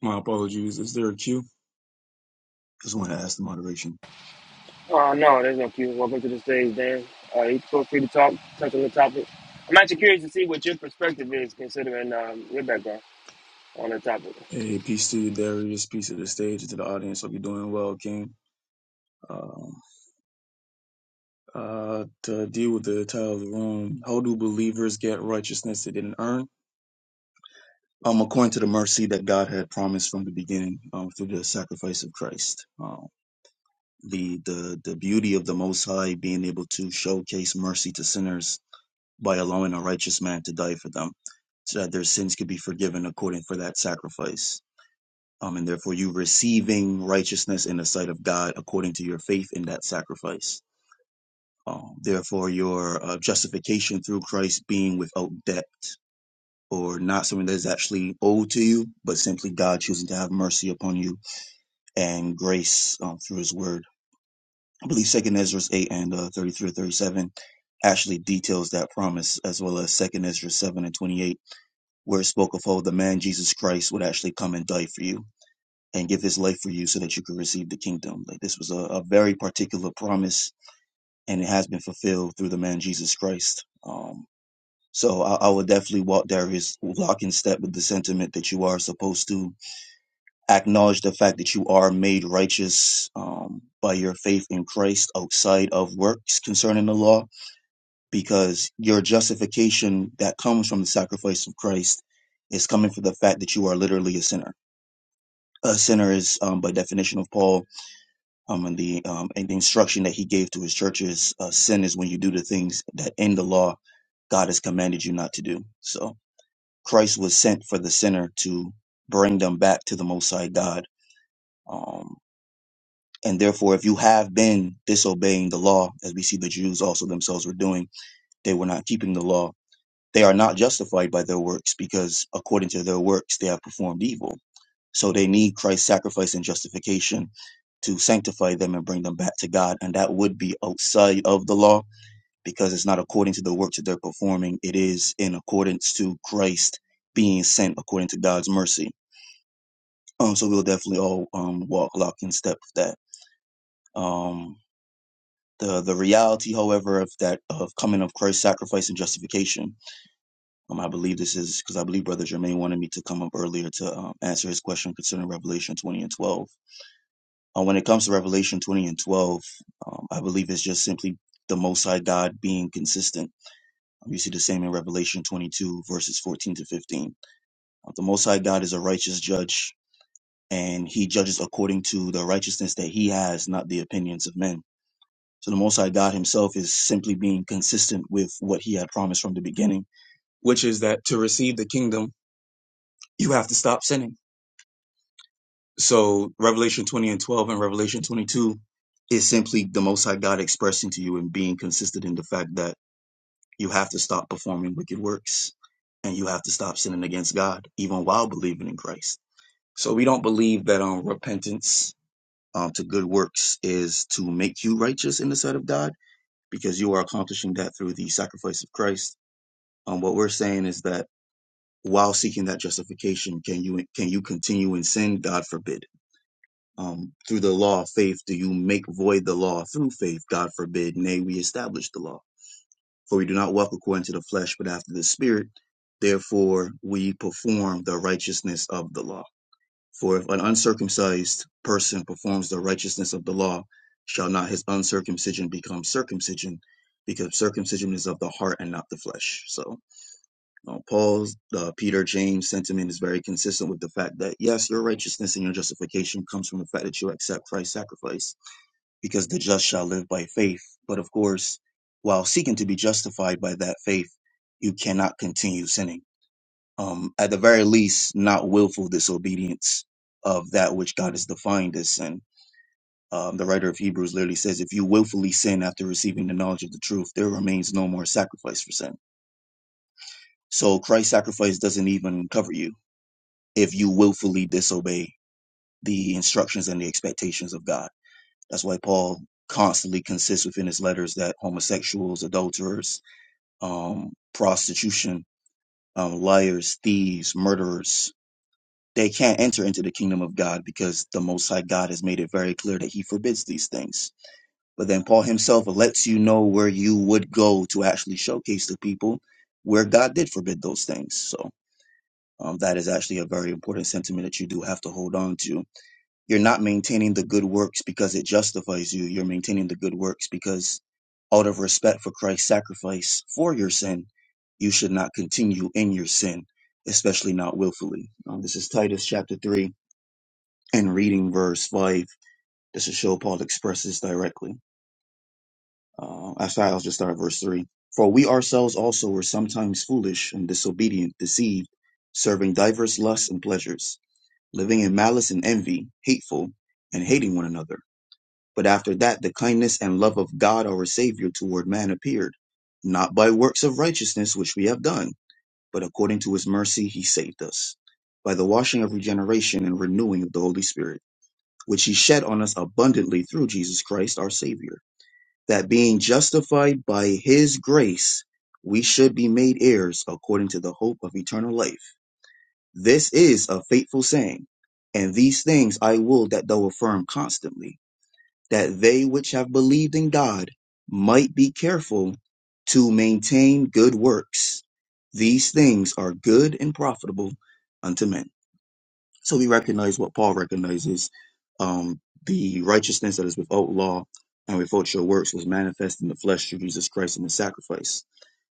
My apologies. Is there a cue? Just want to ask the moderation. Uh, no, there's no cue. Welcome to the stage, Dan. Uh, you feel free to talk, touch on the topic. I'm actually curious to see what your perspective is, considering um, your background on the topic. Hey, peace to you, Darius. Peace to the stage and to the audience. Hope you're doing well, King. Um, uh, to deal with the title of the room, how do believers get righteousness they didn't earn? Um, according to the mercy that God had promised from the beginning, um, through the sacrifice of Christ. Um, the the the beauty of the Most High being able to showcase mercy to sinners by allowing a righteous man to die for them, so that their sins could be forgiven according for that sacrifice um, and therefore you receiving righteousness in the sight of God according to your faith in that sacrifice. Um, therefore, your uh, justification through Christ being without debt or not something that is actually owed to you, but simply God choosing to have mercy upon you and grace um, through His Word. I believe Second Ezra eight and uh, thirty three or thirty seven actually details that promise, as well as Second Ezra seven and twenty eight, where it spoke of how the man Jesus Christ would actually come and die for you and give his life for you so that you could receive the kingdom. Like this was a, a very particular promise and it has been fulfilled through the man Jesus Christ. Um, so I, I would definitely walk Darius lock in step with the sentiment that you are supposed to acknowledge the fact that you are made righteous um, by your faith in Christ outside of works concerning the law, because your justification that comes from the sacrifice of Christ is coming from the fact that you are literally a sinner. A sinner is, um, by definition of Paul, um, and the um, and the instruction that he gave to his churches uh, sin is when you do the things that in the law God has commanded you not to do. So Christ was sent for the sinner to bring them back to the Most High God. Um, and therefore, if you have been disobeying the law, as we see the Jews also themselves were doing, they were not keeping the law they are not justified by their works because according to their works they have performed evil. So they need Christ's sacrifice and justification to sanctify them and bring them back to God. And that would be outside of the law because it's not according to the works that they're performing. It is in accordance to Christ being sent according to God's mercy. Um, so we'll definitely all um, walk lock in step with that. Um, the the reality, however, of that of coming of Christ's sacrifice and justification Um, I believe this is because I believe Brother Jermaine wanted me to come up earlier to um, answer his question concerning Revelation 20 and 12. Uh, when it comes to Revelation 20 and 12, um, I believe it's just simply the Most High God being consistent. Um, you see the same in Revelation 22, verses 14 to 15. Uh, the Most High God is a righteous judge, and he judges according to the righteousness that he has, not the opinions of men. So the Most High God himself is simply being consistent with what he had promised from the beginning, which is that to receive the kingdom, you have to stop sinning So Revelation 20 and 12 and Revelation 22 is simply the Most High God expressing to you and being consistent in the fact that you have to stop performing wicked works and you have to stop sinning against God even while believing in Christ. So we don't believe that um, repentance um, to good works is to make you righteous in the sight of God because you are accomplishing that through the sacrifice of Christ. Um, what we're saying is that while seeking that justification, can you can you continue in sin? God forbid um, through the law of faith do you make void the law through faith god forbid nay we establish the law for we do not walk according to the flesh but after the spirit therefore we perform the righteousness of the law for if an uncircumcised person performs the righteousness of the law shall not his uncircumcision become circumcision because circumcision is of the heart and not the flesh so uh, Paul's uh, Peter James sentiment is very consistent with the fact that yes, your righteousness and your justification comes from the fact that you accept Christ's sacrifice, because the just shall live by faith. But of course, while seeking to be justified by that faith, you cannot continue sinning. Um, at the very least, not willful disobedience of that which God has defined as sin. Um, the writer of Hebrews literally says, "If you willfully sin after receiving the knowledge of the truth, there remains no more sacrifice for sin." So Christ's sacrifice doesn't even cover you if you willfully disobey the instructions and the expectations of God. That's why Paul constantly consists within his letters that homosexuals, adulterers, um, prostitution, um, liars, thieves, murderers, they can't enter into the kingdom of God because the Most High God has made it very clear that he forbids these things. But then Paul himself lets you know where you would go to actually showcase to people where God did forbid those things. So um, that is actually a very important sentiment that you do have to hold on to You're not maintaining the good works because it justifies you. You're maintaining the good works because out of respect for Christ's sacrifice for your sin, you should not continue in your sin, especially not willfully. Um, this is Titus chapter 3 and reading verse 5. This is how Paul expresses directly. Uh, actually, I'll just start at verse 3. For we ourselves also were sometimes foolish and disobedient, deceived, serving diverse lusts and pleasures, living in malice and envy, hateful, and hating one another. But after that, the kindness and love of God our Savior toward man appeared, not by works of righteousness which we have done, but according to his mercy he saved us, by the washing of regeneration and renewing of the Holy Spirit, which he shed on us abundantly through Jesus Christ our Savior, that being justified by his grace, we should be made heirs according to the hope of eternal life. This is a faithful saying, and these things I will that thou affirm constantly that they which have believed in God might be careful to maintain good works. These things are good and profitable unto men. So we recognize what Paul recognizes um, the righteousness that is without law and without your works was manifest in the flesh through Jesus Christ and the sacrifice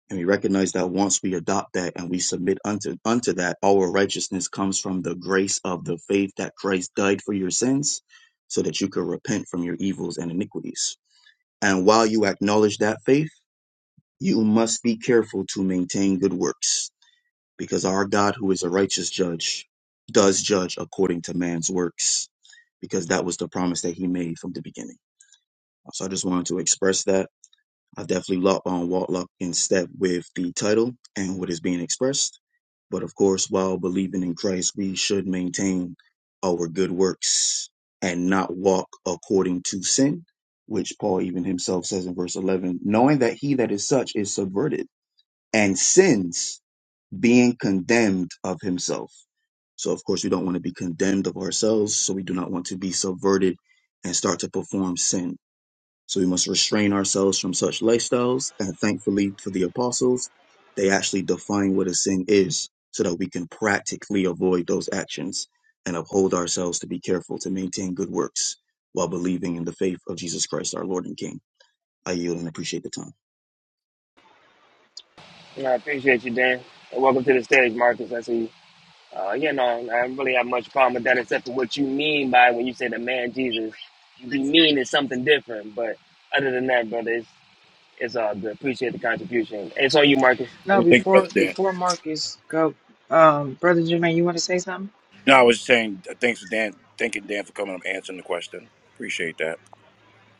and we recognize that once we adopt that and we submit unto unto that, our righteousness comes from the grace of the faith that Christ died for your sins, so that you could repent from your evils and iniquities. And while you acknowledge that faith, you must be careful to maintain good works, because our God, who is a righteous judge, does judge according to man's works, because that was the promise that he made from the beginning. So I just wanted to express that I definitely lock on walk lock in step with the title and what is being expressed. But of course, while believing in Christ, we should maintain our good works and not walk according to sin, which Paul even himself says in verse 11, knowing that he that is such is subverted and sins being condemned of himself. So, of course, we don't want to be condemned of ourselves. So, we do not want to be subverted and start to perform sin so we must restrain ourselves from such lifestyles. And thankfully for the apostles, they actually define what a sin is so that we can practically avoid those actions and uphold ourselves to be careful to maintain good works while believing in the faith of Jesus Christ, our Lord and King. I yield and appreciate the time. And I appreciate you, Dan. And welcome to the stage, Marcus. I see you. Uh, you know, I don't really have much problem with that, except for what you mean by when you say the man Jesus. You mean is something different, but other than that, brother, it's, it's all good. Appreciate the contribution. It's on you, Marcus. No. Thank you, Before brother Dan. before Marcus go, um, brother Jermaine, you want to say something No, I was saying uh, thanks for Dan. Thanking Dan for coming up answering the question. Appreciate that.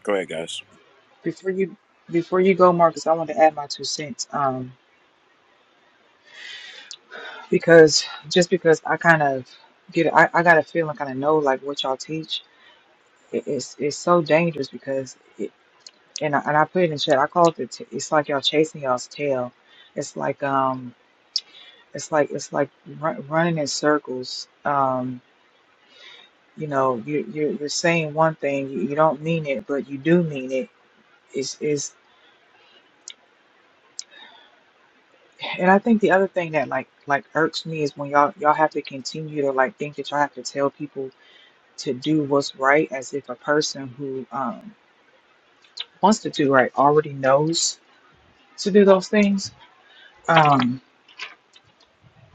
Go ahead, guys. before you before you go, Marcus? I want to add my two cents. Um, because just because I kind of get I, I got a feeling kind of know like what y'all teach it, it's it's so dangerous because it, and I, and I put it in chat I call it the t- it's like y'all chasing y'all's tail it's like um it's like it's like run, running in circles um you know you you're, you're saying one thing you, you don't mean it but you do mean it is is and I think the other thing that like like irks me is when y'all y'all have to continue to like think that y'all have to tell people to do what's right as if a person who um, wants to do right already knows to do those things. Um,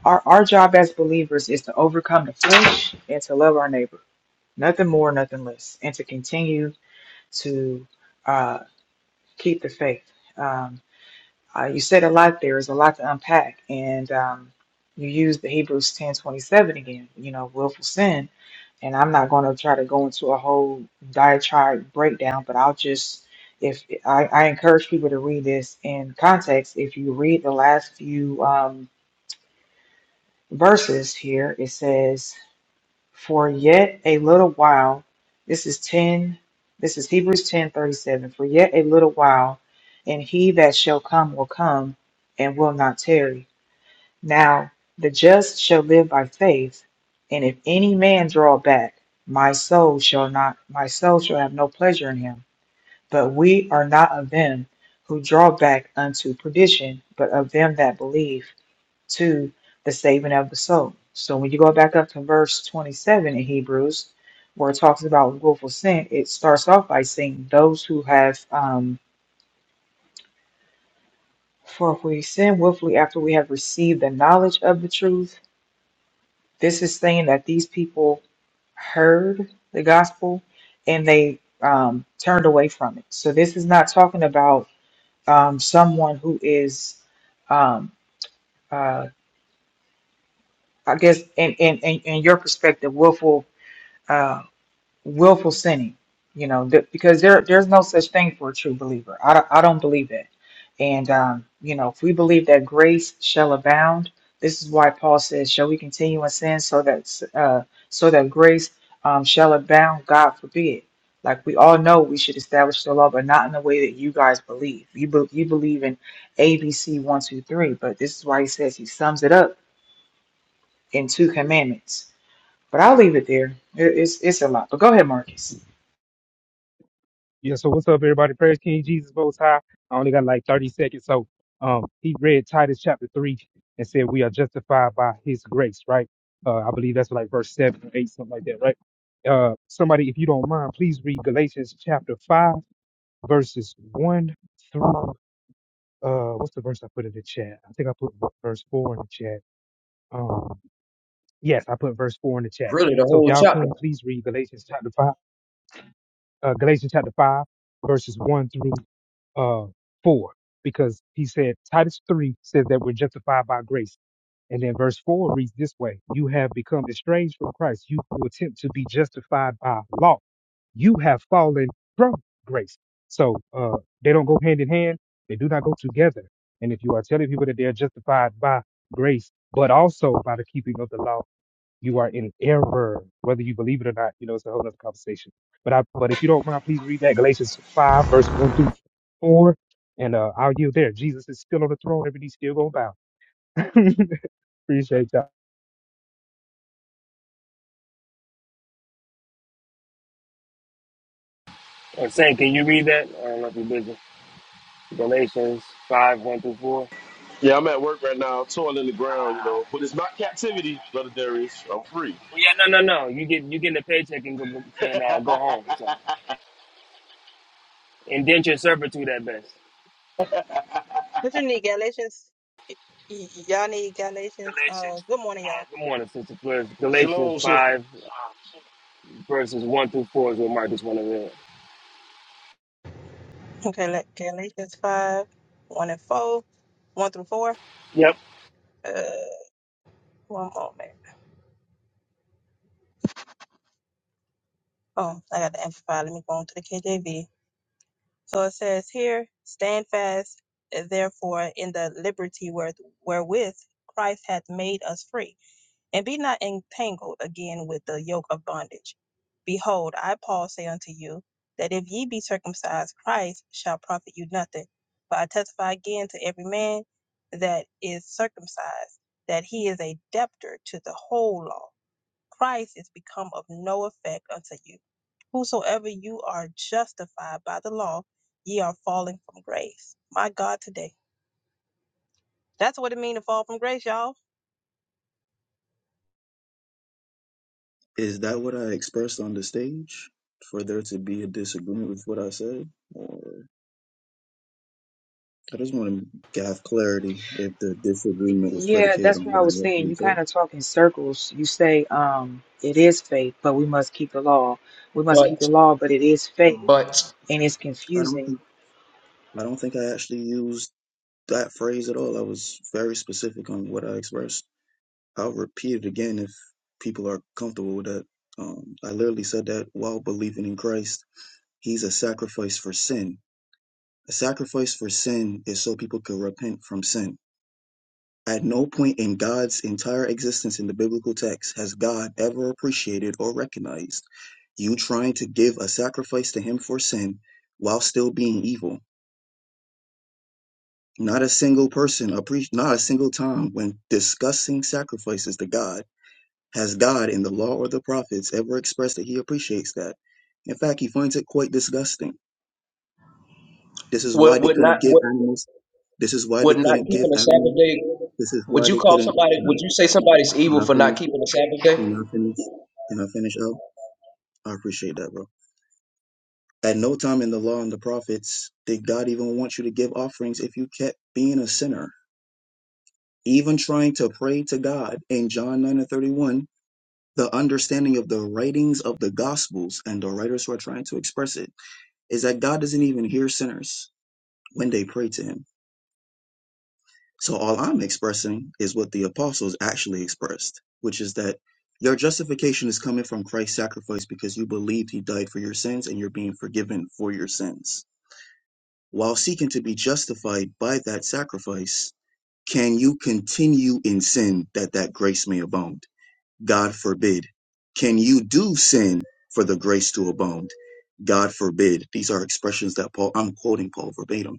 our, our job as believers is to overcome the flesh and to love our neighbor, nothing more, nothing less, and to continue to uh, keep the faith. Um, Uh, you said a lot There's a lot to unpack, and um, you used the Hebrews ten twenty seven again. You know, willful sin, and I'm not going to try to go into a whole diatribe breakdown, but I'll just if I, I encourage people to read this in context. If you read the last few um, verses here, it says. For yet a little while, this is 10, this is Hebrews 10 37. For yet a little while, and he that shall come will come and will not tarry. Now the just shall live by faith, and if any man draw back, my soul shall not, my soul shall have no pleasure in him. But we are not of them who draw back unto perdition, but of them that believe to the saving of the soul. So when you go back up to verse 27 in Hebrews, where it talks about willful sin, it starts off by saying, Those who have, um, for if we sin willfully after we have received the knowledge of the truth, this is saying that these people heard the gospel and they um, turned away from it. So this is not talking about um, someone who is, um, uh, I guess, in, in, in, in your perspective, willful. Um, willful sinning, you know, th- because there there's no such thing for a true believer. I don't, I don't believe that. And um, you know, if we believe that grace shall abound, this is why Paul says, "Shall we continue in sin so that uh, so that grace um, shall abound?" God forbid. Like we all know, we should establish the law, but not in the way that you guys believe. You be- you believe in A, B, C, one, two, three, but this is why he says he sums it up in two commandments. But I'll leave it there. It- It's it's a lot. But go ahead, Marcus. Yeah, so what's up, everybody? Praise King Jesus Most High. I only got like 30 seconds. So um, he read Titus chapter 3 and said, We are justified by his grace, right? Uh, I believe that's like verse 7 or 8, something like that, right? Uh, somebody, if you don't mind, please read Galatians chapter 5, verses 1 through, uh, what's the verse I put in the chat? I think I put verse 4 in the chat. Um, yes, I put verse 4 in the chat. Really, the So if whole y'all chapter. can, please read Galatians chapter 5 uh, Galatians chapter 5, verses 1 through uh, 4, because he said, Titus 3 says that we're justified by grace. And then verse 4 reads this way You have become estranged from Christ. You who attempt to be justified by law. You have fallen from grace. So uh, they don't go hand in hand, they do not go together. And if you are telling people that they are justified by grace, but also by the keeping of the law, you are in error, whether you believe it or not. You know, it's a whole other conversation. But I, but if you don't mind, please read that Galatians five, verse one through four, and uh, I'll yield there. Jesus is still on the throne; every knee still gonna bow. Appreciate y'all. Uh, Saint, can you read that? I don't know if you're busy. Galatians 5, 1 through 4. Yeah, I'm at work right now, toiling the ground, you know. But it's not captivity, brother Darius. I'm free. Well, Yeah, no, no, no. You get you get a paycheck and go, can uh, go home. So indenture servitude at best. What you need, Galatians? Y- Y'all need Galatians. Uh, Galatians. good morning, y'all. Uh, good morning, Sister Flores. Galatians Shalom, sister. five uh, verses one through four is what Marcus want to read. Okay, let Galatians five, one and four, one through four. Yep. Uh, one moment. Oh, I got the amplify. Let me go on to the KJV. So it says here, stand fast, therefore, in the liberty where, wherewith Christ hath made us free. and be not entangled again with the yoke of bondage. Behold, I, Paul, say unto you, that if ye be circumcised, Christ shall profit you nothing. For I testify again to every man that is circumcised, that he is a debtor to the whole law. Christ is become of no effect unto you. Whosoever you are justified by the law, ye are falling from grace. My God, today. That's what it means to fall from grace, y'all Is that what I expressed on the stage for there to be a disagreement with what I said? or? I just want to have clarity if the disagreement was Yeah, predicated that's on what I what was I saying. You actually said. kind of talk in circles. You say um, it is faith, but we must keep the law. We must keep the But, law, but it is faith, but, and it's I don't confusing. think I don't think I actually used that phrase at all. I was very specific on what I expressed. I'll repeat it again if people are comfortable with that. Um, I literally said that while believing in Christ, He's a sacrifice for sin. A sacrifice for sin is so people could repent from sin. At no point in God's entire existence in the biblical text has God ever appreciated or recognized you trying to give a sacrifice to him for sin while still being evil. Not a single person, appre- not a single time when discussing sacrifices to God has God in the law or the prophets ever expressed that he appreciates that. In fact, he finds it quite disgusting. This is why would, they would not, couldn't give would, animals. This is why would they not couldn't give keeping the animals. Sabbath day, This is would why you they call couldn't. somebody, Can I, would you say somebody's can evil I for finish? not keeping the Sabbath Can day? I finish? Can I finish up? I appreciate that, bro. At no time in the law and the prophets did God even want you to give offerings if you kept being a sinner. Even trying to pray to God in John 9 and 31, the understanding of the writings of the gospels and the writers who are trying to express it is that God doesn't even hear sinners when they pray to him. So all I'm expressing is what the apostles actually expressed, which is that your justification is coming from Christ's sacrifice because you believed he died for your sins and you're being forgiven for your sins. While seeking to be justified by that sacrifice, can you continue in sin that that grace may abound? God forbid. Can you do sin for the grace to abound? God forbid. These are expressions that Paul, I'm quoting Paul verbatim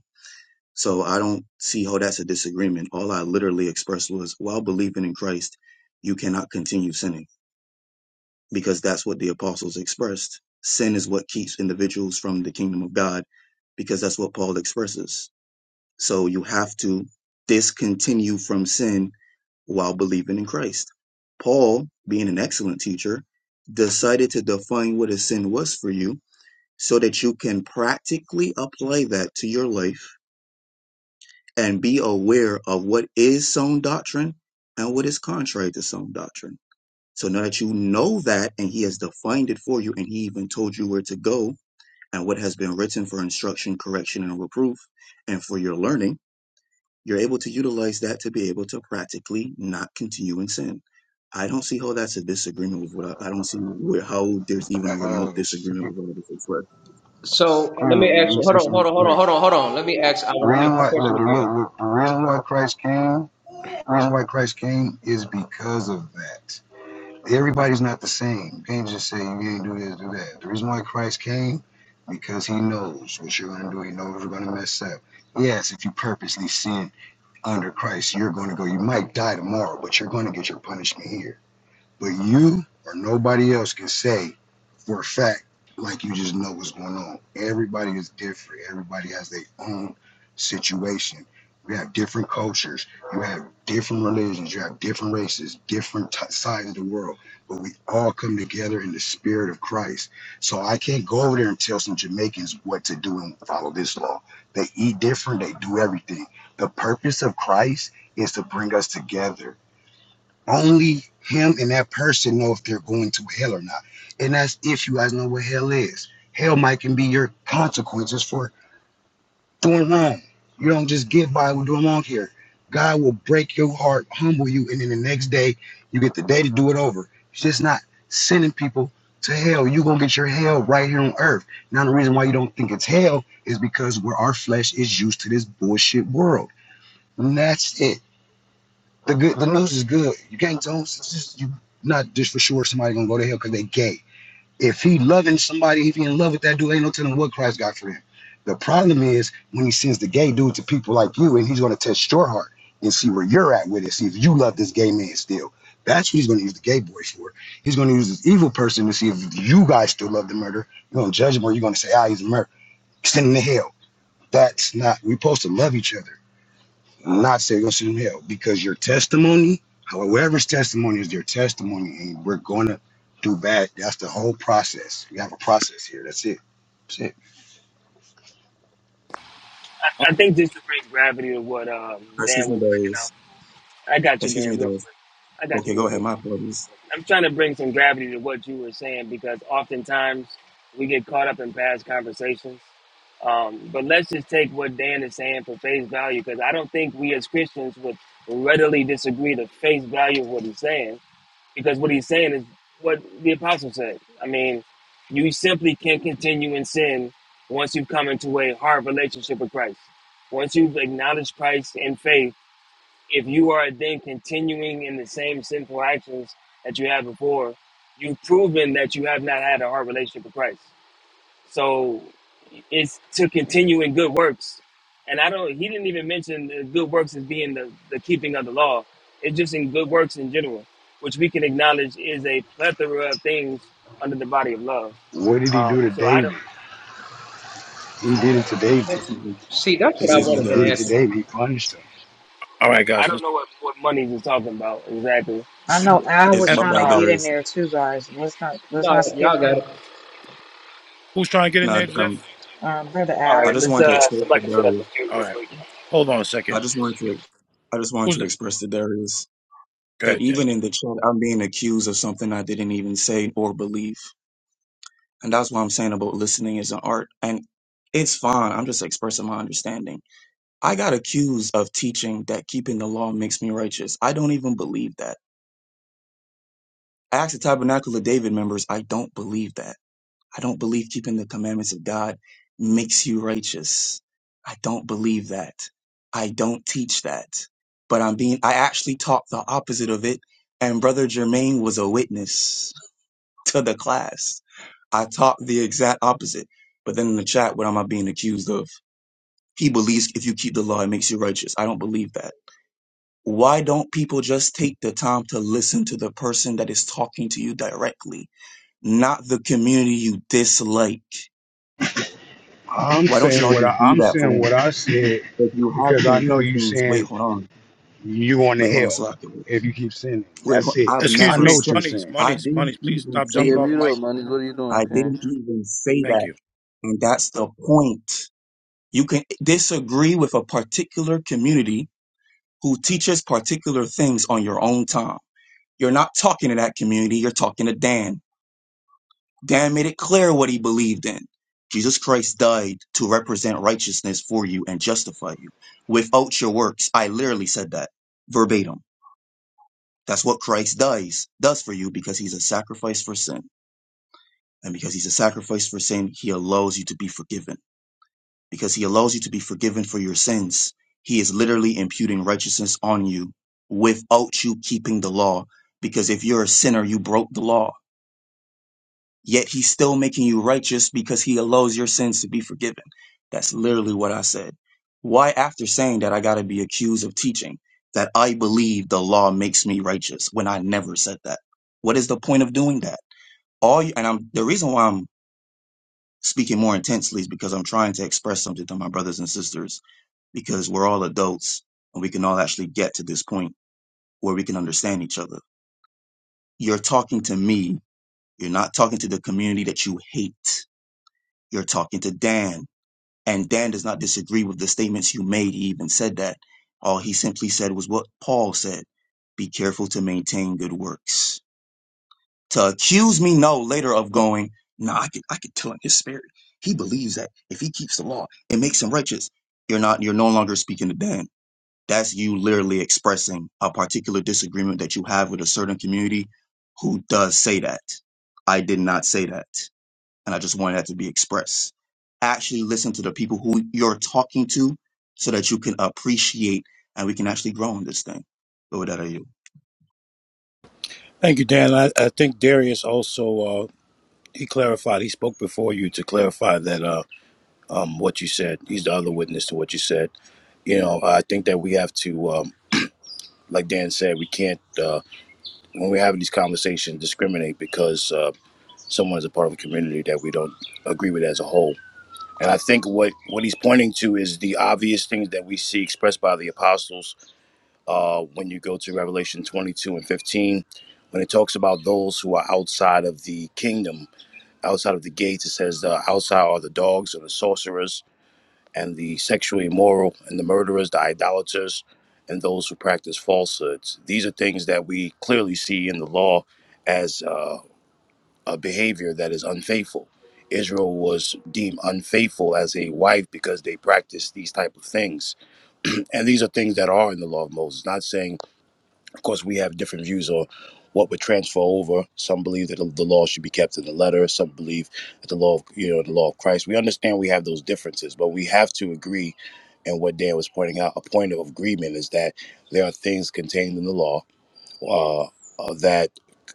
so I don't see how that's a disagreement. All I literally expressed was while believing in Christ, you cannot continue sinning because that's what the apostles expressed. Sin is what keeps individuals from the kingdom of God because that's what Paul expresses. So you have to discontinue from sin while believing in Christ. Paul, being an excellent teacher, decided to define what a sin was for you so that you can practically apply that to your life and be aware of what is sound doctrine and what is contrary to sound doctrine. So now that you know that and he has defined it for you and he even told you where to go and what has been written for instruction, correction, and reproof and for your learning, you're able to utilize that to be able to practically not continue in sin. I don't see how that's a disagreement with what I, I don't see where how there's even a remote Uh, disagreement with what I just read. So let me surely, ask let me you. Hold say on, hold something on, hold real on, quick. hold on, hold on. Let me ask. I The want to reason ask the why, question look, look, again. look, the reason why Christ came, the reason why Christ came is because of that. Everybody's not the same. You can't just say you ain't do this, do that. The reason why Christ came, because he knows what you're gonna do. He knows you're gonna mess up. Yes, if you purposely sin under Christ, you're gonna go. You might die tomorrow, but you're gonna get your punishment here. But you or nobody else can say for a fact, like you just know what's going on. Everybody is different. Everybody has their own situation. We have different cultures. You have different religions. You have different races, different t- sides of the world. But we all come together in the spirit of Christ. So I can't go over there and tell some Jamaicans what to do and follow this law. They eat different. They do everything. The purpose of Christ is to bring us together only him and that person know if they're going to hell or not. And that's if you guys know what hell is. Hell might can be your consequences for doing wrong. You don't just get by with doing wrong here. God will break your heart, humble you, and then the next day you get the day to do it over. It's just not sending people to hell. You're gonna get your hell right here on earth. Now the reason why you don't think it's hell is because where our flesh is used to this bullshit world. And that's it. The good, the news is good. You gang zones, it's just you not just for sure somebody gonna go to hell because they gay. If he loving somebody, if he in love with that dude, ain't no telling what Christ got for him. The problem is when he sends the gay dude to people like you, and he's gonna test your heart and see where you're at with it, see if you love this gay man still. That's what he's gonna use the gay boy for. He's gonna use this evil person to see if you guys still love the murder. You're gonna judge him, or you're gonna say, ah, he's a murderer. Send him to hell. That's not. We're supposed to love each other. I'm not say you're gonna send them hell because your testimony, whoever's testimony is their testimony, and we're gonna do bad. That's the whole process. We have a process here. That's it. That's it. I, I think just to bring gravity to what um, Dan Excuse me, was bringing out. Darius. I got you, Excuse me, Dan, real quick. Darius. I got you Okay, real go quick. ahead. My apologies. I'm trying to bring some gravity to what you were saying because oftentimes we get caught up in past conversations. Um, but let's just take what Dan is saying for face value because I don't think we as Christians would readily disagree the face value of what he's saying because what he's saying is what the apostle said. I mean, you simply can't continue in sin once you've come into a hard relationship with Christ. Once you've acknowledged Christ in faith if you are then continuing in the same sinful actions that you had before, you've proven that you have not had a hard relationship with Christ. So it's to continue in good works. And I don't, he didn't even mention the good works as being the, the keeping of the law. It's just in good works in general, which we can acknowledge is a plethora of things under the body of love. What did he do Um, to so I don't, David? He did it to David. And Excuse me, see, that's what I Excuse Since me, he wanted did to it ask Darius. to David, he punished him. All right, I guys. don't Listen. know what, what monies is talking about exactly. I know Al It's was And my trying to bad, Um, get in Darius. there too, guys. Let's not let's No, not skip y'all got it. him, who's trying to get in there, Not Jeff? um. um, brother all Al. I right, just let's, wanted to uh, express to somebody can set up a Darius. few All real right. quick. Hold on a I second. just wanted to. I just wanted Who's to the- express to Darius Go that ahead, Jeff. even in the chat, I'm being accused of something I didn't even say or believe, and that's what I'm saying about listening is an art. And it's fine. I'm just expressing my understanding. I got accused of teaching that keeping the law makes me righteous. I don't even believe that. I asked the Tabernacle of David members. I don't believe that. I don't believe keeping the commandments of God makes you righteous. I don't believe that. I don't teach that. But I'm being, I actually taught the opposite of it. And Brother Jermaine was a witness to the class. I taught the exact opposite. But then in the chat, what am I being accused of? He believes if you keep the law, it makes you righteous. I don't believe that. Why don't people just take the time to listen to the person that is talking to you directly, not the community you dislike? I'm Why don't y'all saying what just I, do I'm that saying for me? what I said If you have because I know you contentions, wait, saying hold on. you going to Wait, hold on, hell Slocky. Wait, if you keep sinning. wait, That's it. I've I Excuse never know me. what said, you're Monies, saying. I monies, didn't monies. Please even stop say jumping Nigga, off that. mute mic. up, my nigga. What are you doing, I King? didn't even say Thank that. you. And that's the point. You can disagree with a particular community who teaches particular things on your own time. You're not talking to that community. You're talking to Dan. Dan made it clear what he believed in. Jesus Christ died to represent righteousness for you and justify you. Without your works, I literally said that verbatim. That's what Christ dies does for you because he's a sacrifice for sin. And because he's a sacrifice for sin, he allows you to be forgiven. Because he allows you to be forgiven for your sins, he is literally imputing righteousness on you without you keeping the law. Because if you're a sinner, you broke the law yet he's still making you righteous because he allows your sins to be forgiven. That's literally what I said. Why, after saying that, I got to be accused of teaching that I believe the law makes me righteous when I never said that? What is the point of doing that? All you, and I'm the reason why I'm speaking more intensely is because I'm trying to express something to my brothers and sisters because we're all adults and we can all actually get to this point where we can understand each other. You're talking to me. You're not talking to the community that you hate. You're talking to Dan. And Dan does not disagree with the statements you made. He even said that. All he simply said was what Paul said be careful to maintain good works. To accuse me, no, later of going, nah, I could, I could tell in his spirit. He believes that if he keeps the law, it makes him righteous. You're not, you're no longer speaking to Dan. That's you literally expressing a particular disagreement that you have with a certain community who does say that. I did not say that and I just wanted that to be expressed. Actually, listen to the people who you're talking to, so that you can appreciate, and we can actually grow in this thing. But with that, I yield. Thank you, Dan. I, I think Darius also uh, he clarified. He spoke before you to clarify that uh, um, what you said. He's the other witness to what you said. You know, I think that we have to, um, like Dan said, we can't uh, when we're having these conversations discriminate because uh, someone is a part of a community that we don't agree with as a whole And I think what, what he's pointing to is the obvious things that we see expressed by the apostles uh, when you go to Revelation 22 and 15. When it talks about those who are outside of the kingdom, outside of the gates, it says uh, outside are the dogs and the sorcerers and the sexually immoral and the murderers, the idolaters, and those who practice falsehoods. These are things that we clearly see in the law as. uh, a behavior that is unfaithful. Israel was deemed unfaithful as a wife because they practiced these type of things. and these are things that are in the law of Moses. Not saying, of course, we have different views on what would transfer over. Some believe that the law should be kept in the letter. Some believe that the law, of, you know, the law of Christ. We understand we have those differences, but we have to agree. And what Dan was pointing out, a point of agreement is that there are things contained in the law uh, uh, that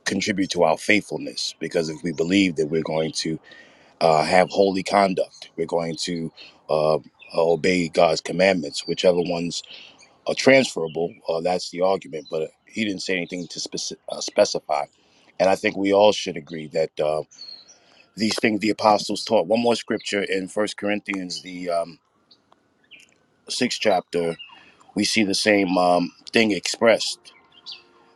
contribute to our faithfulness. Because if we believe that we're going to uh, have holy conduct, we're going to uh, obey God's commandments, whichever ones are transferable, uh, that's the argument. But he didn't say anything to speci- uh, specify. And I think we all should agree that uh, these things the apostles taught. One more scripture in First Corinthians, the um, sixth chapter, we see the same um, thing expressed.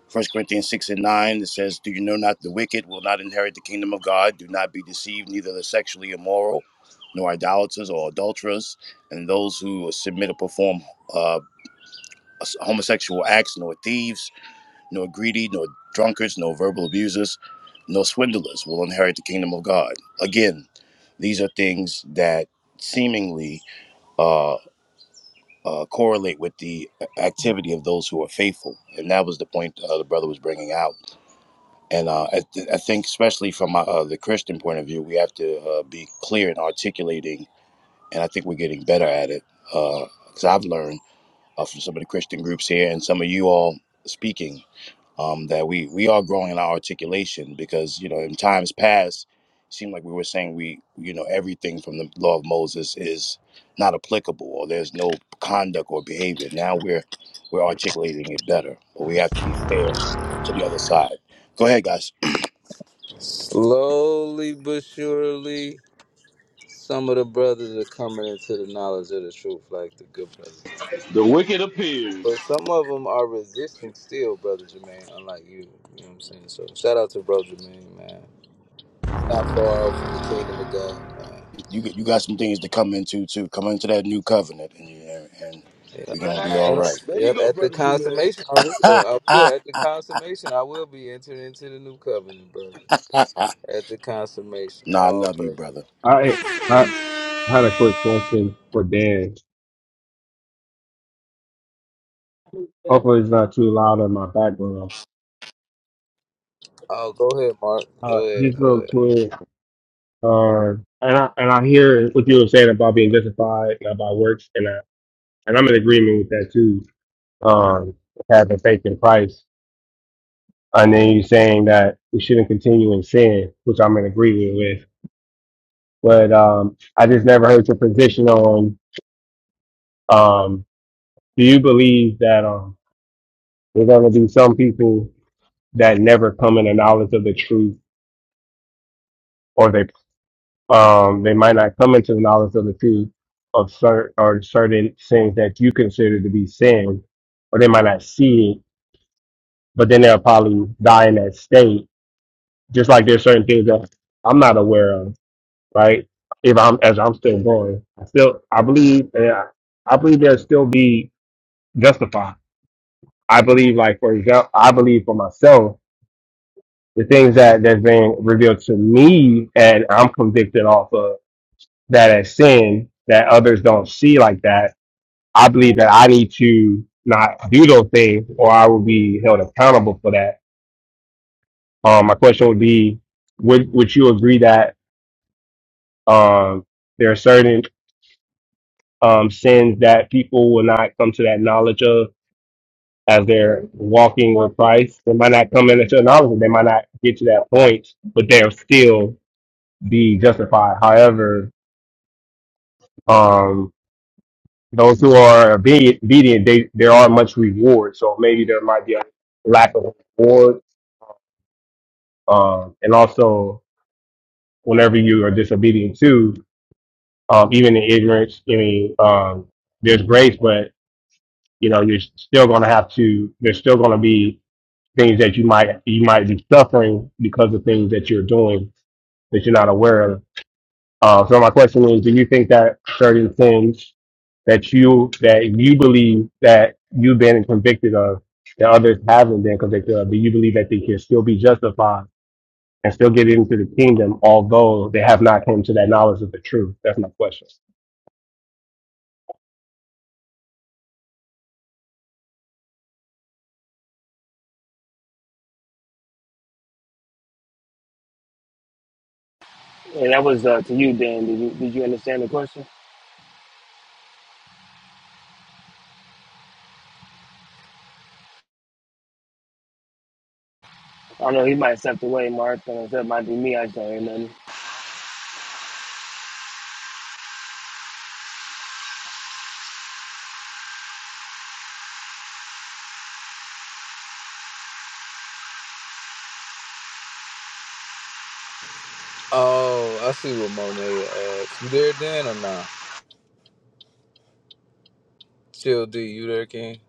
First Corinthians 6 and 9, it says, Do you know not the wicked will not inherit the kingdom of God? Do not be deceived, neither the sexually immoral, nor idolaters or adulterers, and those who submit or perform uh, homosexual acts, nor thieves, nor greedy, nor drunkards, nor verbal abusers, nor swindlers will inherit the kingdom of God. Again, these are things that seemingly uh, uh, correlate with the uh, activity of those who are faithful. And that was the point uh, the brother was bringing out And uh, I, th- I think, especially from my, uh, the Christian point of view, we have to uh, be clear in articulating, and I think we're getting better at it. Because I've learned uh, from some of the Christian groups here and some of you all speaking um, that we we are growing in our articulation. Because you know, in times past, it seemed like we were saying we you know everything from the law of Moses is not applicable, or there's no conduct or behavior. Now we're we're articulating it better, but we have to be fair to the other side. Go ahead, guys. Slowly but surely, some of the brothers are coming into the knowledge of the truth, like the good brothers. do. The wicked appears. But some of them are resisting still, brother Jermaine. Unlike you, you know what I'm saying. So shout out to bro Jermaine, man. It's not far off from the kingdom of God, man. you get- you got some things to come into too. Come into that new covenant, and you, and, and Yeah, we're gonna be all yeah, Thanks. right. There you yep. go, At the brother Jermaine. consummation, I will. I will. nah, At the consummation, I will be entering into the new covenant, brother. At the consummation, I all love you, praise. brother. I I had a quick question for Dan. Hopefully, it's not too loud in my background. Oh, go ahead, Mark. Uh, Go ahead. just Go real ahead. quick, uh, and I and I hear what you were saying about being justified and about works, and I and I'm in agreement with that too. Um, having faith in Christ, and then you saying that we shouldn't continue in sin, which I'm in agreement with. But um, I just never heard your position on. Um, do you believe that um, there's going to be some people that never come in the knowledge of the truth? or they um they might not come into the knowledge of the truth of certain or certain things that you consider to be sin, or they might not see it, but then they'll probably die in that state. Just like there's certain things that I'm not aware of, right? If I'm as I'm still born, I still I believe uh, I believe there'll still be justified. I believe like for example, I believe for myself the things that that's being revealed to me and I'm convicted off of. that as sin that others don't see like that, I believe that I need to not do those things or I will be held accountable for that. Um, my question would be, would, would you agree that, um, there are certain, um, sins that people will not come to that knowledge of as they're walking with Christ? They might not come into knowledge. They might not get to that point, but they'll still be justified. However, um, Those who are obedient, obedient they there are much reward. So maybe there might be a lack of reward. Um, and also, whenever you are disobedient too, um, even in ignorance, I mean, um, there's grace, but you know you're still going to have to. There's still going to be things that you might you might be suffering because of things that you're doing that you're not aware of. Uh, so my question is, do you think that certain sins that you that you believe that you've been convicted of that others haven't been convicted of, do you believe that they can still be justified and still get into the kingdom, although they have not come to that knowledge of the truth? That's my question. And that was uh, to you, Dan. Did you did you understand the question? I don't know. He might have stepped away, Mark, and that might be me. I just don't remember. Oh, I see what Monet asked. You there, Dan, or not? Chill D, you there, King?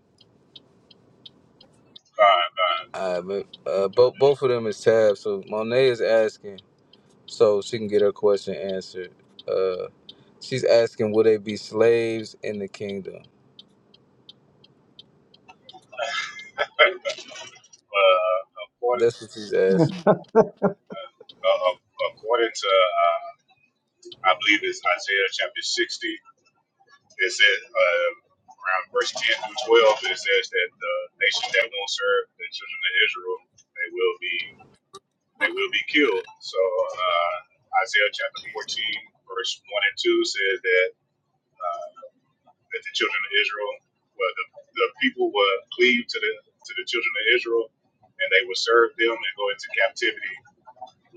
God, God. All right, but uh, both both of them is tabs. So Monet is asking, so she can get her question answered. Uh, she's asking, will they be slaves in the kingdom? Uh, according, That's what she's Yeah. asking. uh, uh, according to, uh, I believe it's Isaiah chapter 60, it says, uh, around verse 10 through 12, it says that the nation that won't serve the children of Israel, they will be, they will be killed. So, uh, Isaiah chapter 14, verse 1 and 2 says that, uh, that the children of Israel, well, the, the people will cleave to the, to the children of Israel and they will serve them and go into captivity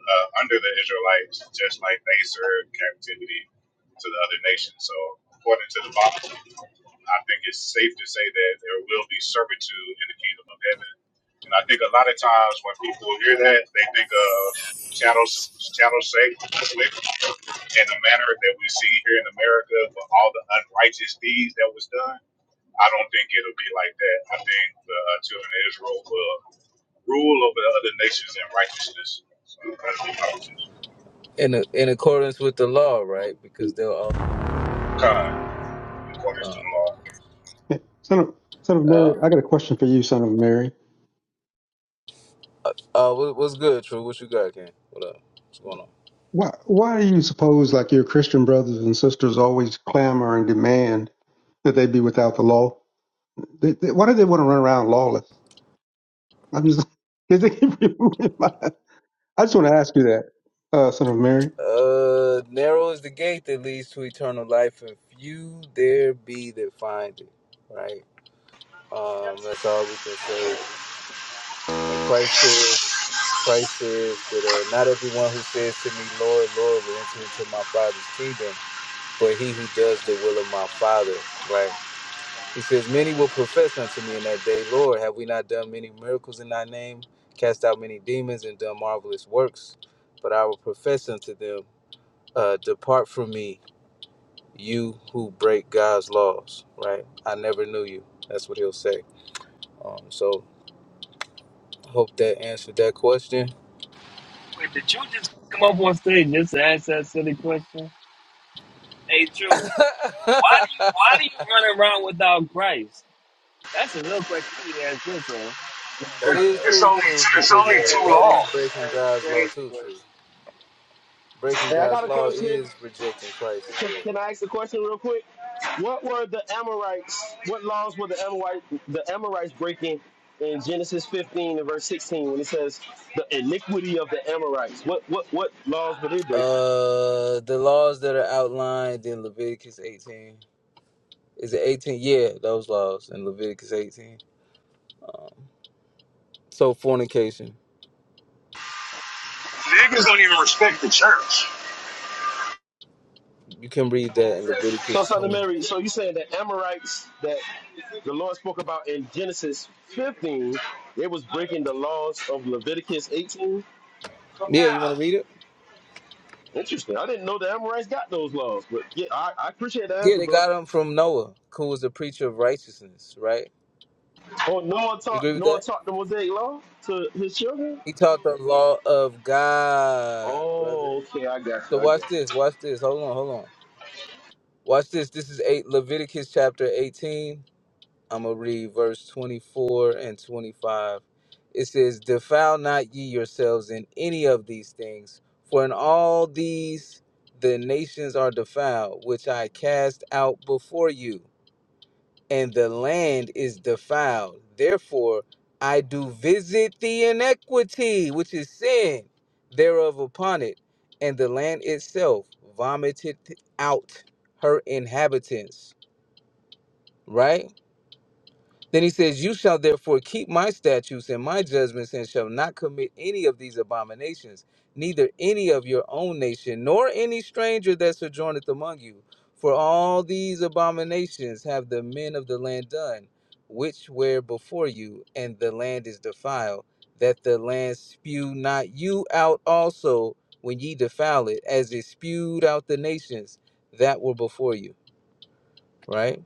uh, under the Israelites, just like they served captivity to the other nations. So, according to the Bible, I think it's safe to say that there will be servitude in the kingdom of heaven. And I think a lot of times when people hear that, they think of chattel chattel slavery in the manner that we see here in America for all the unrighteous deeds that was done. I don't think it'll be like that. I think the uh, children of Israel will rule over the other nations in righteousness. So that'll be my position. In a, in accordance with the law, right? Because they'll all. Con. quarters to Uh, the law. Son of, son of Mary, uh, I got a question for you, son of Mary. uh, uh, what- what's good, True? What you got, King? What up? What's going on? Why, why do you suppose, like your Christian brothers and sisters, always clamor and demand that they be without the law? They, they, why do they want to run around lawless? I'm just 'cause they keep removing my. I just want to ask you that, uh, son of Mary. Uh, narrow is the gate that leads to eternal life, and few there be that find it. Right. Um, that's all we can say. And Christ says, Christ says that uh, not everyone who says to me, Lord, Lord, will enter into my Father's kingdom, but he who does the will of my Father. Right. He says, many will profess unto me in that day, Lord, have we not done many miracles in thy name, cast out many demons, and done marvelous works? But I will profess unto them, uh, depart from me you who break God's laws, right? I never knew you. That's what he'll say. Um, so hope that answered that question. Wait, did you just come up on stage just to ask that silly question? Hey, True, why do you that why do you run around without Christ? That's a real question you need to ask yourself. is It's true, only true, it's because only uh, too That's, that long. is breaking that's God's law crazy, too, true. Breaking Hey, I got God's a but. law question. is rejecting Christ as Can, well. can I ask a question real quick? What were the Amorites? What laws were the Amorites the Amorites breaking in Genesis 15 and verse 16 when it says the iniquity of the Amorites? What what what laws were they breaking? Uh, the laws that are outlined in Leviticus 18. Is it 18? Yeah, those laws in Leviticus 18. So fornication. Niggas don't even respect the church. You can read that in Leviticus So, Son of 20. Mary, so you saying that Amorites that the Lord spoke about in Genesis 15, it was breaking the laws of Leviticus 18? Yeah, you want to read it? Interesting. I didn't know the Amorites got those laws, but yeah, I, I appreciate the Yeah, answer, they bro. got him from Noah, who was a preacher of righteousness, right? Oh, Noah You taught agree with Noah that? taught the Mosaic law to his children. He taught the law of God, brother. Oh, okay, I got So you. I got you. watch this, watch this. Hold on, hold on. Watch this. This is eight Leviticus chapter 18. I'm gonna read verse 24 and 25. It says, Defile not ye yourselves in any of these things, for in all these the nations are defiled, which I cast out before you. and the land is defiled. Therefore, I do visit the iniquity which is sin, thereof upon it, and the land itself vomited out her inhabitants. Right? Then he says, You shall therefore keep my statutes and my judgments, and shall not commit any of these abominations, neither any of your own nation, nor any stranger that sojourneth among you. For all these abominations have the men of the land done, which were before you, and the land is defiled, that the land spew not you out also when ye defile it, as it spewed out the nations that were before you. Right?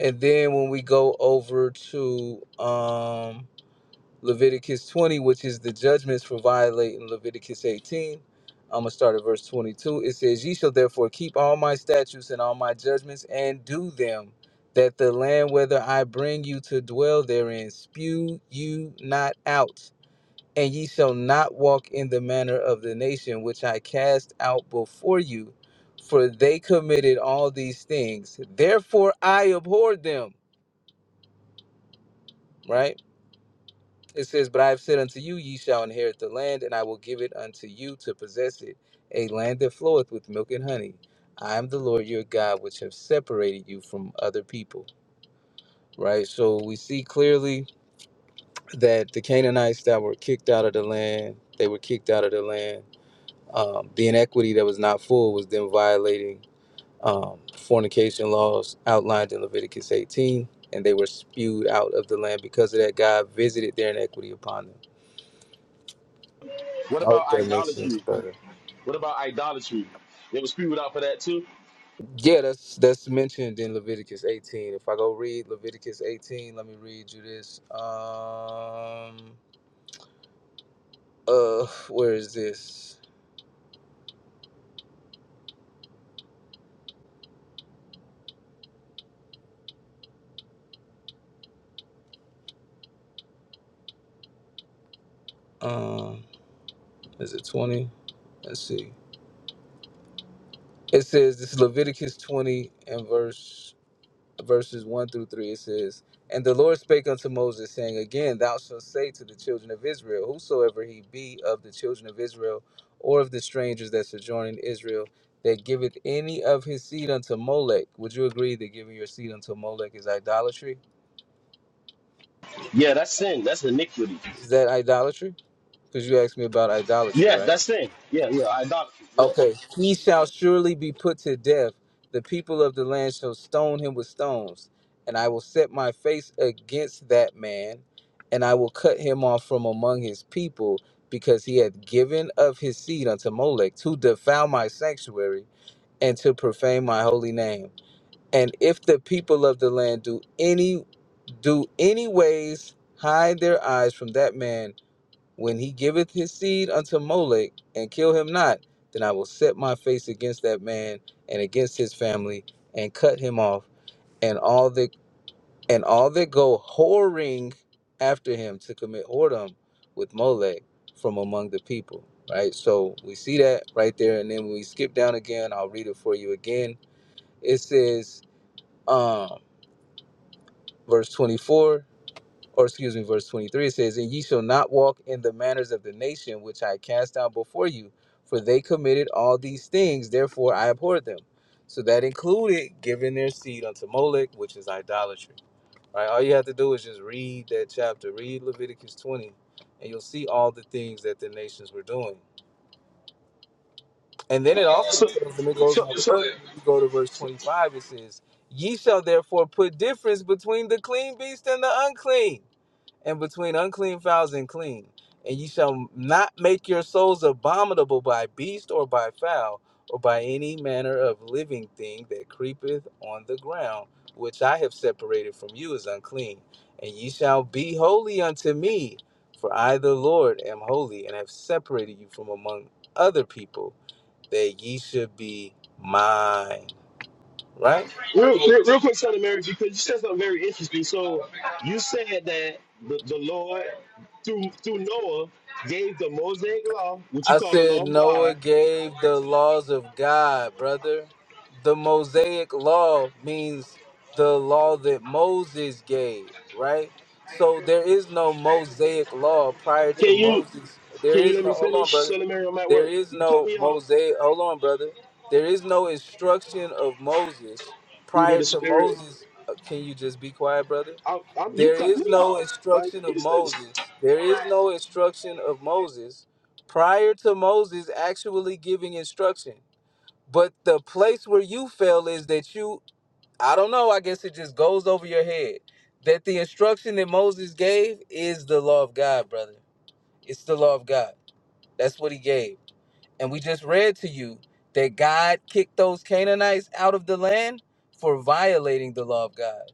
And then when we go over to um, Leviticus 20, which is the judgments for violating Leviticus 18, I'm going to start at verse 22. It says, Ye shall therefore keep all my statutes and all my judgments and do them, that the land whether I bring you to dwell therein spew you not out. And ye shall not walk in the manner of the nation which I cast out before you, for they committed all these things. Therefore I abhorred them right? It says, But I have said unto you, ye shall inherit the land, and I will give it unto you to possess it, a land that floweth with milk and honey. I am the Lord your God, which have separated you from other people, right? So we see clearly that the Canaanites that were kicked out of the land, they were kicked out of the land. Um, the inequity that was not full was then violating um, fornication laws outlined in Leviticus 18, and they were spewed out of the land because of that. God visited their inequity upon them What I about hope that makes sense idolatry? better. What about idolatry? There was people out for that too. Yeah, that's that's mentioned in Leviticus 18. If I go read Leviticus 18, let me read you this. Um, uh, where is this? Um, is it 20? Let's see. It says this is Leviticus 20 and verse. verses 1 through 3, it says, And the Lord spake unto Moses, saying, Again, thou shalt say to the children of Israel, Whosoever he be of the children of Israel, or of the strangers that sojourn in Israel, that giveth any of his seed unto Molech. Would you agree that giving your seed unto Molech is idolatry? Yeah, that's sin. That's iniquity. Is that idolatry? Because you asked me about idolatry, Yeah, right? that's sin. Yeah, yeah, idolatry. Yeah. Okay. He shall surely be put to death. The people of the land shall stone him with stones. And I will set my face against that man, and I will cut him off from among his people, because he hath given of his seed unto Molech to defile my sanctuary and to profane my holy name. And if the people of the land do any do any ways hide their eyes from that man, when he giveth his seed unto Molech and kill him not, then I will set my face against that man and against his family and cut him off and all that and all that go whoring after him to commit whoredom with Molech from among the people. Right? So we see that right there. And then when we skip down again, I'll read it for you again. It says, um, verse 24. or excuse me, verse 23, it says, And ye shall not walk in the manners of the nation which I cast down before you, for they committed all these things, therefore I abhorred them. So that included giving their seed unto Molech, which is idolatry. Right? All you have to do is just read that chapter, read Leviticus 20, and you'll see all the things that the nations were doing. And then it also So, tells them, it goes so, on so further when you go to verse 25, it says, Ye shall therefore put difference between the clean beast and the unclean and between unclean fowls and clean. And ye shall not make your souls abominable by beast or by fowl or by any manner of living thing that creepeth on the ground, which I have separated from you as unclean. And ye shall be holy unto me, for I, the Lord, am holy, and have separated you from among other people, that ye should be mine. Right? real, real, real quick, Son of Mary, because you said something very interesting. So, you said that the, the Lord through through Noah gave the Mosaic law, which you I call the law said of Noah God. gave the laws of God, brother. The Mosaic law means the law that Moses gave, right? So there is no Mosaic law prior to Can you Moses. There Can you is let me no, hold on, finish, brother. Son of Mary? I'm at There work. is You cut no me off, Mosaic, hold on, brother. There is no instruction of Moses fruit of prior the to spirit. Moses. Uh, Can you just be quiet, brother? I, I'm, you There cut me is no off. Like, instruction of what is this? Moses. There is no instruction of Moses prior to Moses actually giving instruction. But the place where you fail is that you, I don't know, I guess it just goes over your head that the instruction that Moses gave is the law of God, brother. It's the law of God. That's what he gave. And we just read to you that God kicked those Canaanites out of the land for violating the law of God,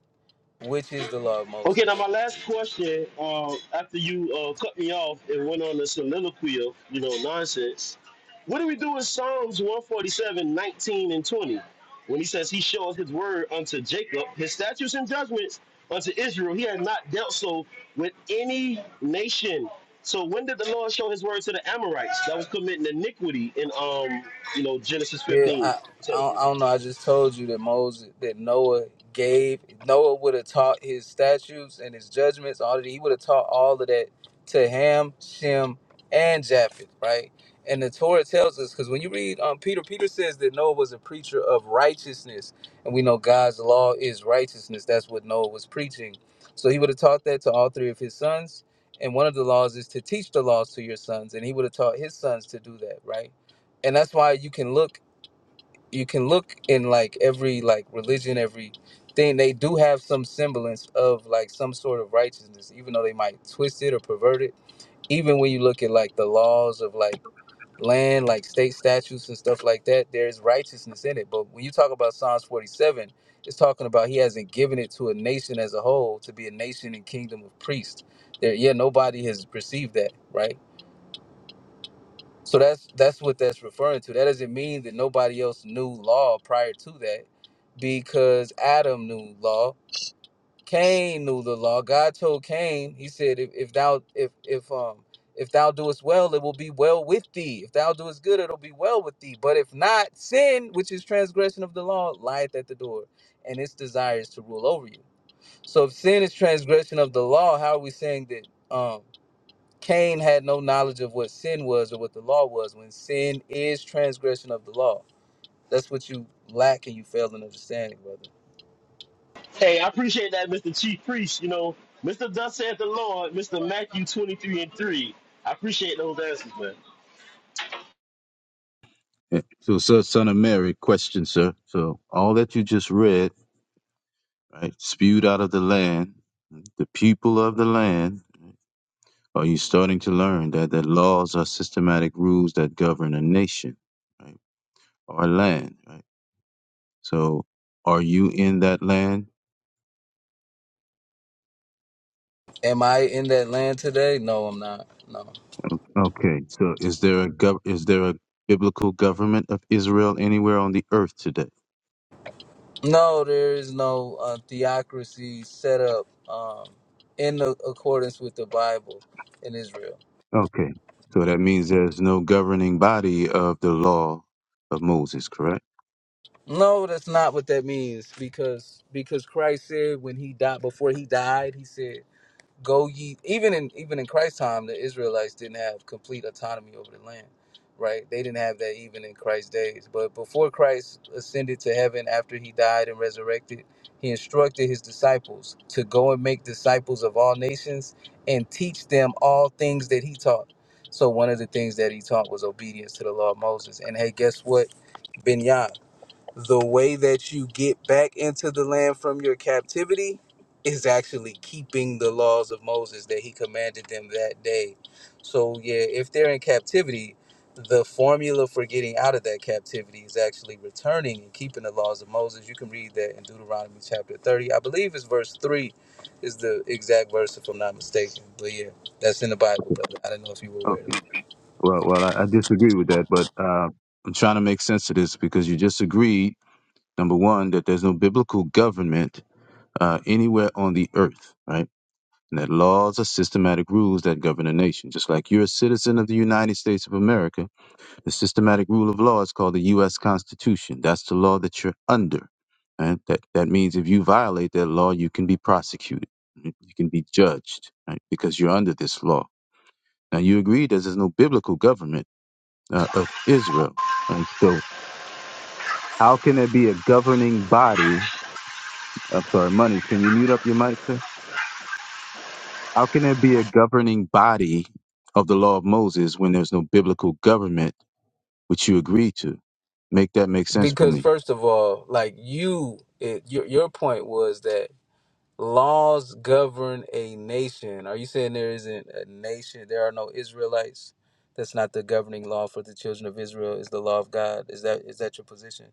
which is the law of Okay, now Moses. my last question. Uh, after you uh, cut me off and went on a soliloquy of you know nonsense, what do we do in Psalms 147:19 and twenty, when he says he shows his word unto Jacob, his statutes and judgments unto Israel? He had not dealt so with any nation. So when did the Lord show his word to the Amorites that was committing iniquity in um you know Genesis Yeah, 15, I, I don't seventeen? I don't know. I just told you that Moses, that Noah gave Noah would have taught his statutes and his judgments. All of that, he would have taught all of that to Ham, Shem, and Japheth, right? And the Torah tells us because when you read um, Peter, Peter says that Noah was a preacher of righteousness, and we know God's law is righteousness. That's what Noah was preaching. So he would have taught that to all three of his sons. And one of the laws is to teach the laws to your sons, and he would have taught his sons to do that, right? and that's why you can look you can look in like every like religion every thing they do have some semblance of like some sort of righteousness even though they might twist it or pervert it even when you look at like the laws of like land like state statutes and stuff like that there's righteousness in it but when you talk about psalms 47 it's talking about he hasn't given it to a nation as a whole to be a nation and kingdom of priests there yeah nobody has received that right so that's that's what that's referring to. That doesn't mean that nobody else knew law prior to that, because Adam knew law, Cain knew the law. God told Cain, He said, if, if thou if if um if thou doest well, it will be well with thee. If thou doest good, it'll be well with thee. But if not, sin, which is transgression of the law, lieth at the door, and its desires to rule over you. So if sin is transgression of the law, how are we saying that? um? Cain had no knowledge of what sin was or what the law was. When sin is transgression of the law, that's what you lack and you fail in understanding, brother. Hey, I appreciate that, Mr. Chief Priest. You know, Mr. Thus saith the Lord, Mr. Matthew 23 and 3. I appreciate those answers, man. Yeah. So, so, son of Mary, question, sir. So, all that you just read, right, spewed out of the land, the people of the land, are you starting to learn that that laws are systematic rules that govern a nation, right, or a land, right? So, are you in that land? Am I in that land today? No, I'm not. No, Okay. So, is there a gov- is there a biblical government of Israel anywhere on the earth today? no, there is no uh, theocracy set up um, in the, accordance with the Bible in Israel. Okay. So that means there's no governing body of the law of Moses, correct? No, that's not what that means because because Christ said when he died before he died, he said go ye even in even in Christ's time the Israelites didn't have complete autonomy over the land right they didn't have that even in Christ's days but before Christ ascended to heaven after he died and resurrected he instructed his disciples to go and make disciples of all nations and teach them all things that he taught so one of the things that he taught was obedience to the law of Moses and hey guess what Binyan the way that you get back into the land from your captivity is actually keeping the laws of Moses that he commanded them that day. So, yeah, if they're in captivity, the formula for getting out of that captivity is actually returning and keeping the laws of Moses. You can read that in Deuteronomy chapter 30. I believe it's verse 3 is the exact verse, if I'm not mistaken. But yeah, that's in the Bible, but I don't know if you were aware Okay. of that. Well, well, I, I disagree with that, but uh, I'm trying to make sense of this because you just agreed, number one, that there's no biblical government uh, anywhere on the earth, right? And that laws are systematic rules that govern a nation. Just like you're a citizen of the United States of America, the systematic rule of law is called the U.S. Constitution. That's the law that you're under. Right? That that means if you violate that law, you can be prosecuted, you can be judged, right? Because you're under this law. Now you agree that there's no biblical government uh, of Israel. And so, how can it be a governing body? I'm sorry, Monies, can you mute up your mic, sir? How can it be a governing body of the law of Moses when there's no biblical government which you agree to? Make that make sense for Because, me. first of all, like you, it, your, your point was that laws govern a nation. Are you saying there isn't a nation? There are no Israelites. That's not the governing law for the children of Israel. Is the law of God? Is that is that your position?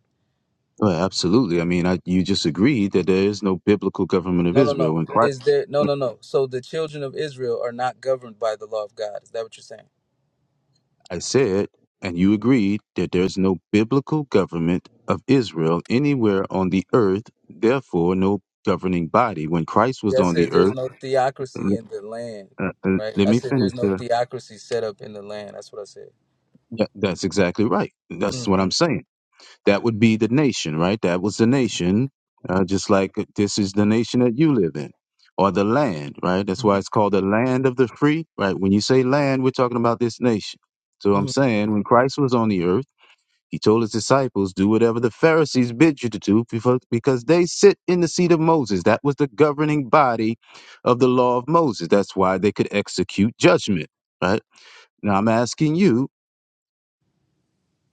Well, absolutely. I mean, I, you just agreed that there is no biblical government of No, no, Israel. no. When Christ, Is there? No, no, no. So the children of Israel are not governed by the law of God. Is that what you're saying? I said, and you agreed that there is no biblical government of Israel anywhere on the earth, therefore, no governing body. When Christ was Yeah, I on said the earth, there's no theocracy L- in the land, Uh, uh, right? let I me said finish there's no here. theocracy set up in the land. That's what I said. That, that's exactly right. That's what I'm hmm saying. That would be the nation, right? That was the nation, uh, just like this is the nation that you live in, or the land, right? That's why it's called the land of the free, right? When you say land, we're talking about this nation. So hmm I'm saying when Christ was on the earth, he told his disciples, do whatever the Pharisees bid you to do befo- because they sit in the seat of Moses. That was the governing body of the law of Moses. That's why they could execute judgment, right? Now I'm asking you,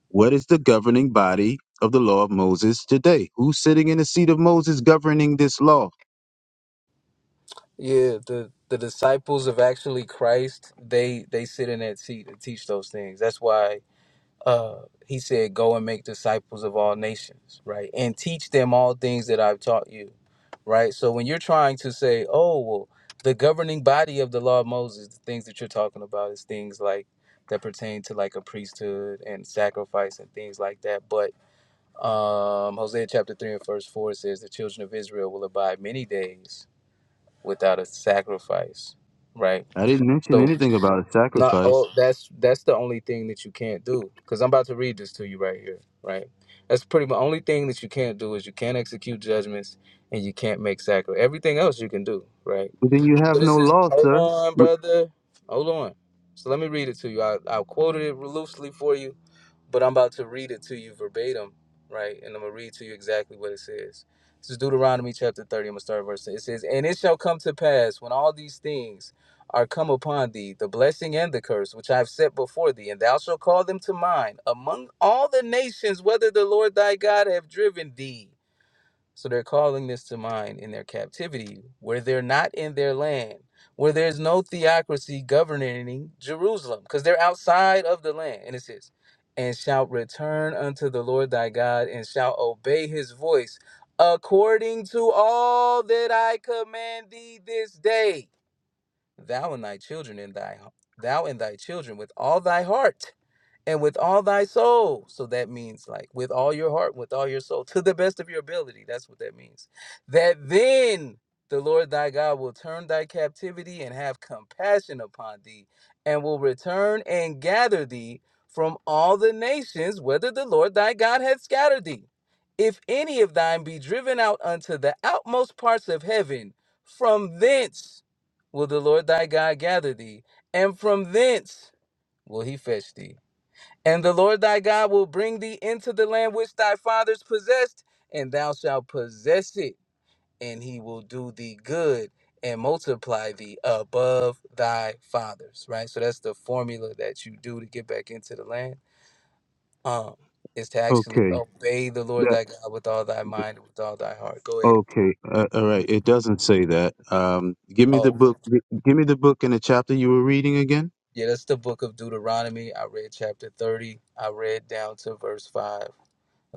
what is the governing body of the law of Moses today? Who's sitting in the seat of Moses governing this law? Yeah, the the disciples of actually Christ, they they sit in that seat and teach those things. That's why uh he said go and make disciples of all nations, right? And teach them all things that I've taught you. Right? So when you're trying to say, "Oh, well, the governing body of the law of Moses, the things that you're talking about is things like that pertain to like a priesthood and sacrifice and things like that." But um Hosea chapter 3 and verse 4 says the children of Israel will abide many days without a sacrifice, right? I didn't mention So anything about a no, sacrifice. oh, that's that's the only thing that you can't do. Because I'm about to read this to you right here, right? That's pretty much the only thing that you can't do is you can't execute judgments and you can't make sacrifice. Everything else you can do, right? But then you have So this no is law, hold sir. on, Wh- brother, hold on. So let me read it to you. I I quoted it loosely for you but I'm about to read it to you verbatim, right? And I'm gonna read to you exactly what it says. This is Deuteronomy chapter 30. I'm gonna start verse 10. It says, And it shall come to pass when all these things are come upon thee, the blessing and the curse which I have set before thee, and thou shalt call them to mind among all the nations, whether the Lord thy God have driven thee. So they're calling this to mind in their captivity, where they're not in their land, where there's no theocracy governing Jerusalem, because they're outside of the land. And it says, and shalt return unto the Lord thy God, and shalt obey his voice, according to all that I command thee this day. Thou and thy children and thy thou and thy children with all thy heart and with all thy soul. So that means like with all your heart, with all your soul, to the best of your ability. That's what that means. That then the Lord thy God will turn thy captivity and have compassion upon thee, and will return and gather thee from all the nations, whether the Lord thy God hath scattered thee. If any of thine be driven out unto the outmost parts of heaven, from thence will the Lord thy God gather thee, and from thence will he fetch thee. And the Lord thy God will bring thee into the land which thy fathers possessed, and thou shalt possess it, and he will do thee good and multiply thee above thy fathers. Right? So that's the formula that you do to get back into the land. Um, is to actually Okay. obey the Lord That, thy God with all thy th- mind and with all thy heart. Go ahead. okay. Uh, all right. It doesn't say that. Um, give me Oh, the okay. book. gi- Give me the book and the chapter you were reading again. yeah, that's the book of Deuteronomy. I read chapter 30. I read down to verse 5. I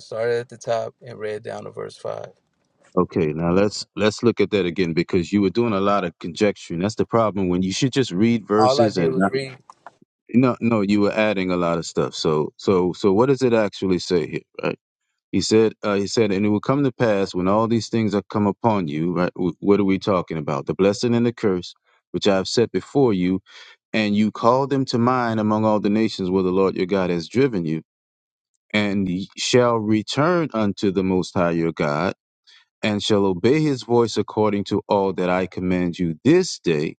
started at the top and read down to verse 5. Okay. Now let's let's look at that again because you were doing a lot of conjecturing. That's the problem. When you should just read All I verses did and was read. No, no, you were adding a lot of stuff. So, so, so, what does it actually say here? Right? He said, uh, he said, and it will come to pass when all these things are come upon you. Right? W- What are we talking about? The blessing and the curse, which I have set before you, and you call them to mind among all the nations where the Lord your God has driven you, and ye shall return unto the Most High your God, and shall obey His voice according to all that I command you this day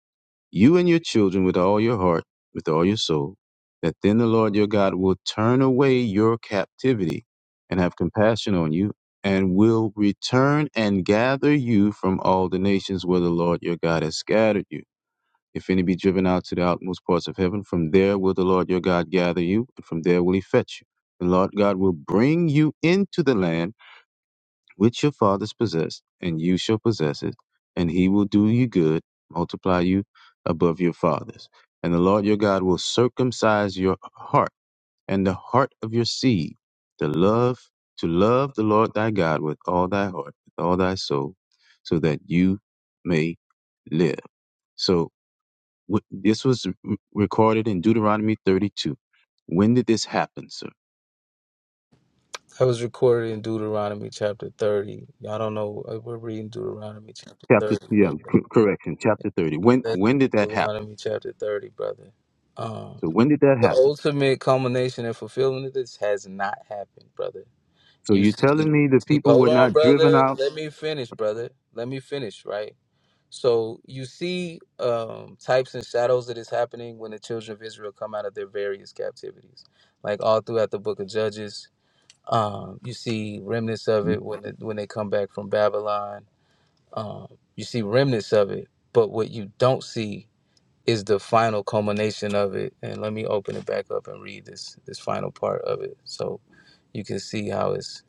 you and your children with all your heart, with all your soul, that then the Lord your God will turn away your captivity and have compassion on you, and will return and gather you from all the nations where the Lord your God has scattered you. If any be driven out to the outmost parts of heaven, from there will the Lord your God gather you, and from there will he fetch you. The Lord God will bring you into the land which your fathers possessed, and you shall possess it, and he will do you good, multiply you above your fathers. And the Lord your God will circumcise your heart and the heart of your seed, to love to love the Lord thy God with all thy heart, with all thy soul, so that you may live. So wh- this was re- recorded in Deuteronomy 32. When did this happen, sir? That was recorded in Deuteronomy chapter 30. Y'all don't know. uh, We're reading Deuteronomy chapter Chapter 30, yeah, brother. c- correction, chapter 30. When That's when did that happen? Deuteronomy chapter 30, brother. Um, So when did that the happen? ultimate culmination and fulfillment of this has not happened, brother. So You you're see, you telling me the see- people were hold on, not driven brother. out? Let me finish, brother. Let me finish, right? So you see um, types and shadows that is happening when the children of Israel come out of their various captivities, like all throughout the book of Judges um, you see remnants of it when it, when they come back from Babylon. Um, you see remnants of it, but what you don't see is the final culmination of it. And let me open it back up and read this this final part of it, so you can see how it's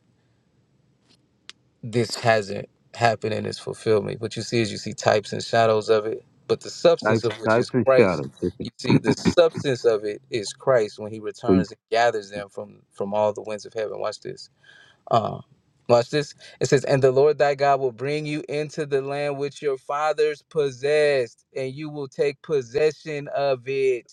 this hasn't happened in its fulfillment. What you see is you see types and shadows of it, but the substance Types, of which types is and Christ. shadows. Okay. You see the substance of it is Christ when He So you, returns and gathers them from from all the winds of heaven. Watch this Uh, watch this. It says, And the Lord thy God will bring you into the land which your fathers possessed, and you will take possession of it.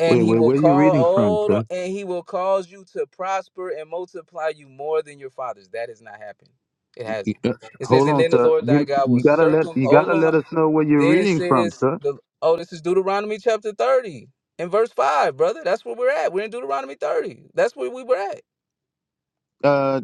And wait, he wait, will where are you call reading from, hold on, sir? and he will cause you to prosper and multiply you more than your fathers. That has not happened. It You- hasn't. uh, It says, hold and on, then the sir. Lord thy Give, God will you gotta let circum you hold gotta on. let us know where you're Then it reading from, says sir. the oh, this is Deuteronomy chapter 30 and verse 5, brother. That's where we're at. We're in Deuteronomy 30. That's where we were at. Uh,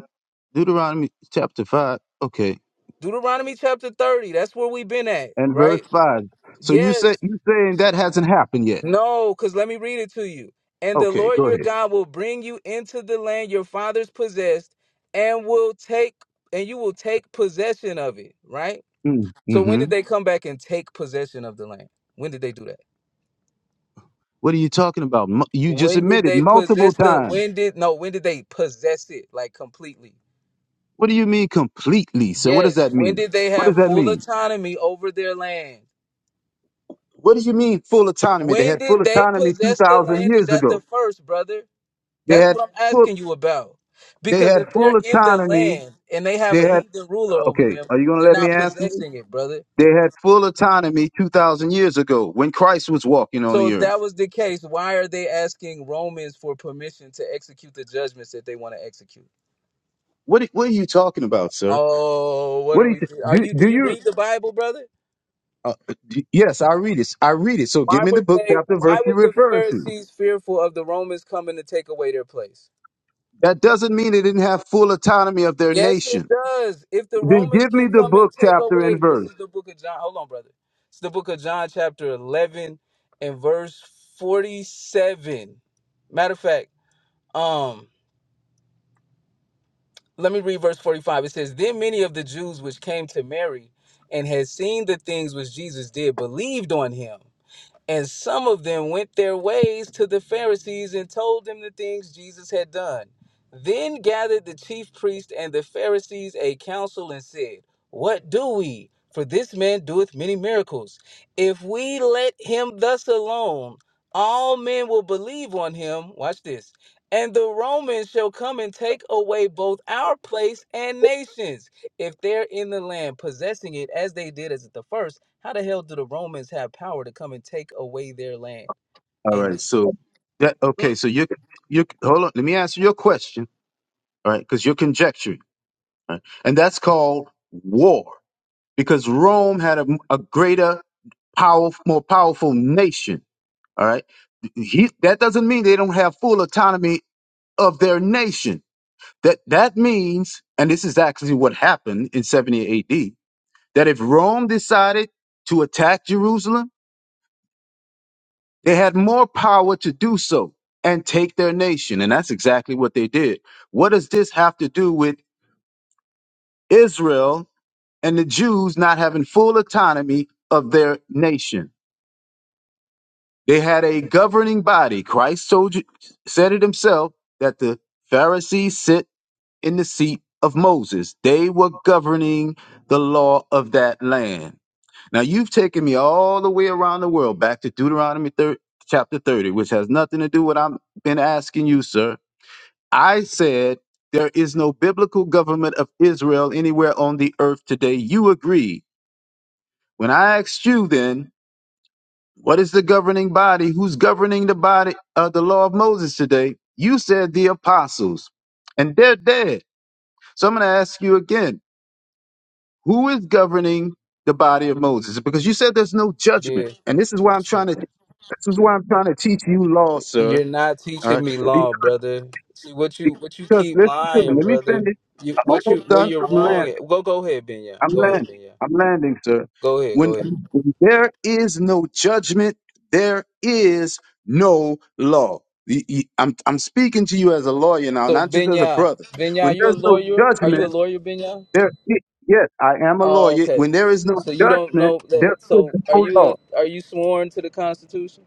Deuteronomy chapter five. Okay, Deuteronomy chapter 30. That's where we've been at, and verse right? five. So you say Yes. you saying that hasn't happened yet? No, because let me read it to you. And the Okay, Lord go your ahead. God will bring you into the land your fathers possessed, and will take and you will take possession of it, right? Mm, So when hmm did they come back and take possession of the land? When did they do that? What are you talking about? Mu- You just When did admitted they multiple possess the times. when did no, when did they possess it like completely? What do you mean completely, sir? What does Yes. that When mean? did they What have does that full mean? autonomy over their land? What do you mean full autonomy? They When had full did they autonomy possess the 2,000 land is years at the ago. first, brother. They That's had what I'm full, asking you about. they Because if had they're full in the autonomy. land and they have They a had, heathen ruler over okay, them, are you going to they're let me not answer you? possessing it, brother. They had full autonomy 2,000 years ago when Christ was walking on So the if earth. that was the case, why are they asking Romans for permission to execute the judgments that they want to execute? What, are- what are you talking about, sir? Oh, what What are do you, we do? Are you do, do do you you, read the Bible, brother? uh, do, yes, I read it. I read it. So give Why me the were book, they chapter, why verse you're were the referring to. Pharisees fearful of the Romans coming to take away their place? That doesn't mean they didn't have full autonomy of their Yes, it nation. does. If the Then Romans give me can the come and book, take chapter, and away, verse. this is the book of John. Hold on, brother. It's the book of John, chapter 11 and verse 47. Matter of fact, um, let me read verse 45. It says, Then many of the Jews which came to Mary and had seen the things which Jesus did believed on him. And some of them went their ways to the Pharisees and told them the things Jesus had done. Then gathered the chief priests and the Pharisees a council and said, What do we? For this man doeth many miracles. If we let him thus alone, all men will believe on him. Watch this. And the Romans shall come and take away both our place and nations, if they're in the land, possessing it as they did as at the first how the hell do the Romans have power to come and take away their land? All right. And So that okay. Mm. So you you hold on. Let me answer your question. All right, because you're conjecturing, all right? and that's called war. Because Rome had a, a greater, power, more powerful nation. All right. He, that doesn't mean they don't have full autonomy of their nation. That that means, and this is actually what happened in 70 A.D. That if Rome decided to attack Jerusalem They had more power to do so and take their nation. And that's exactly what they did. What does this have to do with Israel and the Jews not having full autonomy of their nation? They had a governing body. Christ told you, said it himself that the Pharisees sit in the seat of Moses. They were governing the law of that land. Now you've taken me all the way around the world back to Deuteronomy 30, chapter 30, which has nothing to do with what I've been asking you, sir. I said there is no biblical government of Israel anywhere on the earth today. You agree? When I asked you then, what is the governing body? Who's governing the body of the law of Moses today? You said the apostles, and they're dead. So I'm going to ask you again Who is governing the body of Moses? Because you said there's no judgment, yeah, and this is why I'm trying so to. This is why I'm trying to teach you law, sir. you're not All teaching right, me Be- law, brother. See what you what you because keep listen to me. lying, Let me brother. finish. You I'm what you almost where done. you're I'm landing. wrong. At. Go go ahead, Benya. I'm Go ahead, landing. Benya. I'm landing, sir. Go ahead, When, go ahead. when there is no judgment, there is no law. Y- y- I'm I'm speaking to you as a lawyer now, So not just as a Benya, brother. When Benya, you a there's no lawyer? Are you judgment. a lawyer, Benya? There, y- yes, I am a Oh, lawyer. okay. When there is no So you don't judgment, know that. there is So are no you law. a are you sworn to the Constitution?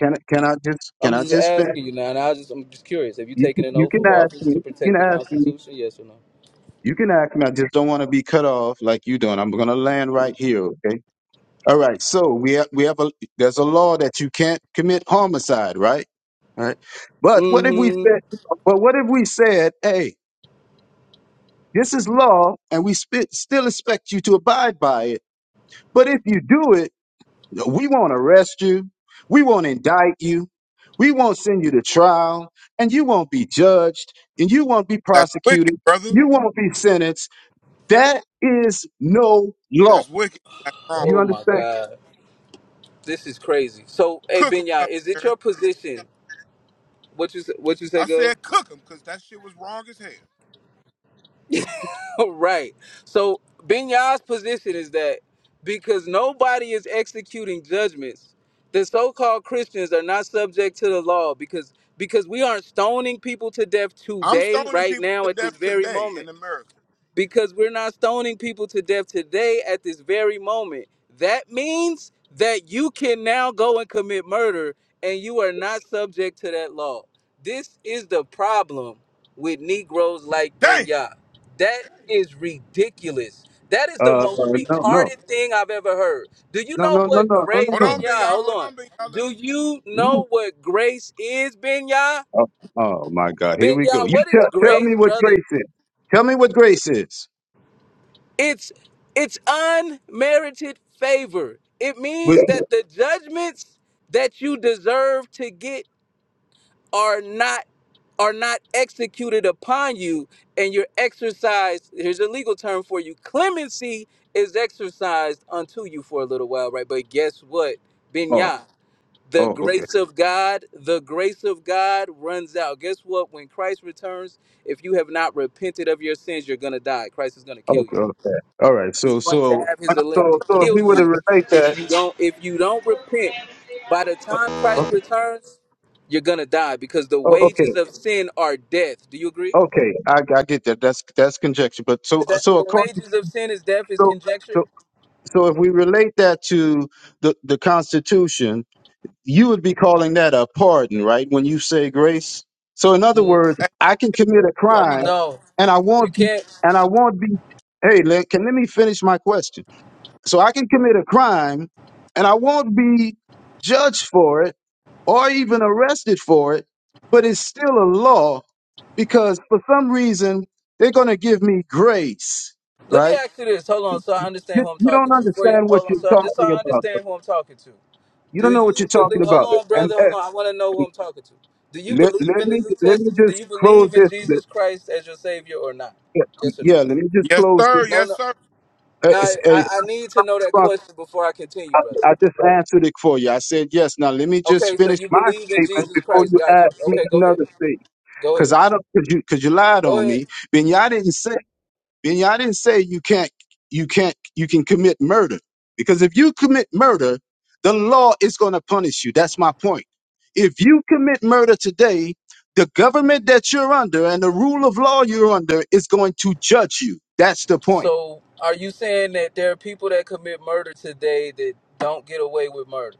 Can I- can I just can I'm I just just finish? asking you now, and I just I'm just curious. Have you You, taken can- an you oath can of ask office to me. You can protect the ask me. Constitution? Yes or You can ask me. I just don't want to be cut off like you doing. I'm gonna land no? right here. Okay. All right. So we have we have a there's a law that you can't commit homicide, right? All right. But what if we Mm-hmm. said? But what if we said, hey, this is law, and we sp- still expect you to abide by it. But if you do it, We won't arrest you. We won't indict you. We won't send you to trial, and you won't be judged, and you won't be That's wicked, prosecuted. brother. You won't be sentenced. That is no law. That's wicked. That's wrong. Do you Oh my understand? God, this is crazy. So, hey Cook 'em, Benya, Cousin is it Harry. your position? What you say- what you I say, girl? said cook 'em 'cause that shit was wrong as hell. right. So Benya's position is that because nobody is executing judgments, the so-called Christians are not subject to the law because because we aren't stoning people to death I'm today, stoning right people now, to at this death very today moment. in America. because we're not stoning people to death today at this very moment. That means that you can now go and commit murder and you are not subject to that law. This is the problem with Negroes like Ben Damn. That is ridiculous. That is the Uh, uh, most no, no, retarded thing I've ever heard. Do you no, no, know no, no, what no, grace, no, Hold no. Ben on, big y'all. Hold Hold on. on, big y'all. Let Do them. you no. know what grace is, Ben Yah? Oh, oh my God! Here we go. You what tell is tell me grace, what brother? grace is. Tell me what grace is. It's it's unmerited favor. It Would means you- that the judgments that you deserve to get are not are not executed upon you and your exercise here's a legal term for you clemency is exercised unto you for a little while right but guess what Oh, binya the oh, okay, grace of god the grace of god runs out guess what when christ returns if you have not repented of your sins you're gonna die christ is gonna kill you okay, okay. All right. is So, going to so, have uh, his Can I, elect so, to so, if we kill were to you relate if that, you don't if you don't repent by the time christ okay, returns you're gonna die because the oh, okay. wages of sin are death do you agree Okay, I, I get that. That's that's conjecture. But so that so the according wages of sin is death is so conjecture so so if we relate that to the the Constitution, you would be calling that a pardon, right? When you say grace. So in other N- words, ask I can commit a I want to. crime, no and I you won't be- can't and I won't be. Hey, let, can let me finish my question. So I can commit a crime and I won't be judged for it or even arrested for it, but it's still a law because for some reason they're going to give me grace, let me right? ask you this hold on so i understand You, who i'm you don't talking to for you understand what hold on you're so I, just so talking i about. understand who i'm talking to You do don't know what you you're talking believe hold about. on And brother hold on eh, i want to know who i'm talking to do you let, believe let in the me new let me testament do just you close believe in this. jesus christ as your savior or not Yeah, yes or no yeah, let me just Yes, close sir. No, Yes, no. sir. Now, this. I, Hey, I need to know that question before I continue, brother. I, I just answered it for you. I said yes. Now let me just Okay, so finish you my believe in statement Jesus before Christ. you Got ask you. me Okay, go ahead. another thing, Go because ahead. I don't, because you, because you lied Go on ahead. me. Benya didn't say, Benya didn't say you can't, you can't, you can commit murder, because if you commit murder, the law is going to punish you. That's my point. If you commit murder today, the government that you're under and the rule of law you're under is going to judge you. That's the point. So, are you saying that there are people that commit murder today that don't get away with murder?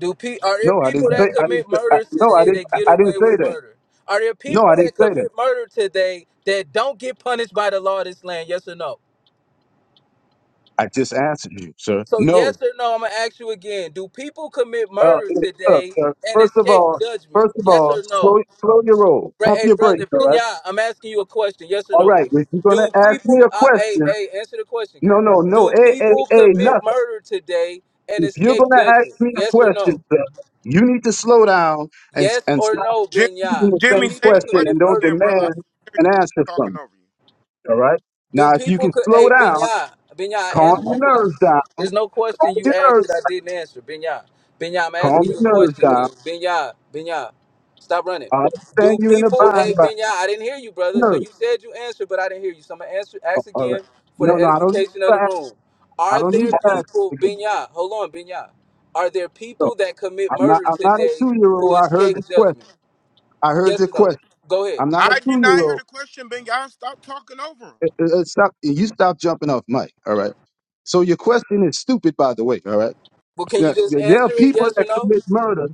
Do pe- Are there No, I people didn't say. that I didn't. commit Say, I, murder no, I today didn't. that get I I didn't away say with that. murder? Are there No, people I that didn't say that. commit murder today that don't get punished by the law of this land? Yes or no? I just answered you, sir. So yes No. or no? I'm gonna ask you again. Do people commit Well, murder it- look, today sir, and first of escape all, judgment? first of Yes all, or slow, no? slow your roll. Bro- Pump Hey, your brother brakes. All right. Binya, I'm asking you a question. Yes or All no, right. King? If you're gonna Do ask me people? a Uh, hey, question, hey, answer the question, King. no, no, no. Do Hey, hey, people hey, commit nothing. murder today and If you're escape gonna ask judgment? me a Yes or question, no? sir, You need to slow down and Yes and or stop no, Jimmy, Binya? asking the Do Jimmy, same say people the question question commit and don't murder again, today? brother. I demand can hear an you answer from talking me. over you. All right. Do Now, if you people can could slow hey down, Benya, Benya, I calm answered your your question. nerves down. There's no question Calm you your asked nerves. that I didn't answer, Benya. Benya, I'm Calm asking your you a nerves question, down. King. Benya, Benya. Stop running. I understand Do you're in a people bind, hey but Benya, I didn't hear you, brother. nerves. So you said you answered, but I didn't hear you. So I'm gonna answer Oh, ask All right. again for No, the no, I don't need edification of you the to ask. room. I Are don't need there you to ask people, again. Benya, hold on, Benya. Are there So people that commit I'm not. murder I'm not a today two year old. who I heard escape the question. judgment? I heard Yes your or no? question. Go ahead. I'm not a I two did not year hear old. the question, Ben Y'all. Stop talking over him. Stop. You stop jumping off mic. All right. So your question is stupid, by the way. All right. Well, can Now, you just There there answer are it people yes that or no? commit murder.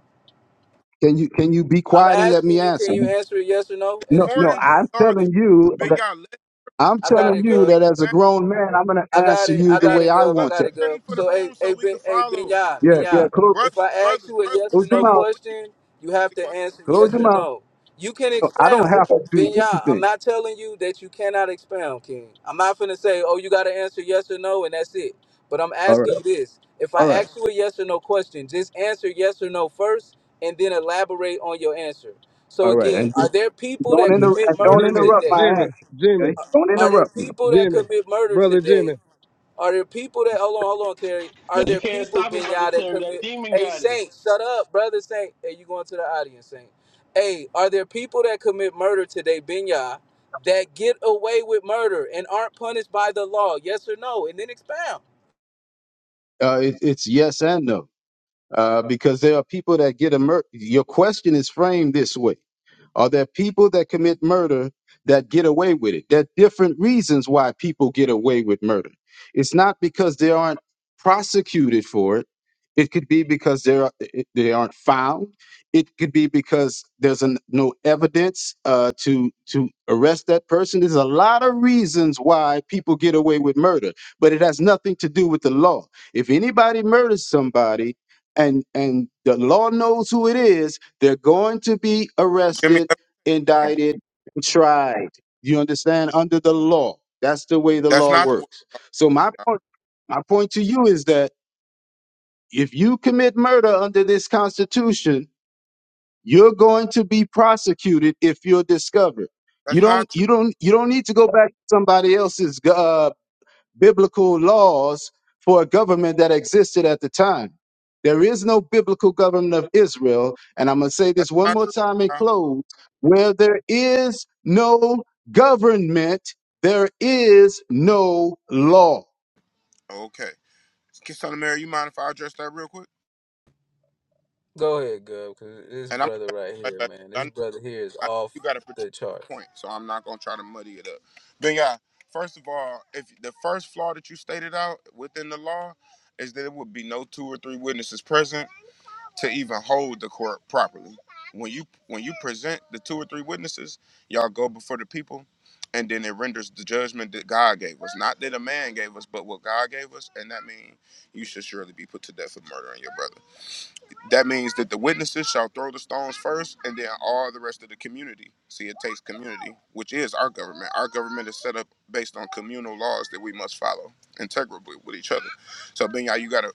Can you can you be I'm quiet and let asking me you, can answer? you answer it yes or no and No, More no. than expound? just I'm y'all to telling you. Big that- Y'all. Let I'm I the got telling it, question you Gov. and that as a ask grown man, I'm going to I got answer it. you I the hey, got way it, I Gov. I want got to. it, Gov. clarity for the So, hey, room so hey, we ben, can hey, follow. Benya, Yeah, yeah. Benya. Close, Brothers, If I ask brothers, you a brothers, yes close or your no brothers, mouth. please question, you repeat have the to question. answer Close yes your or mouth. no. You can So I don't expound, have to do Benya. anything. I'm not telling you that you cannot expound, King. I'm not finna say, oh, you got to answer yes or no, and that's it. But I'm All right, asking you this: If I all right, ask you a yes or no question, just answer yes or no first, and then elaborate on your answer. So all right, again, and are there people don't that Jimmy, inter- commit and don't murder interrupt today? my Jimmy, answer, Jimmy, Okay? Don't Are there interrupt me. people that Jimmy, commit murder brother today Jimmy. are there people that hold on, hold on, Terry? Now, Are you there can't people, stop him, Brother Benya, that Terry. That commit? demon Hey, got him. Saint, shut up, brother Saint. Hey, you going to the audience, Saint? Hey, are there people that commit murder today, Benya, that get away with murder and aren't punished by the law? Yes or no? And then expound. Uh, it, it's yes and no, uh, because there are people that get immersed. Your question is framed this way. Are there people that commit murder that get away with it? There are different reasons why people get away with murder. It's not because they aren't prosecuted for it. It could be because they are it- they aren't found. It could be because there's an, no evidence uh, to to arrest that person. There's a lot of reasons why people get away with murder, but it has nothing to do with the law. If anybody murders somebody, and and the law knows who it is they're going to be Jimmy, arrested, that's indicted, and tried. You understand? Under the law. That's the way the law not the way. works. So my now. point, my point to you is that if you commit murder under this constitution, you're going to be prosecuted if you're discovered. You That's not don't true. you don't you don't need to go back to somebody else's uh, biblical laws for a government that existed at the time. There is no biblical government of Israel. And I'm going to say That's this one not more true. time and now. close. Where there is no government, there is no law. Okay. Kiss on the mirror, you mind if I address that real quick? Go ahead, Gov, because this And I'm gonna brother pass right it right here, back man, I this know, brother here is I know off you got a particular the charts. point, so I'm not gonna try to muddy it up. But yeah, first of all, if the first flaw that you stated out within the law is that it would be no two or three witnesses present, to even hold the court properly. When you when you present the two or three witnesses, y'all go before the people, and then it renders the judgment that God gave us, not that a man gave us, but what God gave us, and that means you should surely be put to death for murdering your brother. That means that the witnesses shall throw the stones first, and then all the rest of the community. See, it takes community, which is our government. Our government is set up based on communal laws that we must follow integrably with each other. So, Benya, you gotta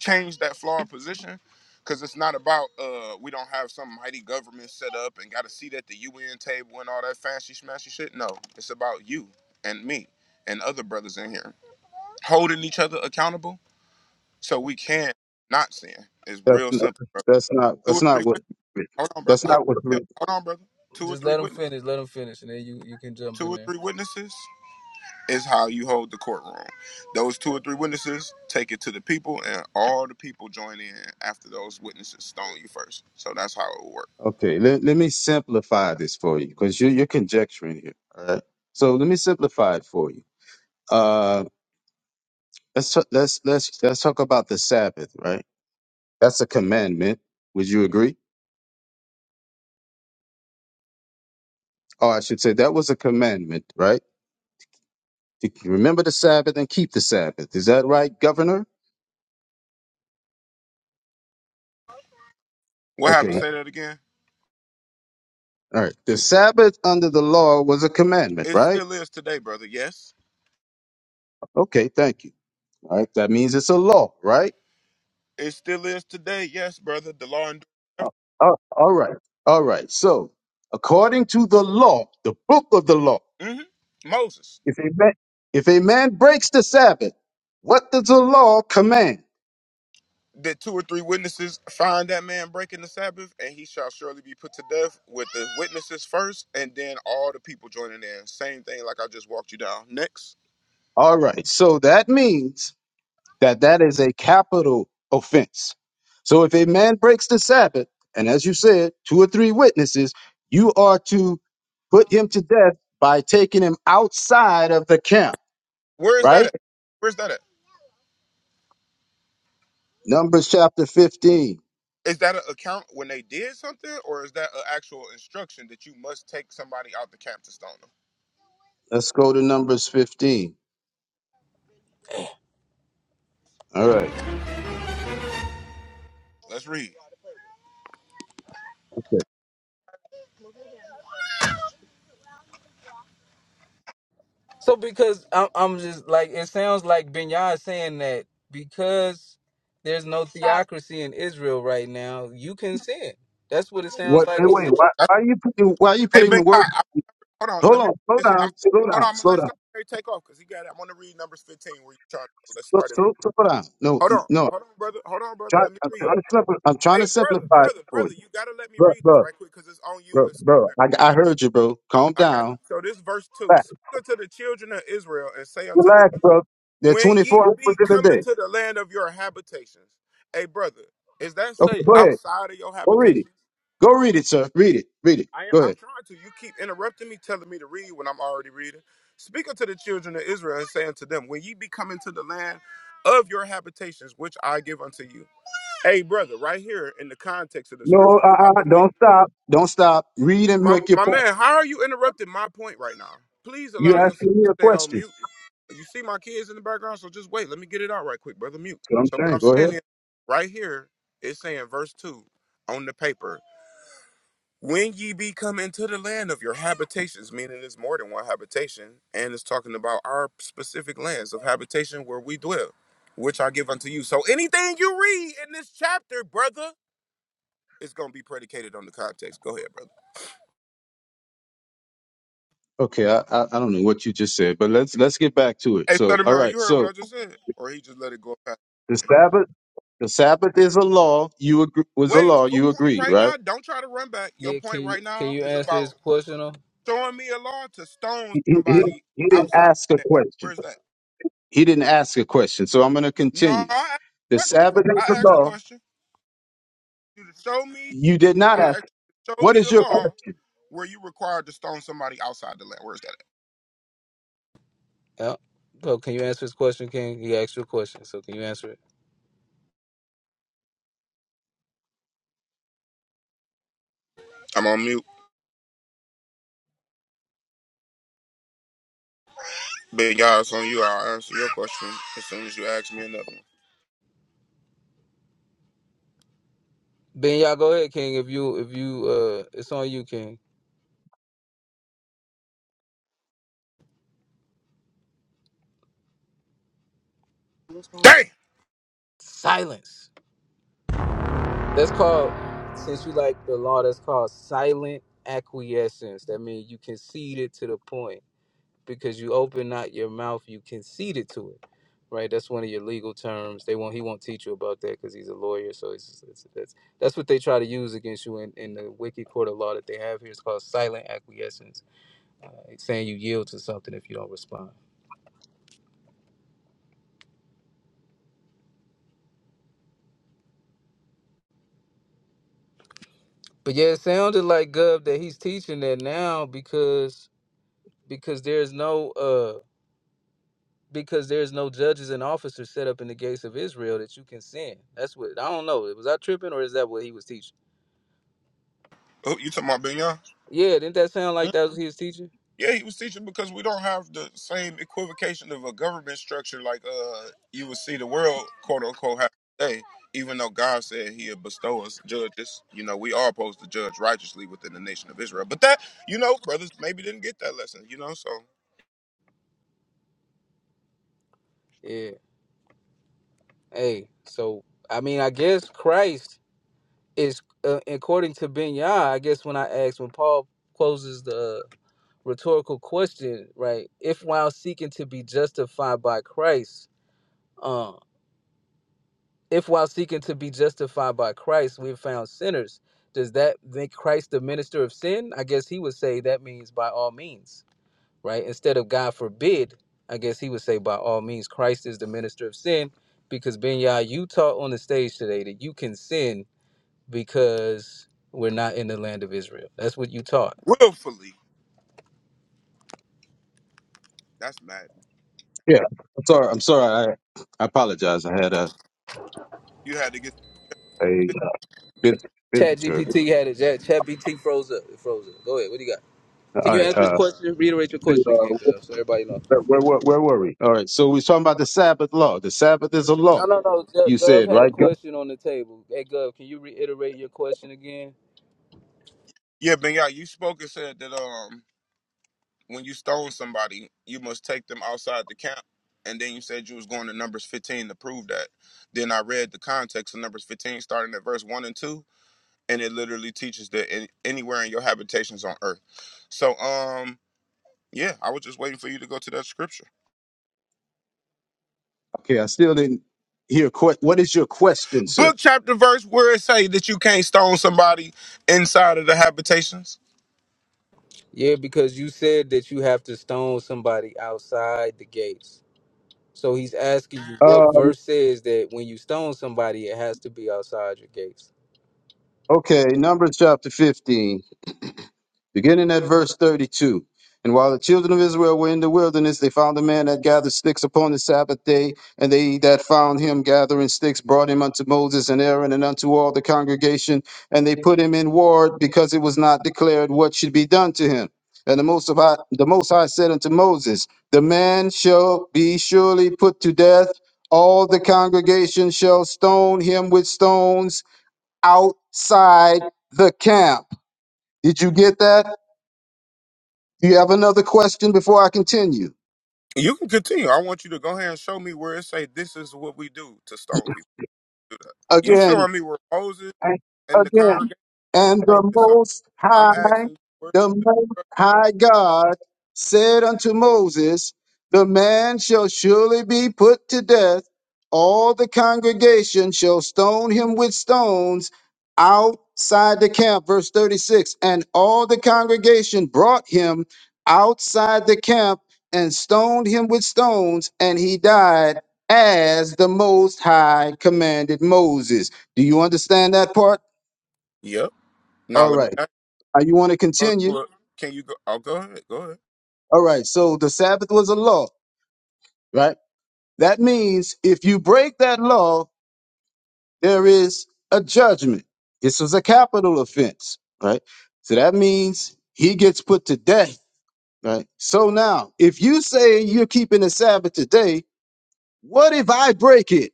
change that flawed position, because it's not about uh we don't have some mighty government set up and got to seat at the UN table and all that fancy smashy shit. No, it's about you and me and other brothers in here holding each other accountable so we can not sin. It's That's real not, simple. bro that's not, Two that's or not three what, Hold on, brother. that's So Hold not what, hold on, brother. Two or just three let him witness, finish, let him finish, and then you you can jump two in or there. three witnesses is how you hold the courtroom. Those two or three witnesses take it to the people, and all the people join in after those witnesses stone you first. So that's how it will work. okay. Let, let me simplify this for you because you, you're conjecturing here. All right. So let me simplify it for you. Uh, let's, t- let's, let's, let's talk about the Sabbath, right? That's a commandment. Would you agree? Oh, I should say that was a commandment, right? To remember the Sabbath and keep the Sabbath. Is that right, Governor? What Okay. happened? Right. Say that again. All right. The Sabbath under the law was a commandment, It right? still is today, brother. Yes, Okay. Thank you. All right. That means it's a law, right? it still is today. Yes, brother. The law and Uh, uh, all right. All right. So, according to the law, the book of the law, hmm Moses. if a man, if a man breaks the Sabbath, what does the law command? That two or three witnesses find that man breaking the Sabbath, and he shall surely be put to death with the witnesses first, and then all the people joining in. Same thing, like I just walked you down. Next, All right. So that means that that is a capital offense. So if a man breaks the Sabbath, and as you said, two or three witnesses, you are to put him to death by taking him outside of the camp, where is that right? at? Where's that at? Numbers chapter 15. Is that an account when they did something, or is that an actual instruction that you must take somebody out the camp to stone them? Let's go to Numbers 15. All right. Let's read. Okay. So because I'm, I'm just like it sounds like Benyar is saying that because there's no theocracy in Israel right now, you can sin. That's what it sounds What, like wait, he wait, said. why, That's- why are you putting, why are you Hey, putting Ben, me word? I, I- hold on. Hold Let me. on, slow Listen, I'm, down, slow hold on. down, I'm gonna slow let down, somebody take off because he got. it. I'm gonna read numbers 15 where you trying to. Let's slow, start it. slow, slow down. No, Hold n- on. no, I'm Hold on, brother. Hold on, brother. trying, Let me I'm read. trying to simpli- I'm trying Hey, to brother, simplify it brother, for brother, you. you gotta let me read this bro. right quick because it's on you. bro, It's- bro. I, I heard you, bro. Calm I got down. you. So this verse two: Relax, Speak unto the children of Israel and say unto them, relax, bro. There are When ye 24 hours be in a coming day. to the land of your habitations, hey, brother, is that say Okay, go ahead. outside of your Go read it. habitations? Go read it, sir. Read it. Read it. I, Go I'm ahead. trying to. You keep interrupting me, telling me to read when I'm already reading. Speak unto the children of Israel and say unto them, When ye be coming to the land of your habitations, which I give unto you. Hey, brother, right here in the context of the No, scripture you about uh-uh. to read. Don't stop. Don't stop. Read and My make your my point. man, how are you interrupting my point right now? Please You allow yourself asking me to a stay on question. mute. You see my kids in the background, so just wait. Let me get it out right quick, brother. Mute. That's what So I'm what saying. I'm Go ahead. saying is, right here, it's saying verse two on the paper. When ye be come into the land of your habitations, meaning it's more than one habitation, and it's talking about our specific lands of habitation where we dwell, which I give unto you. So anything you read in this chapter, brother, is gonna be predicated on the context. Go ahead, brother. Okay, I, I I don't know what you just said, but let's let's get back to it. Hey, So, Southern all Mary, you right. heard what I So just said, or he just let it go past. the Sabbath, the Sabbath is a law. You agree, was a Wait, law. your You point agree, right right? now. Don't try to run back. Your Yeah, can point you right can now you is answer about his question? Or? throwing me a law to stone He, he, he somebody he didn't outside. ask a the land. question. Where's that? He didn't ask a question. So I'm going to No, I continue. asked the The question, bro. Sabbath is I the asked the law. question. You to show me. You did I not ask. asked you to show What me is the your law question? where you required to stone somebody outside the land. Where's that? At? Yeah. So can you answer his question, King? He asked you a question, so can you answer it? I'm on mute. Ben Yah, it's on you. I'll answer your question as soon as you ask me another one. Benyar, go ahead, King. If you if you uh, it's on you, King. Damn. Silence. That's called since you like the law. That's called silent acquiescence. That means you conceded to the point because you open not your mouth, you conceded to it, right? That's one of your legal terms. They won't. He won't teach you about that because he's a lawyer. So it's, it's that's that's what they try to use against you in, in the wicked court of law that they have here. It's called silent acquiescence, uh, it's saying you yield to something if you don't respond. But yeah, it sounded like Gov that he's teaching that now because because there's no uh because there's no judges and officers set up in the gates of Israel that you can send. That's what I don't know. Was I tripping or is that what he was teaching? Oh, you talking about Ben Yah? Yeah, didn't that sound like that was his was teaching? Yeah, he was teaching because we don't have the same equivocation of a government structure like uh you would see the world quote unquote have today. Even though God said He'll bestow us judges, you know, we are supposed to judge righteously within the nation of Israel. But that, you know, brothers maybe didn't get that lesson, you know. So Yeah. Hey, so I mean, I guess Christ is, uh, according to Ben Yah, I guess when I asked when Paul poses the rhetorical question, right? If while seeking to be justified by Christ, uh, if while seeking to be justified by Christ, we've found sinners, does that make Christ the minister of sin? I guess he would say that means by all means right? Instead of God forbid, I guess he would say by all means, Christ is the minister of sin, because Ben Yah, you taught on the stage today that you can sin because we're not in the land of Israel. That's what you taught. willfully, that's mad. Yeah. I'm sorry. I'm sorry. I, I apologize. I had a, You had to get. a uh, vis- Chat visitor. GPT had it. Chat, Chat BT froze up. It froze up. Go ahead. What do you got? Can All you right. answer his Uh, question? Reiterate your see, question again, Gov, uh, so everybody knows. where, where, where were we? All right. So we're talking about the Sabbath law. The Sabbath is a No, law. no, no. Gov You Gov said, had a right? God? question on the table. Hey, Gov, can you reiterate your question again? Yeah, Ben, yeah, you spoke and said that. Um, when you stone somebody, you must take them outside the camp. And then you said you was going to Numbers 15 to prove that. Then I read the context of Numbers 15, starting at verse 1 and 2, and it literally teaches that in, anywhere in your habitations on earth. So, um, yeah, I was just waiting for you to go to that scripture. Okay. I still didn't hear. Que- what is your question, sir? Book, chapter, verse, where it say that you can't stone somebody inside of the habitations. Yeah, because you said that you have to stone somebody outside the gates. So he's asking you what Uh, verse says that when you stone somebody, it has to be outside your gates. okay. Numbers chapter 15. beginning at verse 32. And while the children of Israel were in the wilderness, they found a man that gathered sticks upon the Sabbath day. And they that found him gathering sticks brought him unto Moses and Aaron and unto all the congregation. And they put him in ward because it was not declared what should be done to him. And the Most of High, the Most High said unto Moses, The man shall be surely put to death. All the congregation shall stone him with stones outside the camp. Did you get that? Do you have another question before I continue? You can continue. I want you to go ahead and show me where it say this is what we do to stone people. Do that. You Again, showing me where Moses I- In the again, congregation is And wrong the or something. Most I'm High, asking you. Where, the Most High God said unto Moses, The man shall surely be put to death. All the congregation shall stone him with stones outside the camp. Verse 36 And all the congregation brought him outside the camp and stoned him with stones, and he died as the Most High commanded Moses. Do you understand that part? you go. yep. Now All let me right. ask Uh, you want to you, go to continue? a, can you go? Oh, go ahead. Go ahead. All right. So the Sabbath was a law, right? That means if you break that law, there is a judgment. This was a capital offense, right? So that means he gets put to death, right? So now, if you say you're keeping the Sabbath today, what if I break it?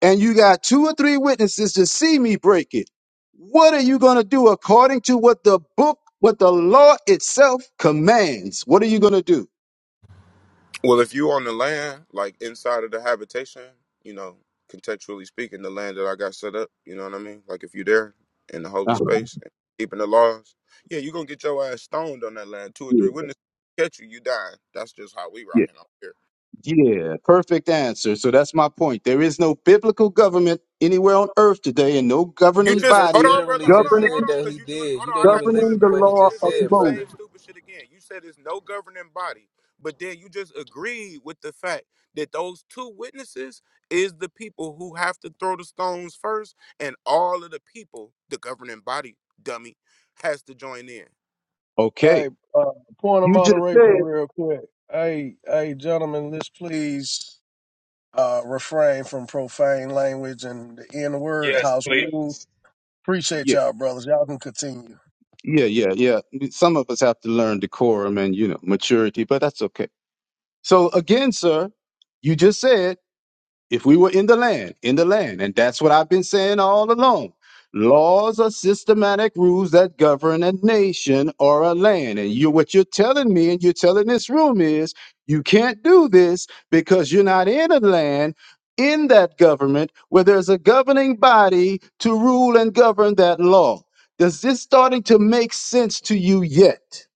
And you got two or three witnesses to see me break it. What are you going to do according to what the book, what the law itself commands? What are you going to do? Well, if you on the land, like inside of the habitation, you know, contextually speaking, the land that I got set up, you know what I mean? Like if you there in the holy Uh-huh. space, and keeping the laws, yeah, you gonna get your ass stoned on that land. Two or three witnesses catch you, you die. That's just how we Yeah. rocking up here. Yeah, perfect answer. So that's my point. There is no biblical government anywhere on earth today and no You governing He just just body hold on, brother. literally Hold just on, hold said governing on, that because he you doing. did. Hold You on, I didn't got even you, son governing of listen to the Mary, what he because he law just just of did said, the Moses. same brother. stupid shit again. You said there's no governing body, but then you just agreed with the fact that those two witnesses is the people who have to throw the stones first, and all of the people, the governing body, dummy, has to join in. Okay. Hey, uh, point of You just moderation, said real quick. Hey, hey, gentlemen, let's please uh, refrain from profane language and the N word Yes, house rule. please. Appreciate Yeah. y'all, brothers. Y'all can continue. Yeah, yeah, yeah. Some of us have to learn decorum and you know maturity, but that's okay. So again, sir, you just said if we were in the land, in the land, and that's what I've been saying all along. Laws are systematic rules that govern a nation or a land. And you what you're telling me and you're telling this room is you can't do this because you're not in a land in that government where there's a governing body to rule and govern that law. Does this starting to make sense to you yet?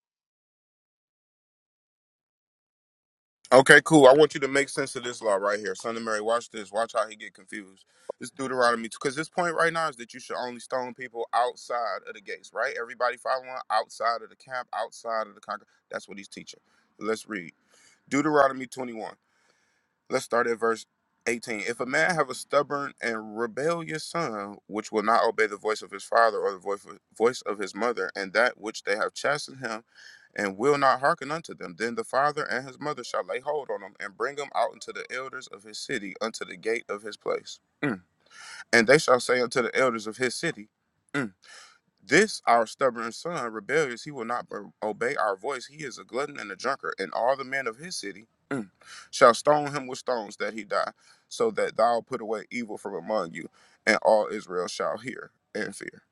Okay, cool. I want you to make sense of this law right here. Son of Mary, watch this. Watch how he get confused. This Deuteronomy, because this point right now is that you should only stone people outside of the gates, right? Everybody following outside of the camp, outside of the conquer. That's what he's teaching. Let's read Deuteronomy 21. Let's start at verse 18. If a man have a stubborn and rebellious son, which will not obey the voice of his father or the voice of, voice of his mother, and that which they have chastened him, and will not hearken unto them, then the father and his mother shall lay hold on him and bring him out unto the elders of his city, unto the gate of his place. Mm. And they shall say unto the elders of his city, mm, this our stubborn son, rebellious, he will not obey our voice. He is a glutton and a drunkard, and all the men of his city mm, shall stone him with stones that he die, so that thou put away evil from among you, and all Israel shall hear and fear.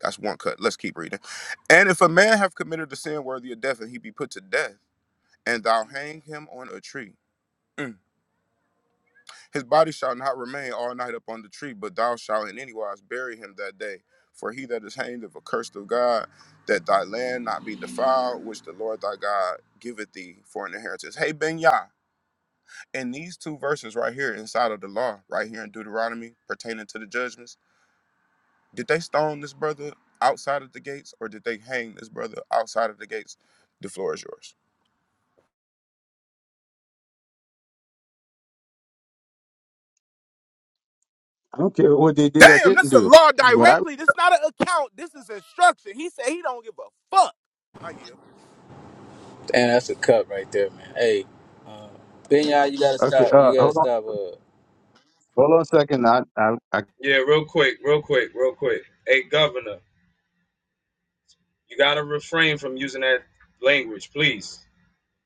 That's one cut. Let's keep reading. And if a man have committed a sin worthy of death, and he be put to death, and thou hang him on a tree. mm, his body shall not remain all night upon the tree, but thou shalt in any wise bury him that day. For he that is hanged is accursed of God, that thy land not be defiled, which the Lord thy God giveth thee for an inheritance. Hey, Ben Yah, in these two verses right here inside of the law, right here in Deuteronomy, pertaining to the judgments, did they stone this brother outside of the gates or did they hang this brother outside of the gates? The floor is yours. I don't care what they did or Damn, didn't this is a do. law But I directly. This not an account. This is instruction. He said he don't give a fuck. I yield. And that's a cut right there, man. Hey, Benya, you gotta okay, stop. uh You gotta hold on. stop. Uh, Hold on a second. I I, I Yeah, real quick, real quick, real quick. Hey, Governor, you gotta refrain from using that language, please.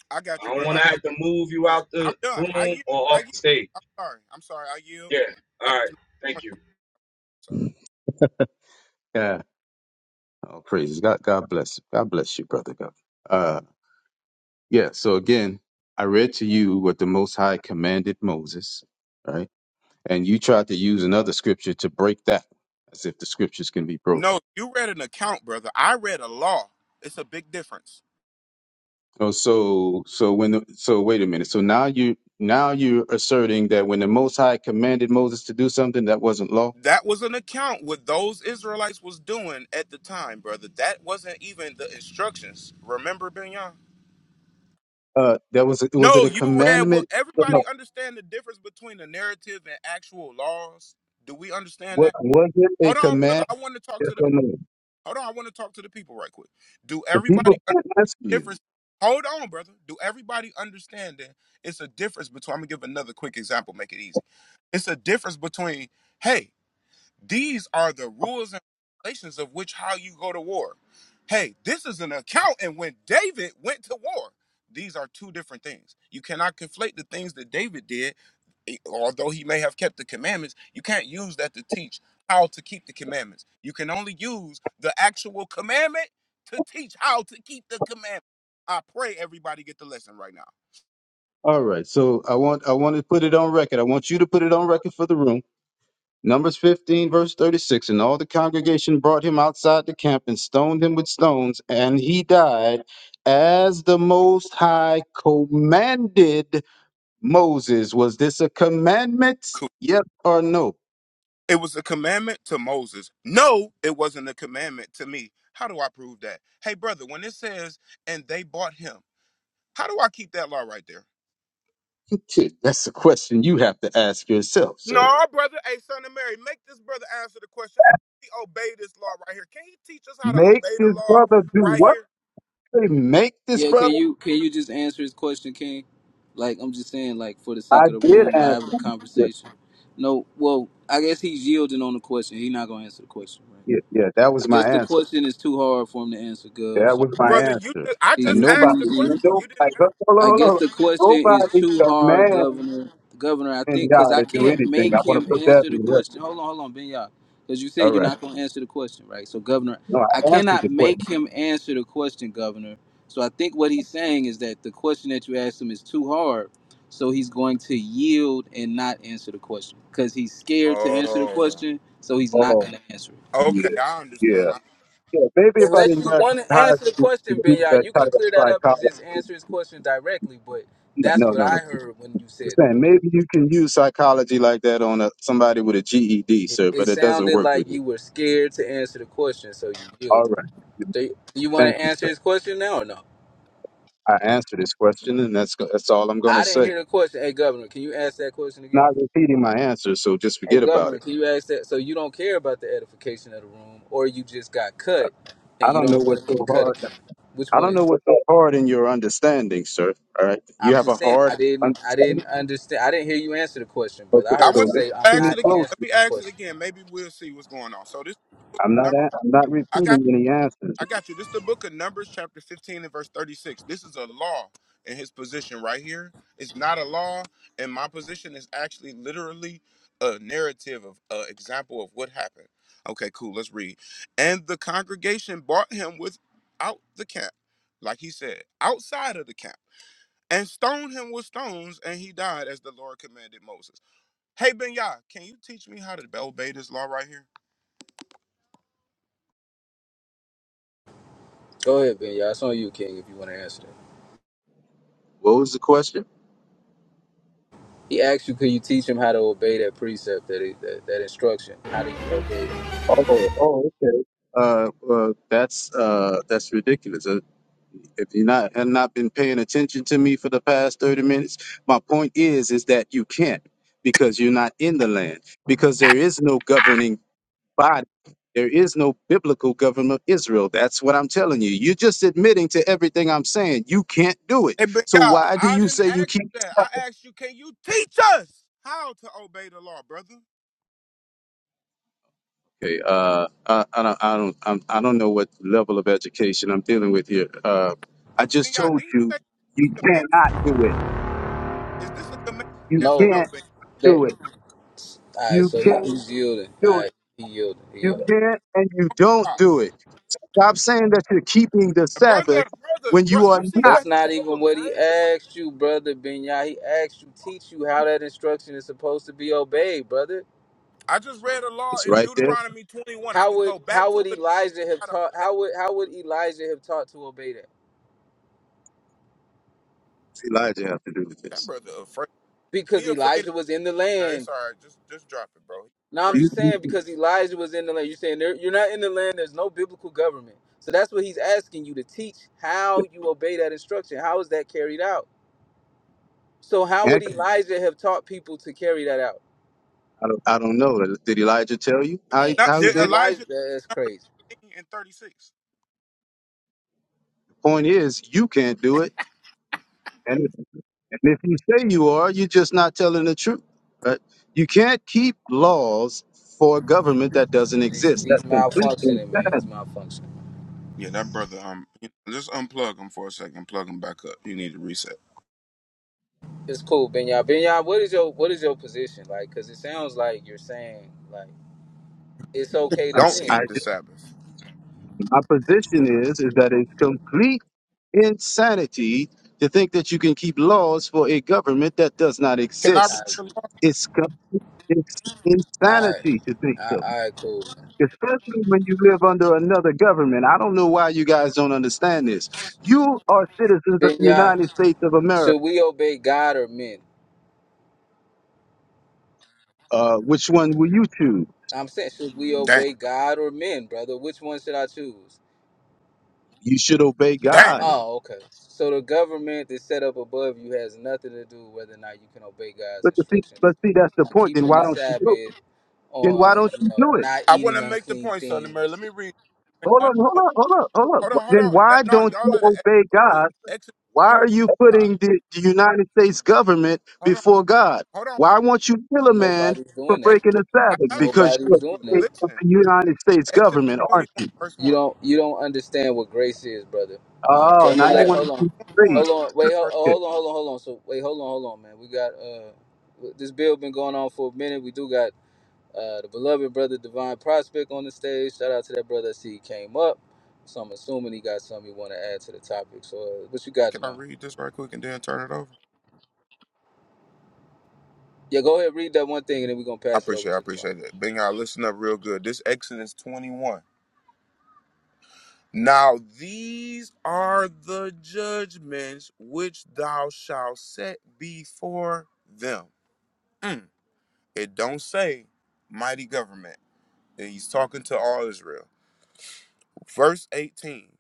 I I got you, don't brother. want I to just have to move you point. out I'm the done. I room yield. or I off yield. the stage. I'm sorry. I'm sorry. I yield. Yeah. All I right. just made a Thank point. you. I'm sorry. yeah. Oh, praises. God, God bless. you. God bless you, brother. God. Uh, yeah. So again, I read to you what the Most High commanded Moses, right? And you tried to use another scripture to break that, as if the scriptures can be broken. No, you read an account, brother. I read a law. It's a big difference. Oh, so so when the, so wait a minute. So now you now you're asserting that when the Most High commanded Moses to do something that wasn't law. That was an account what those Israelites was doing at the time, brother. That wasn't even the instructions. Remember, Benyon? Uh, that was was it No, a you read. Well, commandment? everybody No. understand the difference between the narrative and actual laws. Do we understand What that? was it a Hold on, brother. command? I want to talk Yes to the. or no? Hold on. I want to talk to the people right quick. Do The people everybody? can't answer you. difference. Hold on, brother. Do everybody understand that it's a difference between? I'm gonna give another quick example, make it easy. It's a difference between, hey, these are the rules and regulations of which how you go to war. Hey, this is an account. And when David went to war, these are two different things. You cannot conflate the things that David did, eh, although he may have kept the commandments. You can't use that to teach how to keep the commandments. You can only use the actual commandment to teach how to keep the commandment. I pray everybody get the lesson right now. All right. So I want I want to put it on record. I want you to put it on record for the room. Numbers 15, verse 36. And all the congregation brought him outside the camp and stoned him with stones, and he died as the Most High commanded Moses. Was this a commandment? Yes or no? It was a commandment to Moses. No, it wasn't a commandment to me. How do I prove that? Hey, brother, when it says, and they bought him, how do I keep that law right there? Kid, That's a question you have to ask yourself, No, sir. brother. Hey, son of Mary, make this brother answer the question. How do we obey this law right here? Can he teach us how to Make obey the this law brother do right what? here? Say, Make this yeah, can brother? you can you just answer his question, King? Like I'm just saying, like for the I sake of the did room, y'all ask. having a him. Yeah, conversation. No, well, I guess he's yielding on the question. He's not gonna answer the question, right? yeah, yeah, that I was my guess the answer. question is too hard for him to answer, Gov. That So was my Brother, you answer. I he's And just nobody, asked the refusing. nobody, question. hold You didn't ask. on, hold I guess on. the hold question on. is nobody too hard, commanding Governor. Governor, I think because y'all I to do can't anything. make I want to him put that answer in the the question. record. Hold on, hold on, Ben Yah, Because you All said you're right. not going to answer the question, right? So, Governor, No, I I answered the cannot make question. him answer the question, Governor. So, I think what he's saying is that the question that you asked him is too hard. So, he's going to yield and not answer the question because he's scared to answer the Oh. question. So, he's not Oh, going to answer it. yeah, Okay, I yeah. understand. I, Yeah, maybe if I Unless didn't you grab want to high answer the school to question, do Benya, that you can type of clear that up and psychology. just answer his question directly. But that's No, what no, no. I no. heard when you I'm said saying that. maybe you can use psychology like that on a, somebody with a GED, It, sir, it but it doesn't sounded work like with me. you were scared to answer the question, so you All yielded. right. Do you, do you want Thank to you, answer sir. his question now or no? I answered this question, and that's that's all I'm going to I didn't say. hear the question. Hey, Governor, can you ask that question again? not repeating my answer, so just Hey, forget about Governor, it. can you ask that? So you don't care about the edification of the room, or you just got cut I and you don't know don't what's want to so get cut hard. again? Which I one don't is? know it? what's so hard in your understanding, sir. All right, you I'm have a just saying hard I didn't I understanding. didn't understand I didn't hear you answer the question, brother. Okay, I I heard you so want listen say to I'm to ask me it not again. Let closely. answering me the ask it question. again. Maybe we'll see what's going on. So this I'm I not. a- I'm not got. repeating any answers. I got you. This is the book of Numbers, chapter 15 and verse 36. This is a law in his position right here. It's not a law, and my position is actually literally a narrative of an example of what happened. Okay, cool. Let's read. And the congregation brought him without the camp, like he said, outside of the camp, and stoned him with stones, and he died as the Lord commanded Moses. Hey, Ben Yah, can you teach me how to obey this law right here? Go ahead, Ben. Yeah, it's on you, King, if you want to answer that. What was the question? He asked you, could you teach him how to obey that precept, that that, that instruction? How do you obey it? Oh, oh, okay. Uh, uh, that's uh, that's ridiculous. Uh, if you not have not been paying attention to me for the past thirty minutes, my point is, is that you can't because you're not in the land because there is no governing body. There is no biblical government of Israel. That's what I'm telling you. You're just admitting to everything I'm saying. You can't do it. Hey, but So yeah, why do I you didn't say you ask can't? you that. I asked you, can you teach us how to obey the law, brother? Okay, uh, I, I don't, I don't, I'm, I don't know what level of education I'm dealing with here. Uh, Hey, I Ben just Yah, told did you you, say you the command? cannot do it. Is this a command? You Yes or No, no, can't Ben? that do it. all right. You So he, can't he's yielding. do All right, it. he yielding. He You yielding. can't, and you don't Yah? do it. Stop saying that you're keeping the Brother, Sabbath brother, when bro, you are you see how not. That's he's not so even what he afraid? asked you, brother Binyah. He asked you, teach you how that instruction is supposed to be obeyed, brother. I just read a law It's in right there. Deuteronomy 21. I How could would go back how to it. would and Elijah have try to taught? obey. How would how would Elijah have taught to obey that? Elijah have to do with That this. brother afraid. He because afraid. Of, Elijah was in the all right, it's land. all right. Just, just drop it, bro. He No, I'm afraid. You, just saying because Elijah was in the land. You're saying there, you're not in the land. There's no biblical government. So that's what he's asking you to teach how you obey that instruction. How is that carried out? So how you would Elijah have taught people to carry that out? I don't, I don't know. Did Elijah tell you how he, Ain't. Now, how he did was did it? Elijah? Elijah That's crazy. thing in 36. The Point is, you can't do it. And if, and if you say you are, you're just not telling the truth. Right? You can't keep laws for a government that doesn't He's, exist. he's That's complete malfunctioning, man. He's insanity. malfunctioning. Yeah, that brother. Um, you know, just unplug him for a second. Plug him back up. You need to reset. It's cool, Benya. Benya, what is your what is your position like? Because it sounds like you're saying like it's okay I'm, to s- Don't sin. I, keep the just- Sabbath. my position is is that it's complete insanity to think that you can keep laws for a government that does not Can I read All right, the exist. law? It's com- it's all insanity to think right, so. all right, cool. especially when you live under another government. I don't know why you guys don't understand this. You are citizens of the Benya. United States of America. Should we obey God or men? Uh, which one will you choose? I'm saying, should we Damn. obey God or men, brother? Which one should I choose? You should obey Damn. God. Oh, okay. So the government that's set up above you has nothing to do with whether or not you can obey God's But the, thing- but instructions see, that's the on point. Then keeping why the don't you do? it? Sabbath, Then on why don't you you know do it? not I want to eating make the unclean point, Son of Mary. Let me things. read. Hold I- on, hold on, hold on, hold on. Hold on, hold Then on. why That- no, don't y'all you let it exit obey point. God? Exodus Why are twenty-one. you putting the, the United States government Hold on, before God? hold on. Why won't you kill a man Nobody's for doing that. Ex- breaking the I Sabbath? got you. Because I you're Nobody's a got doing you. that. citizen of Listen. the United States Exodus government, 21, aren't you? verse You 1. don't you don't understand what grace is, brother. Um, Oh, so I'm now gonna you Exit let want to hold on, keep 1 three. hold on, and wait, ho- verse Oh, Okay. hold on, hold on, hold on. So wait, hold on, hold on, man. We got uh this bill been going on for a minute. We do got uh the beloved brother Divine Prospect on the stage. Shout out to that brother. I see he came up, so I'm assuming he got something he want to add to the topic. So uh, what you got, Can I Divine? read this right quick and then turn it over? Yeah, go ahead, read that one thing, and then we're gonna I pass it over appreciate it. I to Divine. appreciate it. Bing, y'all listen up real good. This Exodus 21. Now these are the judgments which thou shalt set before them. Mm. It don't say mighty government. And He's talking to all Israel. Verse 18.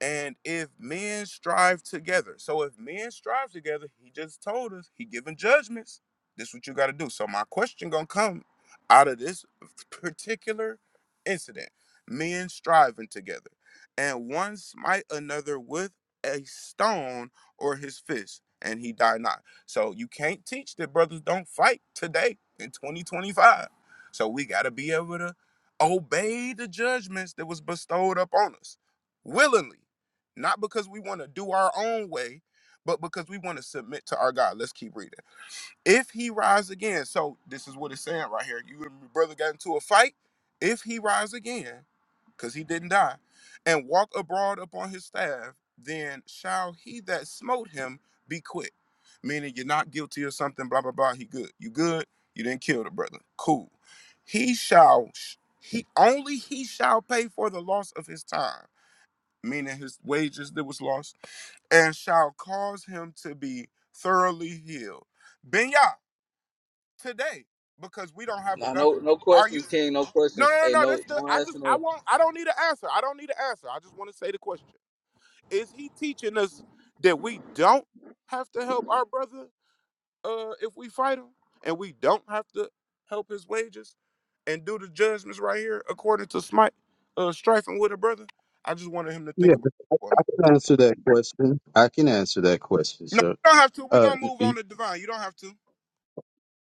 And if men strive together, so if men strive together, he just told us he giving judgments. This is what you got to do. So my question gonna come out of this particular incident: men striving together, and one smite another with a stone or his fist, and he die not. So you can't teach that brothers don't fight today in 2025. So we gotta be able to obey the judgments that was bestowed upon us willingly not because we want to do our own way, but because we want to submit to our God. Let's keep reading. If he rise again, so this is what it's saying right here. You and your brother got into a fight. If he rise again, because he didn't die, and walk abroad upon his staff, then shall he that smote him be quit. Meaning you're not guilty or something, blah, blah, blah. He good. You good. You didn't kill the brother. Cool. He shall, he only he shall pay for the loss of his time, meaning his wages that was lost and shall cause him to be thoroughly healed. Benya, today, because we don't have a Nah, no, no government. Are you questions, King. No no questions. no Hey, no no no, that's the don't I ask just I no. won't I don't need an answer. I don't need an answer. I just want to say the question. Is he teaching us that we don't have to help our brother uh if we fight him and we don't have to help his wages and do the judgments right here according to smite uh strifing with a brother? I just wanted him to Yeah, think about I, it for a I minute. can answer that question. I can answer that question, No, sir. you don't have to. We're Uh, gonna move y- on to divine. You don't have to.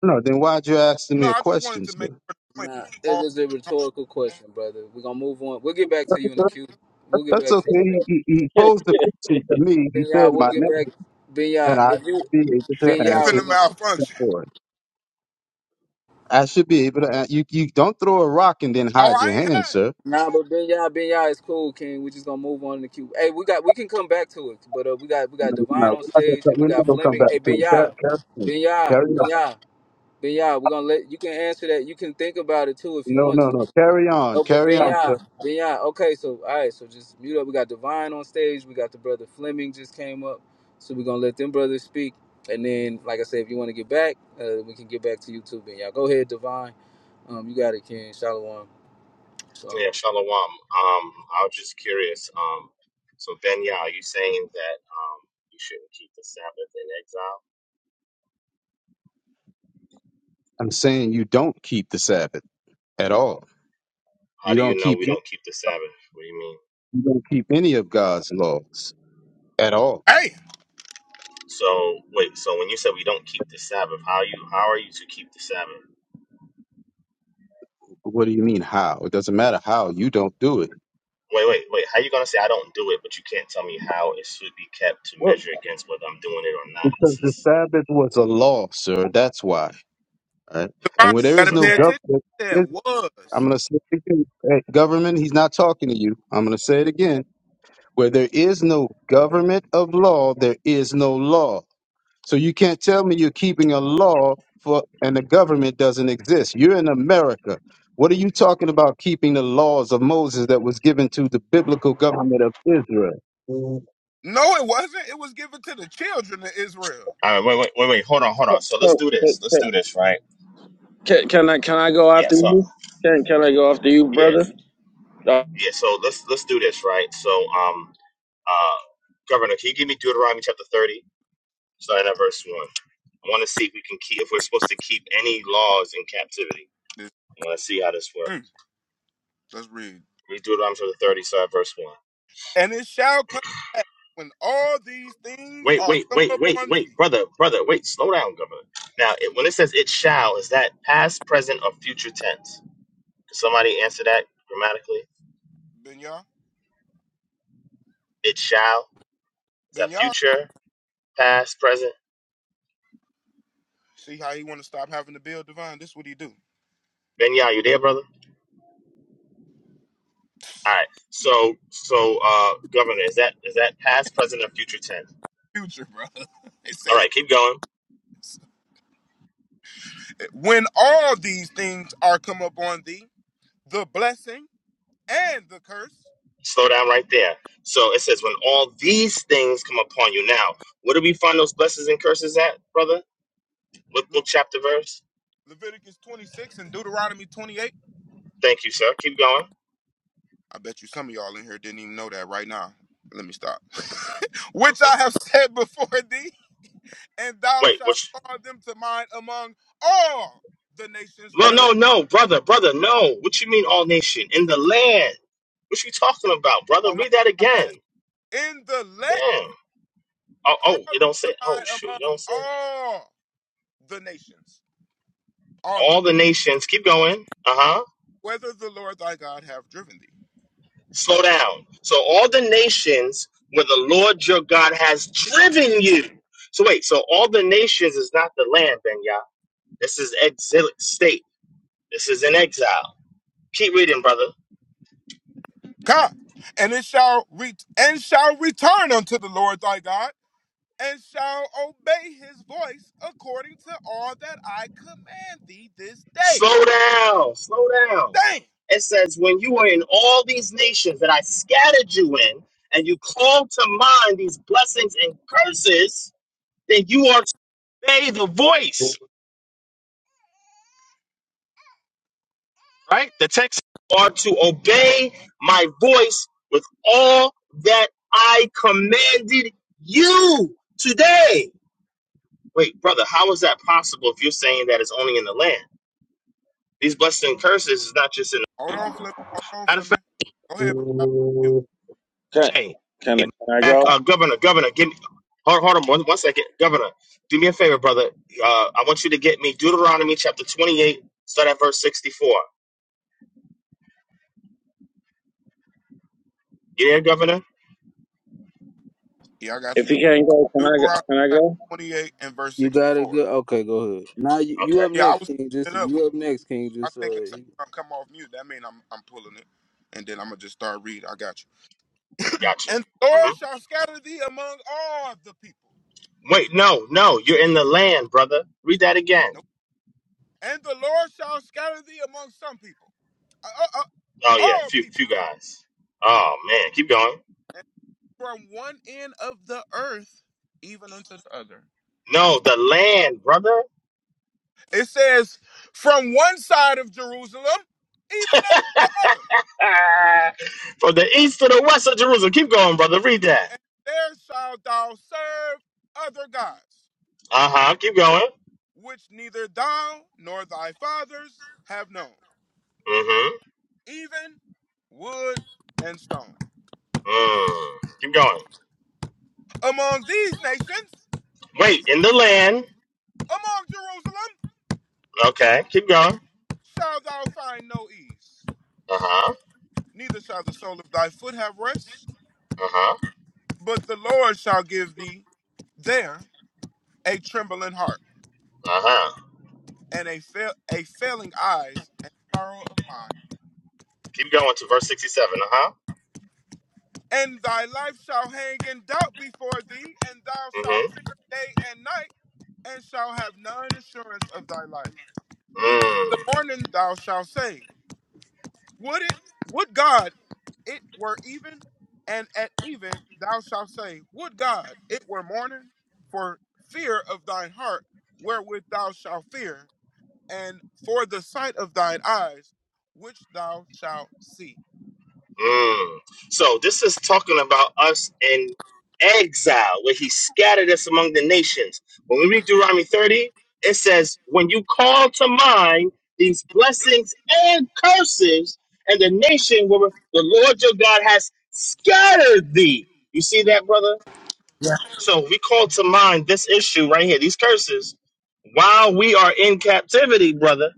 no, then why'd you asking No, me a I just wanted question, to make sir? a point. Nah, it Oh, was a rhetorical question, brother. We're gonna move on. We'll get back to you in the That- queue. We'll get That's back to okay. you. He, he he posed the question to me. Ben He Yah, said we'll my get name, back. Ben Yah, and I if you should be able Ben to he Yah, answer finna we're gonna it malfunction. for it. I should be able to. an- You, you don't throw a rock and then Oh, hide I your ain't hand, had. sir. nah, but Ben Yah, Ben Yah is cool, King. We're just gonna move on in the queue. Hey, we got we can come back to it, but uh, we got we got No, no, Divine on we're not gonna stage come and we we're not got gonna come Fleming. back Hey, to Ben it. Yah, Car- Carry on. Ben Yah, Carry Ben on. Yah, Ben Yah. We're gonna let you can answer that. You can think about it too if you No, want no, to. no. Carry on. No, but Carry on, sir. Benya, Benya. Okay, so all right, so just mute up. We got Divine on stage. We got the brother Fleming just came up, so we're gonna let them brothers speak. And then, like I said, if you want to get back, uh, we can get back to you too, Benya. Go ahead, Divine. Um, you got it, King. Shalom. So Yeah, Shalom. Um, I was just curious. Um, so Benya, are you saying that um you shouldn't keep the Sabbath in exile? I'm saying you don't keep the Sabbath. at all. How You do you don't know keep we you don't keep the Sabbath? What do you mean? don't keep any of God's laws at all. Hey, So wait, so when you said we don't keep the Sabbath, how you how are you to keep the Sabbath? What do you mean how? It doesn't matter how you don't do it Wait, wait, wait. How you gonna say I don't do it, but you can't tell me how it should be kept to Well, measure against whether I'm doing it or not? because This the is Sabbath was a law, sir. That's why. All Right? Devon, And where you there this gotta is no pay attention. government, That is- I'm was. going to say it again. Hey, government. He's not talking to you. I'm going to say it again. Where there is no government of law, there is no law. So you can't tell me you're keeping a law for and the government doesn't exist. You're in America. What are you talking about keeping the laws of Moses that was given to the biblical government of Israel? okay. no, it wasn't. It was given to the children of Israel, All right, wait, wait, wait, wait. Hold on, hold on. So let's so, do so, this. Let's do so- this, right? can, can I can I go after Yes. Yeah, So you? Can can I go after you, Yes. brother? Uh, Yeah, so let's let's do this, right? So, um, uh, Governor, can you give me Deuteronomy chapter thirty, starting at verse one? I want to see if we can keep if we're supposed to keep any laws in captivity. This- I want to see how this mm, works. let's read. Read Deuteronomy chapter thirty, starting at verse one. and it shall come back when all these things Wait, are wait, come wait, up wait, on wait, thee. brother, brother, wait, slow down, Governor. Now, it, when it says "it shall," is that past, present, or future tense? Can somebody answer that grammatically? Benya, It shall is that Benya. future, past, present? See how he want to stop having to build divine. This what he do. Ben, are you there, brother? All right. So so uh governor, is that is that past, present, or future tense? Future, bro. they say All it. right, keep going. said, When all these things are come up on thee, the blessing and the curse. Slow down right there. So it says when all these things come upon you. Now, where do we find those blessings and curses at, brother? What book chapter verse? Leviticus 26 and Deuteronomy 28. Thank you, sir. Keep going. I bet you some of y'all in here didn't even know that right now. Let me stop. Which I have said before thee, and thou Wait, shalt which call them to mind among all the nations, no whether, no no, brother, brother, no. What you mean all nation? In the land. What you talking about, brother? oh my, Read that my bad, again. in the let, Damn. Oh, call oh, them it don't say to mind oh shoot, it among don't say that. all the nations, all of them, All the nations. Keep going. Uh-huh. whether the Lord thy God have driven thee. Slow down. So all the nations where the Lord your God has driven you. So wait, so all the nations is not the land, Ben Yah. This is exilic state. This is an exile. Keep reading, brother. Come, and it shall re- and shall return unto the Lord thy God and shall obey his voice according to all that I command thee this day. Slow down. Slow down. Damn. It says, when you were in all these nations that I scattered you in, and you called to mind these blessings and curses, then you are to obey the voice right? The text are to obey my voice with all that I commanded you today. Wait, brother, how is that possible if you're saying that it's only in the land? These blessings and curses is not just in the Hold on, Fleming. Hold on, matter of Fleming. fact. Go ahead. Can Hey, can hey, I, can I back, go? uh, governor, governor, give me hold, hold on one, one second, governor. Do me a favor, brother. Uh, I want you to get me Deuteronomy chapter 28, start at verse 64. You there, governor? Yeah, I got If you. you can't go, can I go? Deuteronomy Can I chapter go? 28 and verse you got it. 64. Good. Okay, go ahead. Now you, you Okay, up Yeah, I next, was King. Just pulling it up. When you up next, King. I Just think it's uh, I'm come off mute. That means I'm, I'm pulling it. And then I'm going to just start reading. I got you. gotcha. And the Mm-hmm. Lord shall scatter thee among all the people. Wait, no, no, you're in the land, brother. Read that again. Nope. And the Lord shall scatter thee among some people. Uh, uh, uh, Oh yeah, all few people. few guys. Oh man, keep going. from one end of the earth even unto the other. No, the land, brother. It says, from one side of Jerusalem even unto the other, From the east to the west of Jerusalem. Keep going, brother. Read that. and there shalt thou serve other gods, Uh huh. Keep going. which neither thou nor thy fathers have known, Mm hmm. even wood and stone. Mm. Keep going. Among these nations, Wait, in the land. among Jerusalem, Okay. Keep going. shalt thou find no ease, Uh huh. neither shall the sole of thy foot have rest, Uh huh. but the Lord shall give thee there a trembling heart, Uh huh. and a fail a failing eyes, and sorrow of mind. Keep going to verse sixty-seven. Uh huh. And thy life shall hang in doubt before thee, and thou shalt Mm fear day and night, and shall have none assurance of thy life. hmm. The morning thou shalt say, Would it, would God, it were even, and at even thou shalt say, Would God, it were morning, for fear of thine heart, wherewith thou shalt fear, and for the sight of thine eyes, which thou shalt see. Mm. So this is talking about us in exile, where he scattered us among the nations. When we read Deuteronomy 30, it says, When you call to mind these blessings and curses, and the nation where the Lord your God has scattered thee. You see that, brother? Yeah, So we call to mind this issue right here, these curses, while we are in captivity, brother.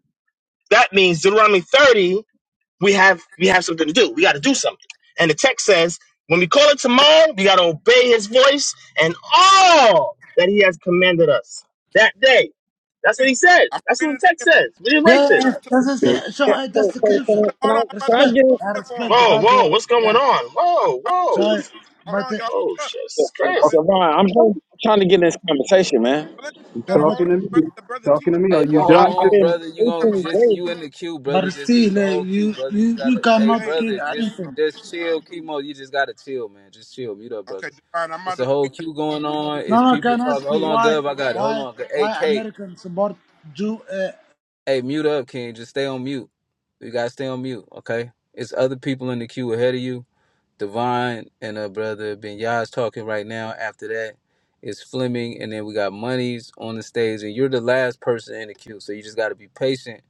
That means Deuteronomy 30 we have we have something to do. We got to do Let's something. And the text says, when we call it tomorrow, we got to obey His voice and all that He has commanded us that day. That's read what it. He said. I'm That's reading what it the text again, says. We didn't yeah, write yeah. yeah. verse this. 2 That's the Okay. same. So again. So, uh, that's so, the so can, corruption. I, can Hold on, hold on. I'm about to I read can I Respect. get I it again for him. respect the Whoa, God whoa, word. what's going Yeah. on? I'm Whoa, about whoa, So, what's to- hold but on, uh, y'all. oh Hold shit, this is in? I'm in crazy. Javon? I'm trying, I'm trying to get in this conversation, man. Philippians. You You the- gotta but hold talking on. to Brother, me? the brother Talking to teacher me? right Hey, Are but you now. I, hold I done? I've on, been brother. You gonna Coming patiently right just you waiting. in the queue, brother. but Just it's still, a uh, whole queue, you brother. You you you gotta, hey, to the cannot page. kill brother. Just anything. just Uh, chill, chemo. You just gotta chill, man. Just chill. Mute up, okay, brother. divine. I'm about It's to a read. whole queue going on. No, It's no. I people can talking. ask Hold you on, why Gov. I got it. Hold why on. Gu- Hey, why Kate. Americans support Jew? Uh, Hey, mute up, King. Just stay on mute. You gotta stay on mute, okay? It's other people in the queue ahead of you. Devon and her brother Ben Yaz talking right now. After that, it's Fleming, and then we got Monies on the stage, and you're the last person in the queue, so you just got to be patient,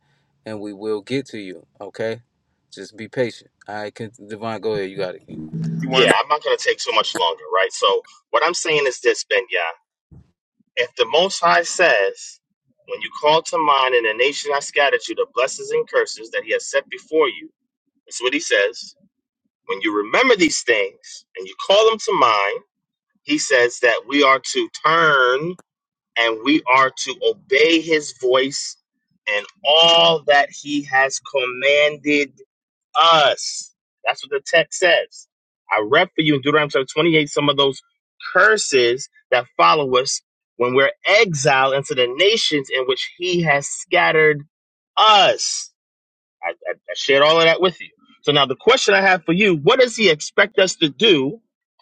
and we will get to you. Okay, just be patient. All right, can, Devon, go ahead. You got it. King. You Yeah, want to I'm not gonna take so much longer, right? So what I'm saying is this, Benya. If the Most High says, when you call to mind in the nation I scattered you, the blessings and curses that He has set before you, that's what He says When you remember these things and you call them to mind, he says that we are to turn and we are to obey his voice and all that he has commanded us. That's what the text says. I read for you in Deuteronomy chapter 28 some of those curses that follow us when we're exiled into the nations in which he has scattered us. I, I, I shared all of that with you. So now the question I have for you: What does He expect us to do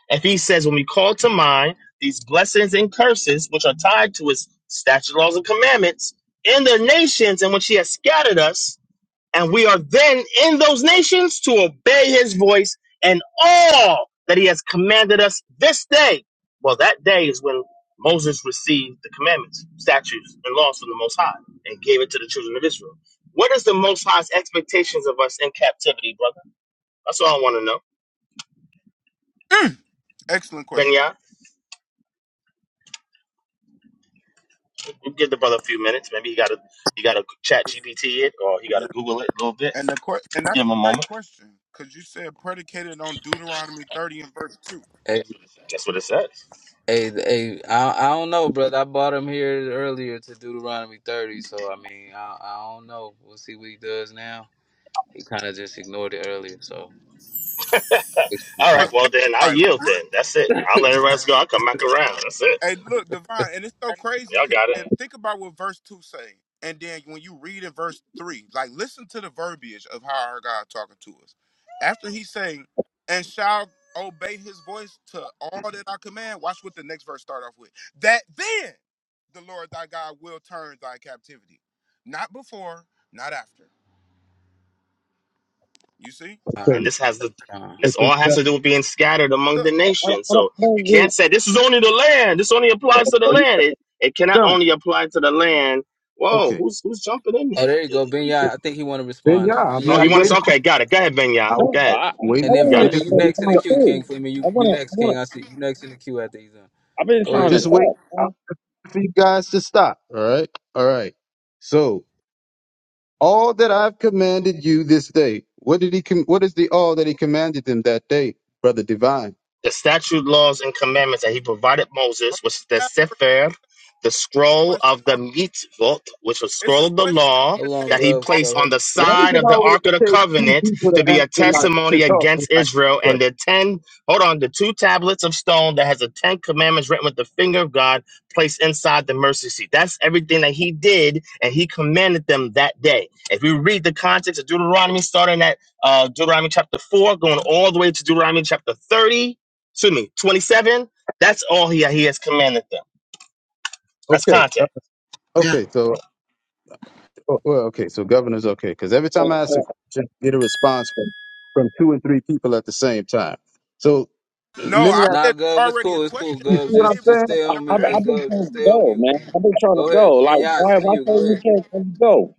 if He says, when we call to mind these blessings and curses which are tied to His statutes, laws, and commandments in the nations in which He has scattered us? and we are then in those nations to obey his voice and all that he has commanded us this day. Well, that day is when Moses received the commandments, statutes, and laws from the Most High and gave it to the children of Israel. What is the Most High's expectations of us in captivity, brother? That's all I want to know. Excellent question. Benya, you give the brother a few minutes. Maybe he got to he got to chat GPT it or he got Yeah. to Google it a little bit. And the que- and that's Give a him a great moment. question. Because you said predicated on Deuteronomy 30 and verse Hey, That's what it says. hey, hey I, I don't know, brother. I bought him here earlier to Deuteronomy 30, so I mean, I, I don't know. We'll see what he does now. He kind of just ignored it earlier, so it's the All right. point. Well, then I 2. yield. Then that's it. I'll let everybody else go. I'll come back around. That's it. Hey, look, divine, and it's so crazy. Y'all 'cause- got and it. think about what verse two saying, and then when you read in verse three, like listen to the verbiage of how our God talking to us. After he's saying, "And shall obey His voice to all that I command," watch what the next verse start off with. That then the Lord thy God will turn thy captivity, not before, not after. You see? All right, And Okay. this has to come I this said, all yeah. has to do with being scattered among the Look, I, I, nations. I don't So I you don't get can't say this is only the land. This only applies to the Are you land. It it cannot done? only apply to the land. Whoa, Okay. who's who's jumping in there? Oh, there you go, It- it- Benya. I think he want to Then respond. yeah, I mean, Benya, oh, are you I'm you want to? waiting. there? Okay, got it. Go ahead, Benya. I'm Go no. ahead. I I And waiting. then You got it. I'm want to just Fleming, you waiting. next in the respond queue, King. too. Fleming, you I you want to I next, King. want to. I see you next in the queue after he's done. I've been Go I'm trying ahead, to just Benya. waiting talk. for you guys to stop. All right. All right. So All that I've commanded you this day. What did he? Com- what is the all that he commanded them that day, brother divine? The statute, laws, and commandments that he provided I Moses was the have a Sefer, the scroll question. of I- the mitzvot, which was It's scroll a of the question law on Hold the on, that he Gov. table. placed on bro. the Why does side it of the always Ark of the take two Covenant people to to be answer a my to testimony talk when against I ask a Israel, and question? the ten, hold on, the two tablets of stone that has the Ten Commandments written with the finger of God placed inside the mercy seat. That's everything that he did, and he commanded them that day. If you read the context of Deuteronomy, starting at uh, Deuteronomy chapter 4, going all the way to Deuteronomy chapter 30, excuse me, 27, that's all he, he has commanded them. That's Okay, uh, contact. yeah. okay, so oh, well, okay, so governor's okay because every time I ask Man. a question, I get a response from from two and three people at the same time. So No, let me I ask Nah, said Gov, it's already a cool, it's cool, question you see Gov. on what the I'm Just table. just saying? stay I, on Never I, me. Hey, I've answered been it. Gov, trying just to stay on go, mute, man. King. I've been trying to Go ahead, go. Like, Benya. It's why? on Why you. say Go you ahead. can't come go?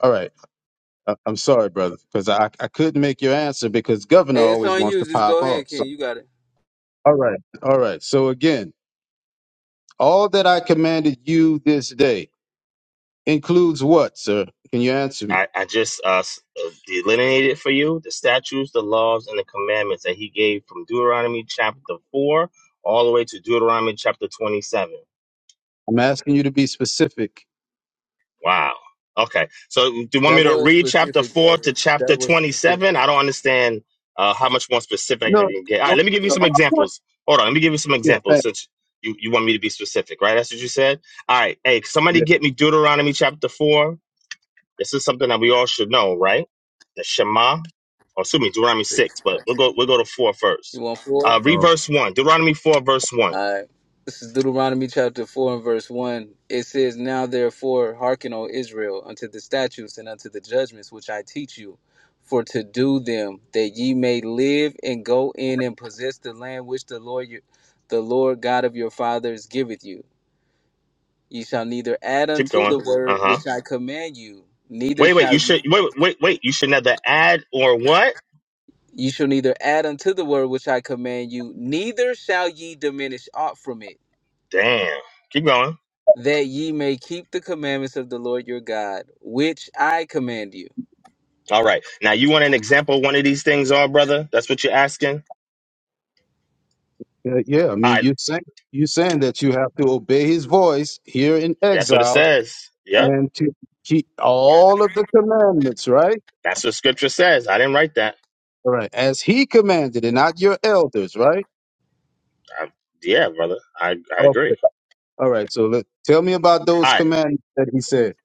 All right, I- I'm sorry, brother, because I I couldn't make your answer because governor Hey, it's always on wants you. to Just pop go ahead, off. So King. You got it. all right, all right. So again. All that I commanded you this day includes what, sir? Can you answer me? I, I just uh, s- uh, delineated for you the statutes, the laws, and the commandments that he gave from Deuteronomy chapter 4 all the way to Deuteronomy chapter 27. I'm asking you to be specific. Wow. Okay. So do you want That me to was read chapter specific, 4 brother. to That chapter was specific. 27? I don't understand uh, how much more specific No. I can get. All right, no, let me give you no, some of course. examples. Hold on. Let me give you some Yeah, examples thank since you, you want me to be specific, right? That's what you said? All right. Hey, somebody you. get me Deuteronomy chapter 4 This is something that we all should know, right? The Shema, or excuse me, Deuteronomy 6, but Gotcha. we'll go, we'll go to 4 first. You want Uh, four? Yeah. read Oh. verse 1, Deuteronomy 4, verse 1. Uh, this is Deuteronomy chapter 4 and verse 1. It says, Now therefore hearken, O Israel, unto the statutes and unto the judgments which I teach you, for to do them, that ye may live and go in and possess the land which the Lord your, the Lord God of your fathers giveth you. Ye shall neither add Keep unto the going. word Uh huh. which I command you, neither Wait, wait, shall you you, should, wait, wait, wait, you should neither add or what? you shall neither add unto the word which I command you, neither shall ye diminish aught from it Damn. Keep going. that ye may keep the commandments of the Lord your God, which I command you. All right. Now, you want an example of one of these things, all brother? That's what you're asking? Yeah, yeah, I All right. mean, you're saying, you're saying that you have to obey his voice here in That's what it exile says. Yep. and to keep all of the commandments, right? That's what scripture says. I didn't write that. All right. As he commanded and not your elders, right? I, yeah, brother. I, I Okay. agree. All right. So let, tell me about those All right. commandments that he said.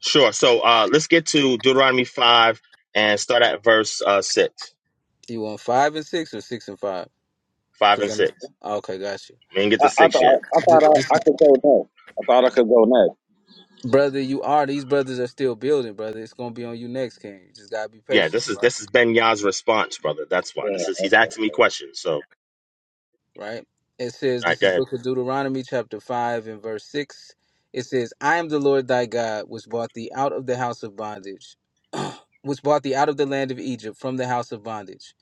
Sure. So uh, let's get to Deuteronomy 5 and start at verse uh, 6, You want five and six or six and five? 5 Because and 6. I'm okay. Got you, We didn't get to I, I thought 6 yet. I, I Th- thought this, I, I could go next. I thought I could go next. brother. You are these brothers are still building, brother. It's gonna be on you next, King. You just gotta be Yeah, patient, this is right? this is Ben Yah's response, brother. That's why. This is he's asking me questions. So all Right. It says right, this go is ahead. Book of Deuteronomy, chapter five and verse six. It says, "I am the Lord thy God, which brought thee out of the house of bondage, which brought thee out of the land of Egypt from the house of bondage."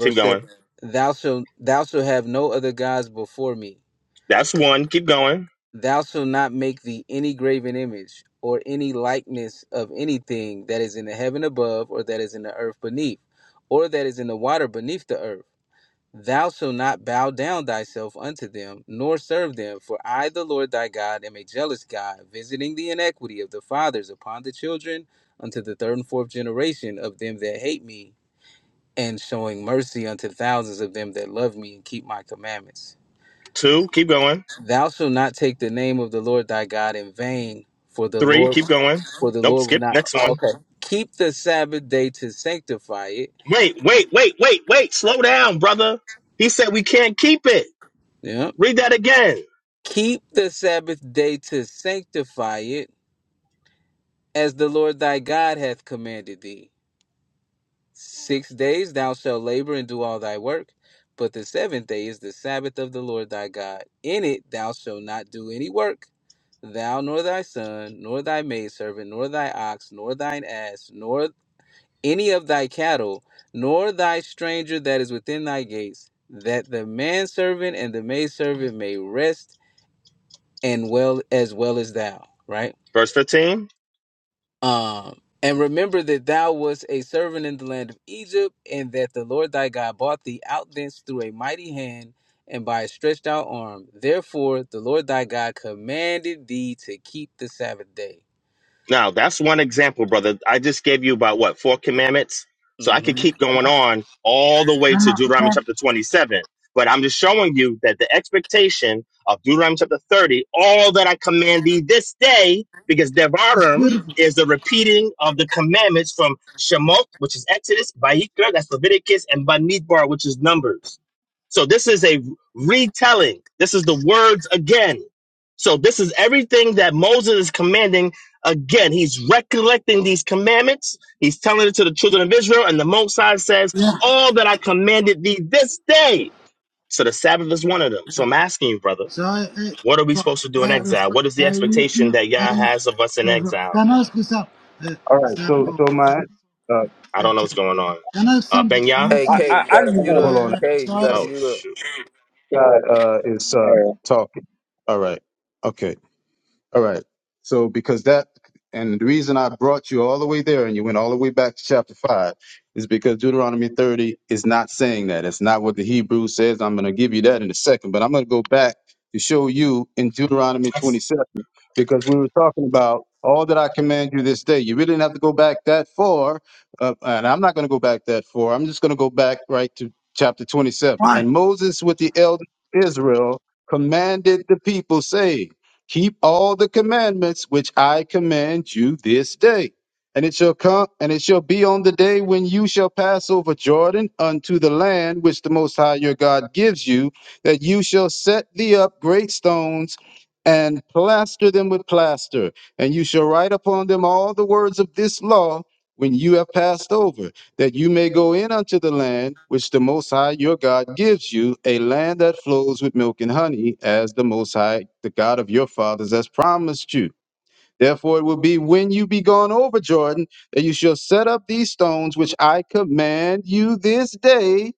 Keep going. seven: Thou shalt thou shalt have no other gods before me. That's one. Keep going. Thou shalt not make thee any graven image, or any likeness of anything that is in the heaven above, or that is in the earth beneath, or that is in the water beneath the earth. Thou shalt not bow down thyself unto them, nor serve them, for I, the Lord thy God, am a jealous God, visiting the iniquity of the fathers upon the children unto the third and fourth generation of them that hate me, and showing mercy unto thousands of them that love me and keep my commandments. Two, keep going. Thou shalt not take the name of the Lord thy God in vain, for the Three, Lord keep going. for the Nope, Lord will skip. not Next oh, one. okay. Keep the Sabbath day to sanctify it. Wait, wait, wait, wait, wait. Slow down, brother. He said we can't keep it. Yeah. Read that again. Keep the Sabbath day to sanctify it, as the Lord thy God hath commanded thee. Six days thou shalt labor and do all thy work, but the seventh day is the Sabbath of the Lord thy God. In it thou shalt not do any work, thou nor thy son, nor thy maidservant, nor thy ox, nor thine ass, nor any of thy cattle, nor thy stranger that is within thy gates, that the manservant and the maidservant may rest and well as well as thou. Right? Verse 15. Um, and remember that thou wast a servant in the land of Egypt, and that the Lord thy God brought thee out thence through a mighty hand and by a stretched out arm. Therefore, the Lord thy God commanded thee to keep the Sabbath day. Now, that's one example, brother. I just gave you about what, four commandments? So I could hmm keep going on all the way to cannot Deuteronomy Can, chapter 27. But I'm just showing you that the expectation of Deuteronomy chapter 30, all that I command thee this day, because it's Devarim beautiful. is the repeating of the commandments from Shemot, which is Exodus, Vayikra, that's Leviticus, and Bamidbar, which is Numbers. So this is a retelling. This is the words again. So this is everything that Moses is commanding Again, he's recollecting these commandments. He's telling it to the children of Israel. And the Most High says, Yeah. All that I commanded thee this day. So the Sabbath is one of them. So I'm asking you, brother, So, I, uh, what are we so supposed to do in uh, exile? respect. What is the Uh, you expectation you. that Uh, Yah you has of us in so, so, exile? can I ask you some uh, All right. So, some? so of, uh, my, uh, I Save, don't know save. what's going on. Can I Uh, something? ben Can I Yah? Hey, something. I I, K, you I just gotta mute want hold up. on. No, K, you gotta size. Oh, mute up. shoot. God to uh, is uh, go. talking. All right. Okay. All right. So because that and the reason I brought you all the way there and you went all the way back to chapter five is because Deuteronomy 30 is not saying that. It's not what the Hebrew says. I'm gonna give you that in a second, but I'm gonna go back to show you in Deuteronomy 27, because we were talking about all that I command you this day. You really didn't have to go back that far. Uh, and I'm not gonna go back that far. I'm just gonna go back right to chapter 27. Why? And Moses with the elders of Israel commanded the people, saying, keep all the commandments which I command you this day. And it shall come, and it shall be on the day when you shall pass over Jordan unto the land which the Most High your God gives you, that you shall set thee up great stones and plaster them with plaster, and you shall write upon them all the words of this law when you have passed over that you may go in unto the land which the Most High your God gives you, a land that flows with milk and honey, as the Most High, the God of your fathers, has promised you. Therefore, it will be when you be gone over Jordan that you shall set up these stones which I command you this day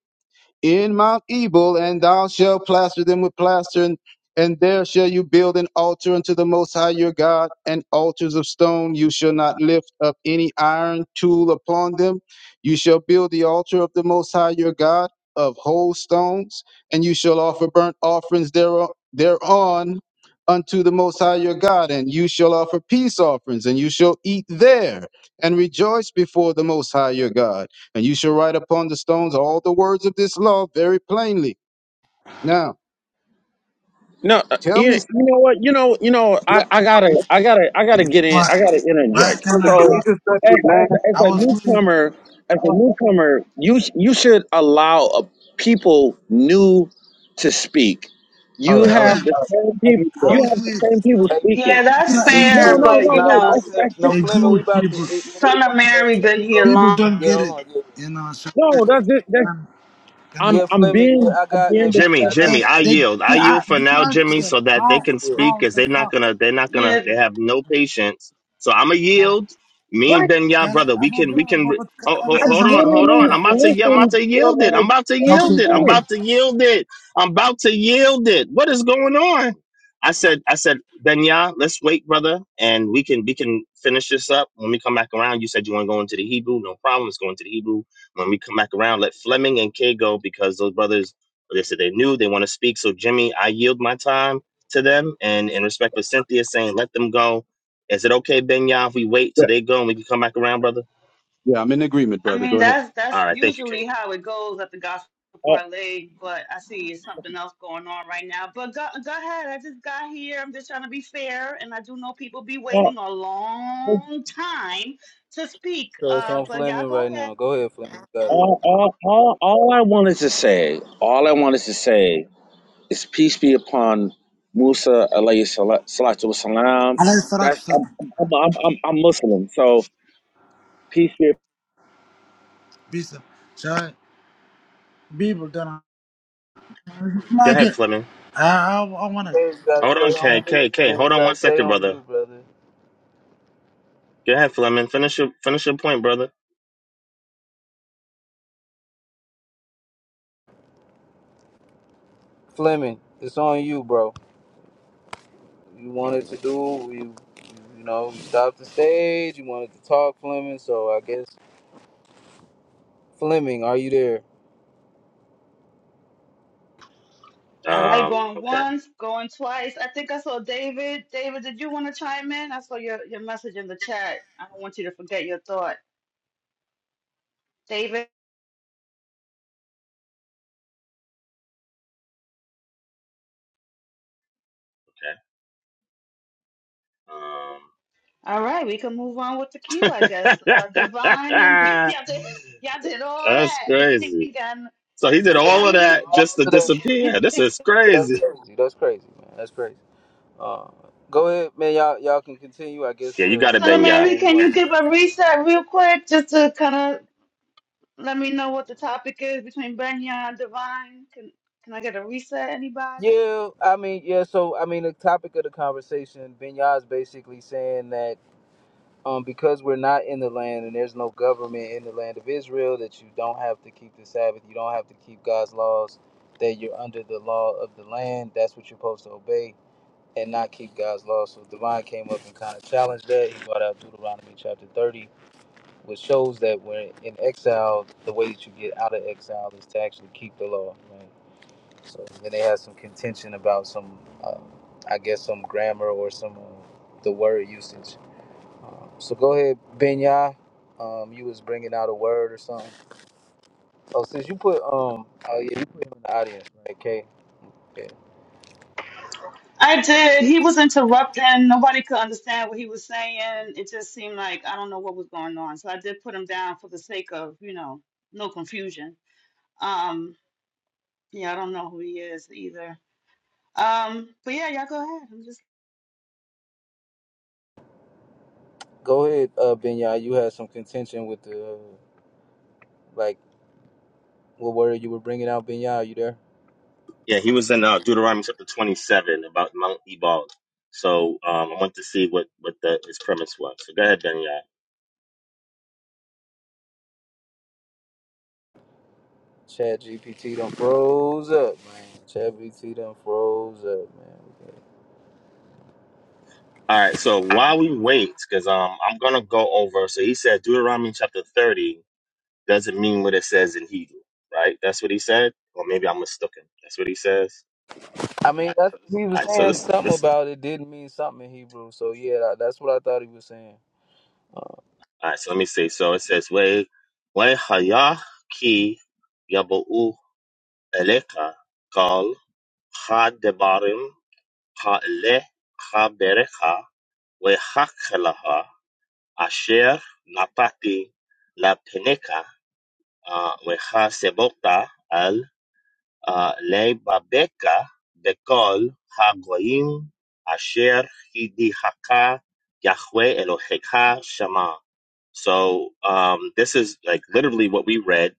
in Mount Ebal, and thou shalt plaster them with plaster, and, and there shall you build an altar unto the Most High your God, and altars of stone. You shall not lift up any iron tool upon them. You shall build the altar of the Most High your God of whole stones, and you shall offer burnt offerings thereon, thereon unto the Most High your God, and you shall offer peace offerings, and you shall eat there and rejoice before the Most High your God. And you shall write upon the stones all the words of this law very plainly. Now, no, uh, tell you, me, you know what? You know, you know. I, I gotta, I gotta, I gotta get in. Why? I gotta Why interject. can brother, I can So, you go? just let as, me as, land? as I a was with. newcomer, as a newcomer, you you should allow uh people new to speak. All You right, all right. Yeah, have the same Let me, people. I uh, You was have the with. same people Hey speaking. Yeah, Fleming, It's that's just not just easy. fair, No, no, chill. but no, you No, no. no, know, That's chill. that's no just The Fleming. We Jewish about to. It, people. it is son of on Fleming. Mary Hey, been bro, here hold on. People long. don't Yeah, get hold it. on. Yeah, You know. So no. That's just that's. um, can I'm yeah, I, Yeah, I'm Fleming. Yeah, being I I'm got. being Hey Fleming, Jimmy, I disrespectful. they, got Jimmy, you, I King. they, It's yield. I they, I, yield for did you now, ask Jimmy, them so that they how? can yeah. speak How because the they're not fuck? gonna they're not gonna Yeah, they have no patience. So I'ma Now, yield. Me and What? Ben Yah, can I? brother, we I'm a can we bro, can but but ca- oh, can I ho- say I've hold on, something? hold literally on. I'm about to yeah, I'm about listened to for yield it. I'm like about to thirty yield Okay, it. I'm okay. minutes. about to yield it. I'm about to yield it. What is going on? I said, I said, Ben Yah, let's wait, brother, and we can we can finish this up when we come back around. You said you want to go into the Hebrew, no problem. It's going to the Hebrew when we come back around. Let Fleming and K go because those brothers they said they knew they want to speak. So Jimmy, I yield my time to them, and in respect of Cynthia saying, let them go. Is it okay, Benya, if we wait till Yeah, they go and we can come back around, brother? yeah, I'm in agreement, I brother. mean Go ahead. that's All that's right, thank you, King. usually how it goes at the gospel Uh, parlay. But I see it's something else going on right now. But go go ahead. I just got here. I'm just trying to be fair, and I do know people be uh, waiting a it's- long time to speak. So it's Uh, on but y'all Fleming go right ahead. now. Go ahead, Fleming. You got it. all, all, all, all I wanted to say, all I wanted to say is peace be upon Musa alayhi sala- salatu wasalam. عليه الصلاة That's I'm, والسلام. I'm, I'm, I'm, I'm Muslim, so peace be Peace. So people don't. Go Like ahead, it, Fleming. I I, I want to. Hey, you gotta Hold stay on, on K, mute. K, K. Man. Hold You on gotta one stay second, on brother. mute, brother. Go ahead, Fleming. Finish your finish your point, brother. Fleming, it's on you, bro. You wanted to do. You, you know, you stopped the stage. You wanted to talk, Fleming. So I guess Fleming, are you there? All right, Um, going okay, once, going twice. I think I saw David. David, did you want to chime in? I saw your, your message in the chat. I don't want you to forget your thought. David. All right, we can move on with the queue, okay. I guess. Uh, Divine and Um, y'all did, y'all did all that's that. crazy. You got n- So he did So we all all I of mean, that if, just to that- they- disappear. This is yeah, That's crazy. crazy. That's crazy, man. That's crazy. Uh, go ahead, man. Y'all, y'all can continue. I guess Yeah, you uh, got the it, Son of brother was Benya. Mary, saying he can you wants. give a reset real quick just to kind of let me know what the topic is between Benya and Divine? Can can I get a reset, anybody? Yeah, I mean, yeah. So, I mean, the topic of the conversation, Benyad's basically saying that um, because we're not in the land and there's no government in the land of Israel, that you don't have to keep the Sabbath, you don't have to keep God's laws, that you're under the law of the land. That's what you're supposed to obey and not keep God's laws. So, Divine came up and kind of challenged that. He brought out Deuteronomy chapter 30 which shows that when in exile, the way that you get out of exile is to actually keep the law, right? So then they had some contention about some, uh, I guess, some grammar or some uh, the word usage. Um, so go ahead, Benya. Um, you was bringing out a word or something. Oh, since you put um, oh yeah, you put him in the audience, right? Okay, yeah. I did. He was interrupting. Nobody could understand what he was saying. It just seemed like I don't know what was going on. So I did put him down for the sake of, you know, no confusion. Yeah, I don't know who he is either. Um, but yeah, y'all go ahead. I'm just Go ahead, uh, Benya. You had some contention with the like what word you were bringing out, Benya. Are you there? Yeah, he was in uh, Deuteronomy chapter 27 about Mount Ebal. So um, I want to see what what the, his premise was. So go ahead, Benny. Chat GPT done froze up, man. Chat GPT done froze up, man. All right. So while we wait, because um, I'm gonna go over. So he said Deuteronomy chapter 30 doesn't mean what it says in Hebrew, right? That's what he said, or maybe I'm mistaken. That's what he says. I mean, that's he All was right. So saying this something this. about it didn't mean something in Hebrew. So yeah, that, that's what I thought he was saying. All right. So let me see. So it says way way haya ki yabu eleka kal had Ha'eleh ha'berecha v'ha'kelecha asher napati lepenecha uh, al uh, leibabeka b'kol ha'goyim asher hidihaka Yahweh Elohecha Shema. So um, this is like literally what we read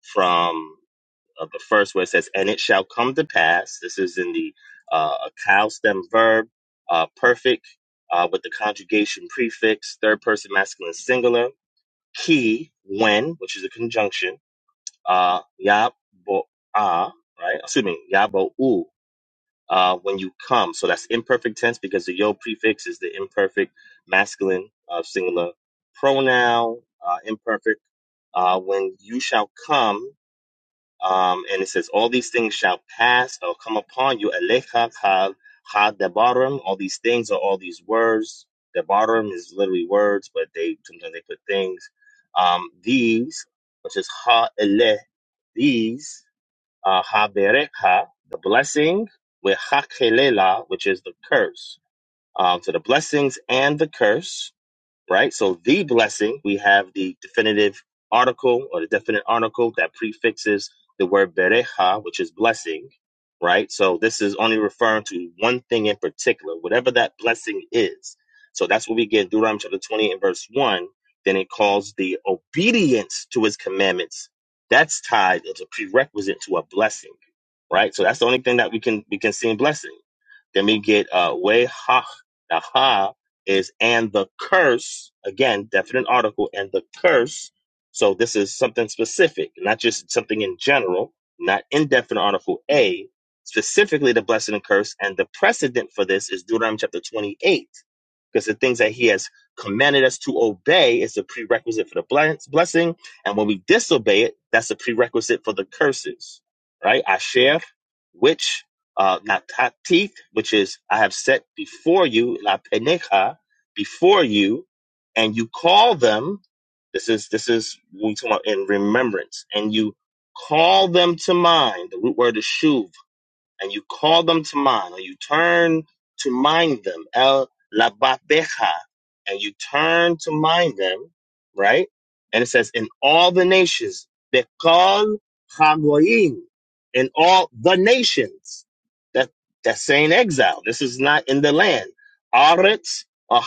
from of the first where it says, "And it shall come to pass." This is in the uh, a cow stem verb, uh, perfect uh, with the conjugation prefix, third person masculine singular, key when, which is a conjunction, uh, yabo ah, right? Excuse me, yabo u. Uh, when you come, so that's imperfect tense because the yo prefix is the imperfect masculine uh, singular pronoun, uh, imperfect. Uh, when you shall come, um, and it says, All these things shall pass or come upon you. Elecha kal ha debarim. All these things are all these words. Debarim is literally words, but they sometimes they put things. Um, these, which is ha ele, these, uh, ha berecha, the blessing, with ha kelela, which is the curse. Um, so the blessings and the curse right? So the blessing, we have the definitive article or the definite article that prefixes the word berecha, which is blessing, right? So this is only referring to one thing in particular, whatever that blessing is. So that's what we get in Deuteronomy chapter 20 and verse 1. Then it calls the obedience to his commandments. That's tied as a prerequisite to a blessing, right? So that's the only thing that we can we can see in blessing. Then we get uh, way ha is and the curse again definite article and the curse so this is something specific not just something in general not indefinite article a specifically the blessing and curse and the precedent for this is deuteronomy chapter 28 because the things that he has commanded us to obey is a prerequisite for the bless- blessing and when we disobey it that's a prerequisite for the curses right asher which uh, not which is I have set before you la penecha, before you and you call them this is this is what we talk about in remembrance and you call them to mind the root word is shuv and you call them to mind, or you turn to mind them, el lababecha, and you turn to mind them, right? And it says, in all the nations, bekal hagoyim, in all the nations. That that's saying exile. This is not in the land. Aretz or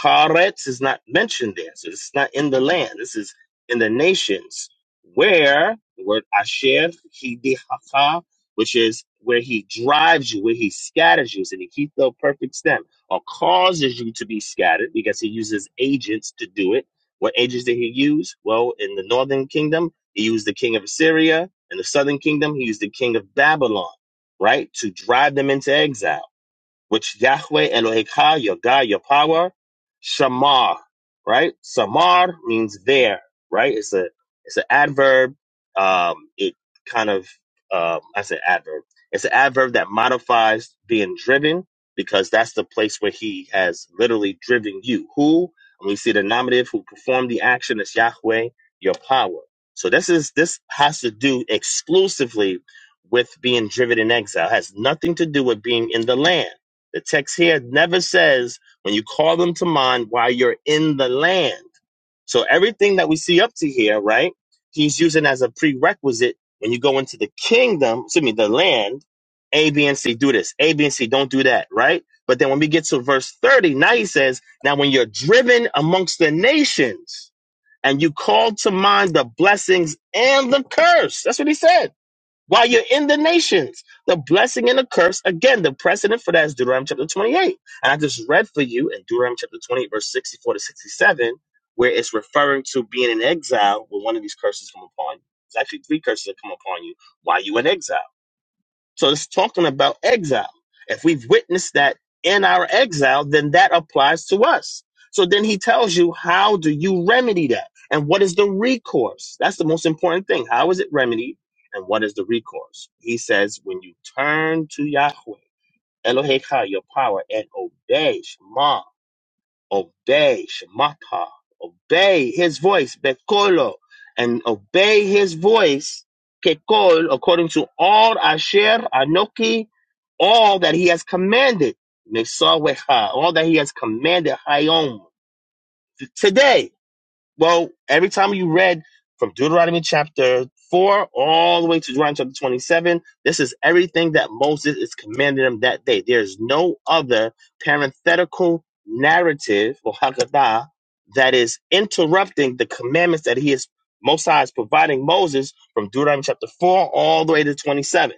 is not mentioned there, so it's not in the land. This is in the nations where the word asher, hidihaka, which is where he drives you, where he scatters you, and he keeps the perfect stem, or causes you to be scattered because he uses agents to do it. What agents did he use? Well, in the northern kingdom, he used the king of Assyria. In the southern kingdom, he used the king of Babylon, right, to drive them into exile which Yahweh Eloheka, your God, your power, Shamar, right? Samar means there, right? It's a it's an adverb. Um, it kind of um, I said adverb. It's an adverb that modifies being driven because that's the place where he has literally driven you. Who? And we see the nominative who performed the action is Yahweh, your power. So this is this has to do exclusively with being driven in exile. It has nothing to do with being in the land the text here never says when you call them to mind while you're in the land. So everything that we see up to here, right? He's using as a prerequisite when you go into the kingdom, excuse me, the land, A, B, and C, do this. A, B, and C, don't do that, right? But then when we get to verse 30, now he says, now when you're driven amongst the nations and you call to mind the blessings and the curse, that's what he said while you're in the nations, the blessing and the curse, again, the precedent for that is Deuteronomy chapter 28. And I just read for you in Deuteronomy chapter 28, verse 64 to 67, where it's referring to being in exile where one of these curses come upon you. It's actually three curses that come upon you while you're in exile. So it's talking about exile. If we've witnessed that in our exile, then that applies to us. So then he tells you, how do you remedy that? And what is the recourse? That's the most important thing. How is it remedied? And what is the recourse? He says, when you turn to Yahweh, Eloheka, your power, and obey Shema, obey Shemata, obey his voice, Bekolo, and obey his voice, Kekol, according to all Asher, Anoki, all that he has commanded, Nesawecha, all that he has commanded, Hayom. Today, well, every time you read from Deuteronomy chapter 4 all the way to Deuteronomy chapter 27, this is everything that Moses is commanding them that day. There's no other parenthetical narrative or Haggadah that is interrupting the commandments that he is Mosiah is providing Moses from Deuteronomy chapter 4 all the way to 27.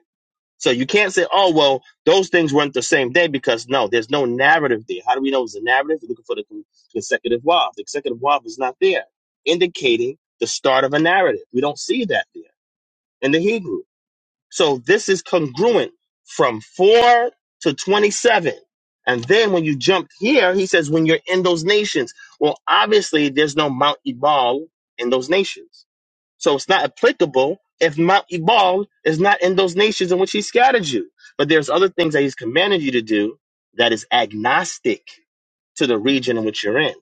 So you can't say, oh, well, those things weren't the same day because no, there's no narrative there. How do we know it's a narrative? We're looking for the con- consecutive wav. The consecutive wav is not there, indicating the start of a narrative. We don't see that there in the Hebrew. So this is congruent from 4 to 27. And then when you jump here, he says, when you're in those nations. Well, obviously, there's no Mount Ebal in those nations. So it's not applicable if Mount Ebal is not in those nations in which he scattered you. But there's other things that he's commanded you to do that is agnostic to the region in which you're in,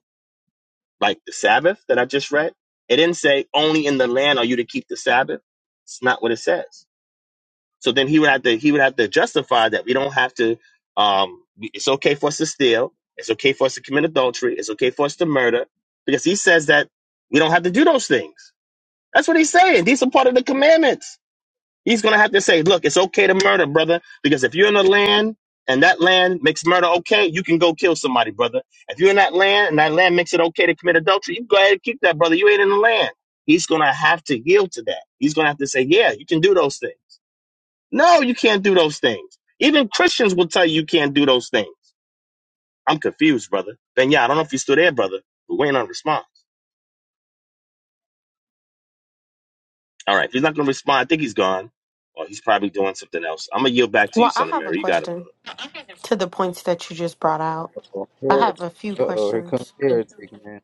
like the Sabbath that I just read. It didn't say only in the land are you to keep the Sabbath. It's not what it says. So then he would have to he would have to justify that we don't have to. Um, we- it's okay for us to steal. It's okay for us to commit adultery. It's okay for us to murder because he says that we don't have to do those things. That's what he's saying. These are part of the commandments. He's going to have to say, look, it's okay to murder, brother, because if you're in a land and that land makes murder okay, you can go kill somebody, brother. If you're in that land and that land makes it okay to commit adultery, you go ahead and kick that brother. You ain't in the land. He's going to have to yield to that. He's going to have to say, yeah, you can do those things. No, you can't do those things. Even Christians will tell you you can't do those things. I'm confused, brother. Ben, yeah, I don't know if you're still there, brother, but we ain't on response. All right. If he's not going to respond, I think he's gone. Or he's probably doing something else. I'm going to yield back to you, Well, I son of have a Mary. You got it, brother. question to the points that you just brought out. Uh-oh, I have heretic. a few Uh-oh, here comes questions. heretic, man.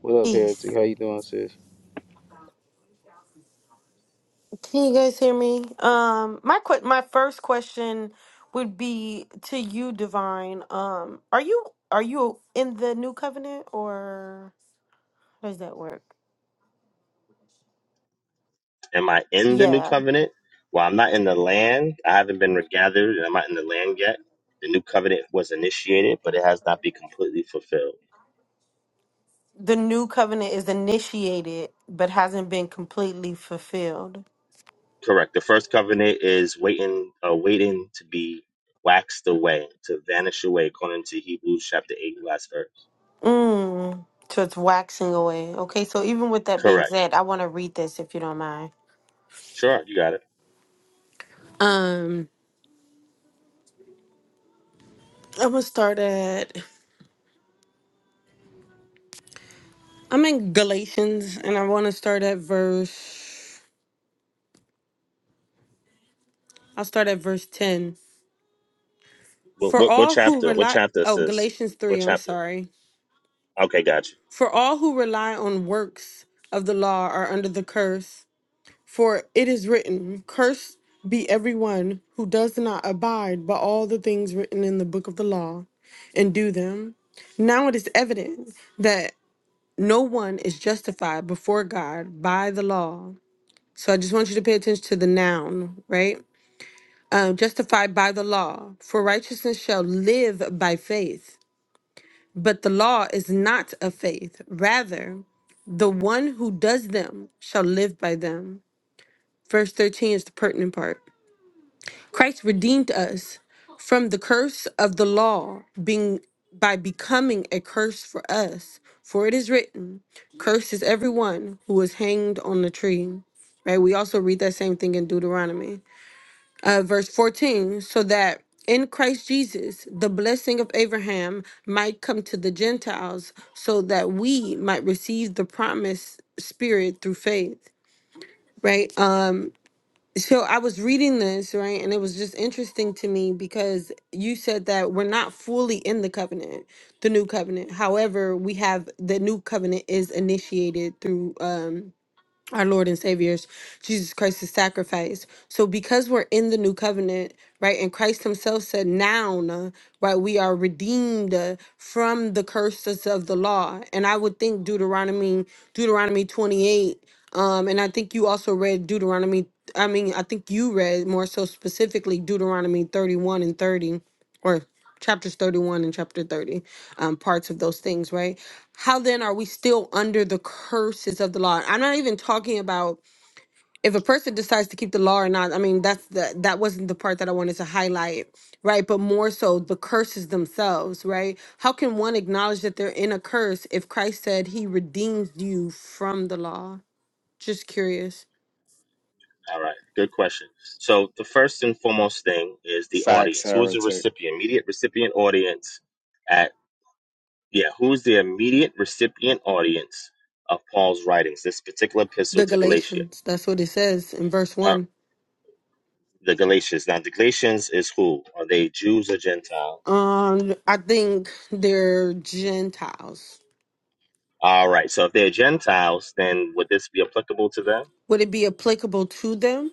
What up, heretic? Peace. How you doing, sis? Can you guys hear me? Um, my qu- my first question would be to you, Divine. Um, are you are you in the new covenant or how does that work? Am I in the new Yeah, covenant? Well, I'm not in the land. I haven't been regathered, and I'm not in the land yet. The new covenant was initiated, but it has not been completely fulfilled. the new covenant is initiated but hasn't been completely fulfilled. Correct. The first covenant is waiting, uh, waiting to be waxed away, to vanish away, according to Hebrews chapter 8, last verse. Mm, so it's waxing away. Okay, so even with that being Correct. said, I want to read this if you don't mind. Sure, you got it. Um. I'm gonna start at I'm in Galatians and I wanna start at verse I'll start at verse ten. What, For what, what all who chapter? What rely chapter is oh this? Galatians What three, I'm chapter? sorry. Okay, gotcha. For all who rely on works of the law are under the curse. For it is written, Cursed be everyone who does not abide by all the things written in the book of the law and do them. Now it is evident that no one is justified before God by the law So I just want you to pay attention to the noun, right? Um, justified by the law, for righteousness shall live by faith. But the law is not of faith. Rather, the one who does them shall live by them. Verse 13 is the pertinent part. Christ redeemed us from the curse of the law being by becoming a curse for us. For it is written, Cursed is everyone who is hanged on the tree. Right? We also read that same thing in Deuteronomy. uh, verse 14, so that in Christ Jesus the blessing of Abraham might come to the Gentiles, so that we might receive the promised Spirit through faith. Right. Um. So I was reading this right, and it was just interesting to me because you said that we're not fully in the covenant, the new covenant. However, we have the new covenant is initiated through um our Lord and Savior's Jesus Christ's sacrifice. So because we're in the new covenant, right, and Christ himself said now, uh, right, we are redeemed uh, from the curses of the law. And I would think Deuteronomy Deuteronomy 28 um and I think you also read Deuteronomy I mean, I think you read more so specifically Deuteronomy 31 and 30 or chapters 31 and chapter 30 um, parts of those things, right? How then are we still under the curses of the law? I'm not even talking about if a person decides to keep the law or not. I mean, that's the that wasn't the part that I wanted to highlight, right? But more so the curses themselves, right? How can one acknowledge that they're in a curse if Christ said he redeems you from the law? Just curious. All right, good question. So the first and foremost thing is the Facts, audience. Who is the heretic. recipient? Immediate recipient audience at yeah, who's the immediate recipient audience of Paul's writings? This particular epistle The to Galatia. Galatians, that's what it says in verse Uh, one. the Galatians. Now the Galatians is who? Are they Jews or Gentiles? Um, I think they're Gentiles. All right. So if they're Gentiles, then would this be applicable to them? Would it be applicable to them?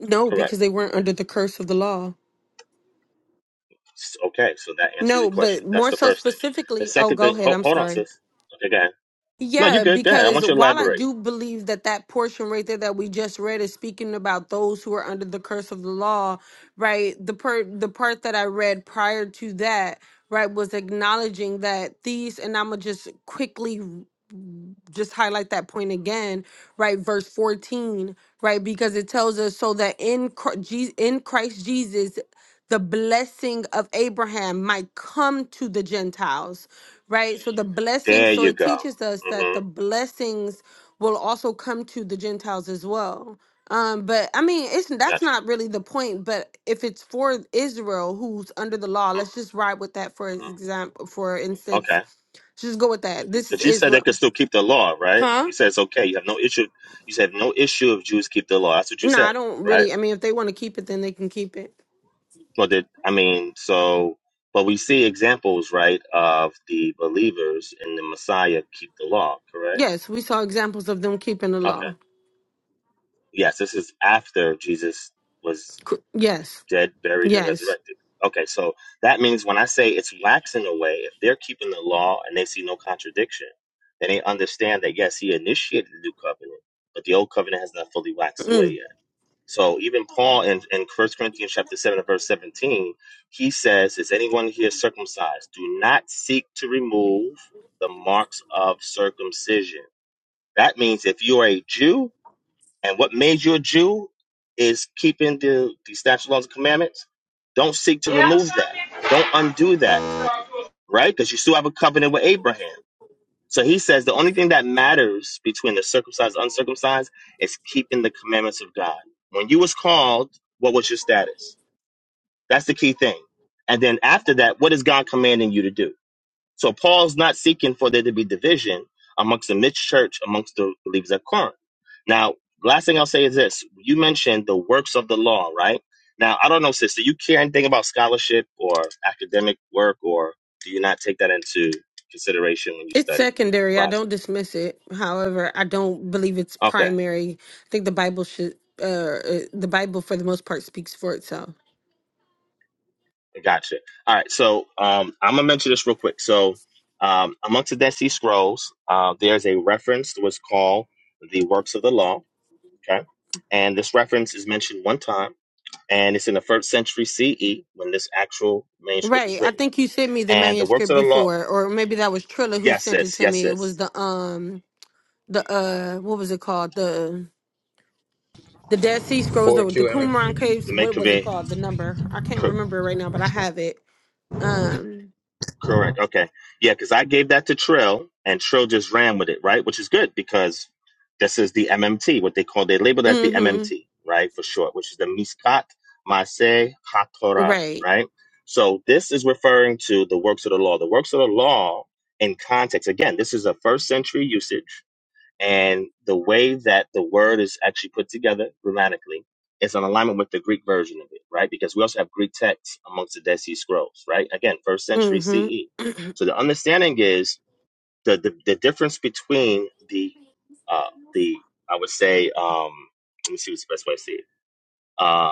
No, Correct. because they weren't under the curse of the law. S- Okay, so that answers your No, question. but That's more the so first thing. The specifically, oh, second thing, go ahead. hold, I'm hold on, sorry. sis. Okay, go ahead. No, you're Yeah, good. Go ahead. I because want you to while I elaborate. do believe that that portion right there that we just read is speaking about those who are under the curse of the law, right? The per the part that I read prior to that, right, was acknowledging that these, and I'm gonna just quickly just highlight that point again, right? Verse 14, right? Because it tells us so that in Chri- Je- in Christ Jesus the blessing of Abraham might come to the Gentiles, right? So the blessings, There so you it go. teaches us that the Mm-hmm. blessings will also come to the Gentiles as well. Um, but I mean, it's that's Gotcha. not really the point. But if it's for Israel, who's under the law, let's just ride with that for Mm-hmm. example. For instance, Okay. just go with that. This is Because you said they could Israel, still keep the law, right? huh? You said it's okay. You have no issue. You said no issue if Jews keep the law. That's what you No, said, I don't right? really. I mean, if they want to keep it, then they can keep it. Well, did I mean so? But we see examples, right, of the believers in the Messiah keep the law, correct? Yes, we saw examples of them keeping the Okay. law. Yes, this is after Jesus was. Cr- Yes, dead, buried, and yes. resurrected. Okay, so that means when I say it's waxing away, if they're keeping the law and they see no contradiction, then they understand that yes, he initiated the new covenant, but the old covenant has not fully waxed away Mm. yet. So even Paul in, in 1 Corinthians chapter 7 and verse 17, he says, Is anyone here circumcised? Do not seek to remove the marks of circumcision. That means if you are a Jew, and what made you a Jew is keeping the, the statute, laws, and commandments. Don't seek to Yeah. remove that. Don't undo that, I'm right? Because you still have a covenant with Abraham. So he says the only thing that matters between the circumcised and uncircumcised is keeping the commandments of God. When you was called, what was your status? That's the key thing. And then after that, what is God commanding you to do? So Paul's not seeking for there to be division amongst the mixed church, amongst the believers at Corinth. Now, last thing I'll say is this: you mentioned the works of the law, right? Now, I don't know, sister, you care anything about scholarship or academic work, or do you not take that into consideration when you It's study the secondary. I Bible? don't dismiss it. However, I don't believe it's Okay, primary. I think the Bible should, uh, uh, the Bible for the most part speaks for itself. gotcha. All right, so um, I'm gonna mention this real quick. So, um, amongst the Dead Sea Scrolls, uh, there's a reference that was called the works of the law. Okay, and this reference is mentioned one time and it's in the first century CE when this actual manuscript is Right. I written. think you sent me the And the works manuscript of the law, before, or maybe that was Trilla who yes, sent it sis, to yes, me. It was sis. the um the uh what was it called? the. The Dead Sea Scrolls, the, the 4QMNT. Qumran Caves, The what was it Maccabee, called? The number. I can't cor- remember right now, but I have it. Um, correct, okay, yeah, because I gave that to Trill, and Trill just ran with it, right? Which is good because this is the MMT, what they call they labeled as the mm-hmm. MMT, right, for short, which is the Miskat Maseh HaTorah, Right. right? So this is referring to the works of the law. The works of the law in context. Again, this is a first century usage And the way that the word is actually put together grammatically is in alignment with the Greek version of it, right? Because we also have Greek texts amongst the Dead Sea Scrolls, right? Again, first century CE. Mm-hmm. So the understanding is the the, the difference between the uh, the I would say um, let me see what's the best way to say it. Uh,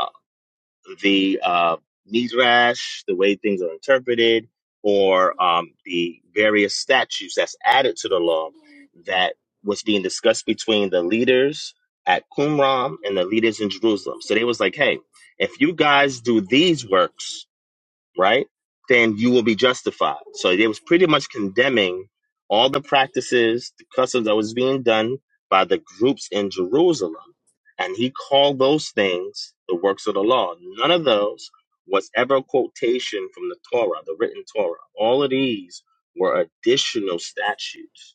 the uh, midrash, the way things are interpreted, or um, the various statutes that's added to the law that was being discussed between the leaders at Qumran and the leaders in Jerusalem. So they was like, "Hey, if you guys do these works." right? Then you will be justified. So it was pretty much condemning all the practices, the customs that was being done by the groups in Jerusalem. And he called those things the works of the law. None of those was ever a quotation from the Torah, the written Torah. All of these were additional statutes.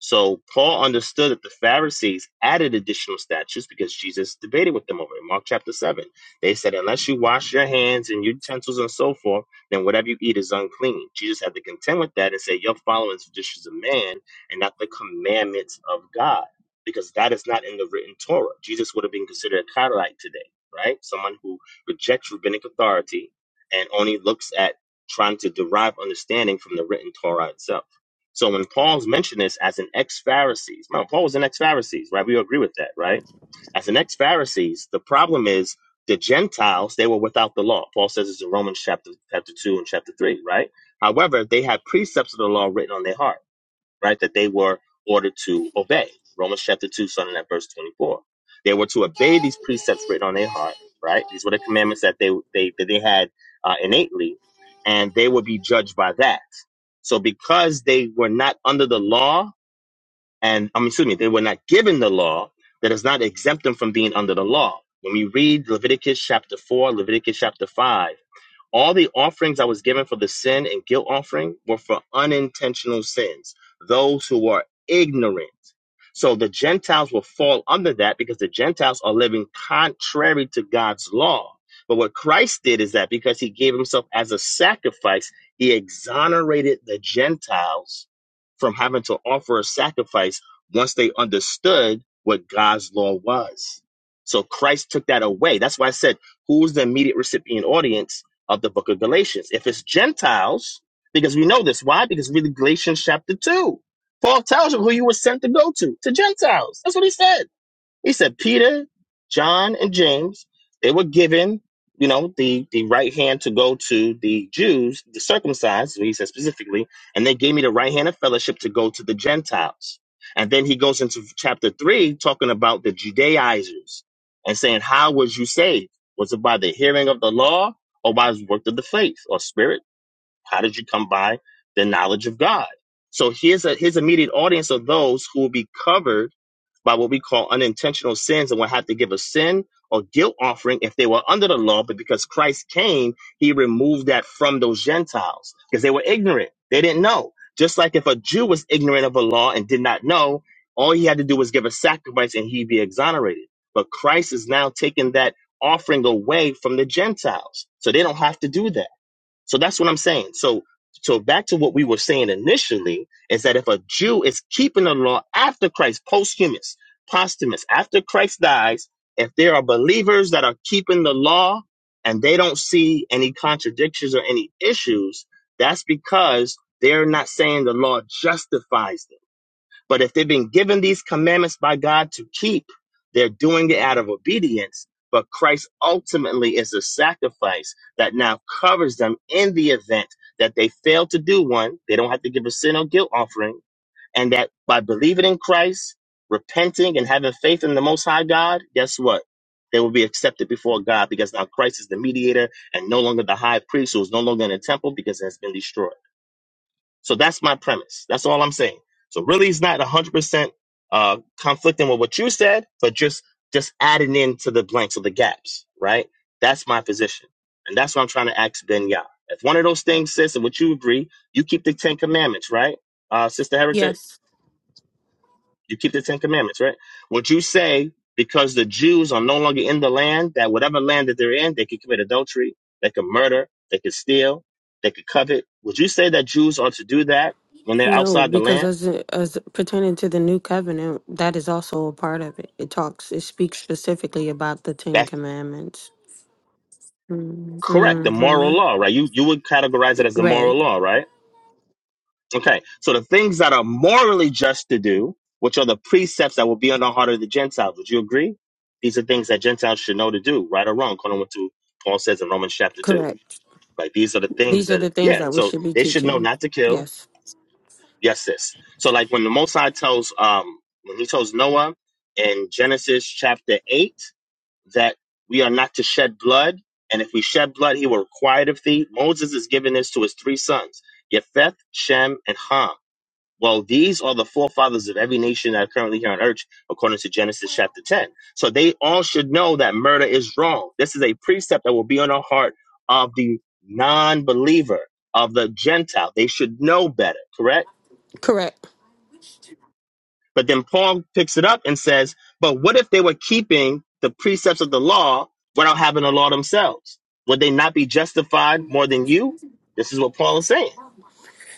So Paul understood that the Pharisees added additional statutes because Jesus debated with them over in Mark chapter 7 they said, unless you wash your hands and utensils and so forth, then whatever you eat is unclean. Jesus had to contend with that and say, you're following the traditions of man and not the commandments of God, because that is not in the written Torah. Jesus would have been considered a Carolite today, right? Someone who rejects rabbinic authority and only looks at trying to derive understanding from the written Torah itself. So when Paul's mentioned this as an ex-Pharisees, now Paul was an ex-Pharisees, right? We agree with that, right? As an ex Pharisees, the problem is the Gentiles, they were without the law. Paul says this in Romans chapter, chapter 2 and chapter 3, right? However, they had precepts of the law written on their heart, right? That they were ordered to obey. Romans chapter 2, starting at verse 24. They were to obey these precepts written on their heart, right? These were the commandments that they, they, that they had uh, innately, and they would be judged by that. So because they were not under the law, and I mean, excuse me, they were not given the law, that does not exempt them from being under the law. When we read Leviticus chapter 4, Leviticus chapter 5, all the offerings I was given for the sin and guilt offering were for unintentional sins, those who are ignorant. So the Gentiles will fall under that because the Gentiles are living contrary to God's law. But what Christ did is that because he gave himself as a sacrifice, he exonerated the Gentiles from having to offer a sacrifice once they understood what God's law was. So Christ took that away. That's why I said, who's the immediate recipient audience? of the book of Galatians. If it's Gentiles, because we know this. Why? Because read Galatians chapter 2. Paul tells you who you were sent to go to, to Gentiles. That's what he said. He said Peter, John, and James, they were given, you know, the, the right hand to go to the Jews, the circumcised, he said specifically, and they gave me the right hand of fellowship to go to the Gentiles. And then he goes into chapter three talking about the Judaizers and saying, How was you saved? Was it by the hearing of the law or by the work of the faith or spirit? How did you come by the knowledge of God? So here's a his immediate audience of those who will be covered by what we call unintentional sins and will have to give a sin or guilt offering if they were under the law. But because Christ came, he removed that from those Gentiles because they were ignorant. They didn't know. Just like if a Jew was ignorant of a law and did not know, all he had to do was give a sacrifice and he'd be exonerated. But Christ is now taking that offering away from the Gentiles. So they don't have to do that. So that's what I'm saying. So so back to what we were saying initially is that if a Jew is keeping the law after Christ, posthumous, posthumous, after Christ dies, if there are believers that are keeping the law and they don't see any contradictions or any issues, that's because they're not saying the law justifies them. But if they've been given these commandments by God to keep, they're doing it out of obedience. But Christ ultimately is the sacrifice that now covers them in the event that they fail to do one. They don't have to give a sin or guilt offering. And that by believing in Christ, repenting, and having faith in the Most High God, guess what? They will be accepted before God because now Christ is the mediator and no longer the high priest who is no longer in the temple because it has been destroyed. So that's my premise. That's all I'm saying. So really, it's not 100% uh, conflicting with what you said, but just just adding into the blanks of the gaps, right? That's my position. And that's what I'm trying to ask Ben Yah. If one of those things, sis, and what you agree, you keep the Ten Commandments, right, uh, Sister Heretic? yes. You keep the Ten Commandments, right? Would you say because the Jews are no longer in the land, that whatever land that they're in, they could commit adultery, they could murder, they could steal, they could covet? Would you say that Jews are to do that when they're No, outside the because land? as as pertaining to the new covenant, that is also a part of it. It talks, it speaks specifically about the Ten That's Commandments. correct. The moral Mm-hmm. law, right? You you would categorize it as the moral Right. law, right? Okay. So the things that are morally just to do, which are the precepts that will be on the heart of the Gentiles, would you agree? These are things that Gentiles should know to do, right or wrong, according to what Paul says in Romans chapter two. Correct. Like these are the things These are that the things yeah. that we So should be they should know teaching. not to kill. Yes. Yes, this. So like when the Most High tells um when he tells Noah in Genesis chapter eight that we are not to shed blood, and if we shed blood, he will require it of thee. Moses is giving this to his three sons, Japheth, Shem, and Ham well, these are the forefathers of every nation that are currently here on earth, according to Genesis chapter 10. So they all should know that murder is wrong. This is a precept that will be on the heart of the non believer, of the Gentile. They should know better, correct? Correct. But then Paul picks it up and says, But what if they were keeping the precepts of the law without having the law themselves? Would they not be justified more than you? This is what Paul is saying.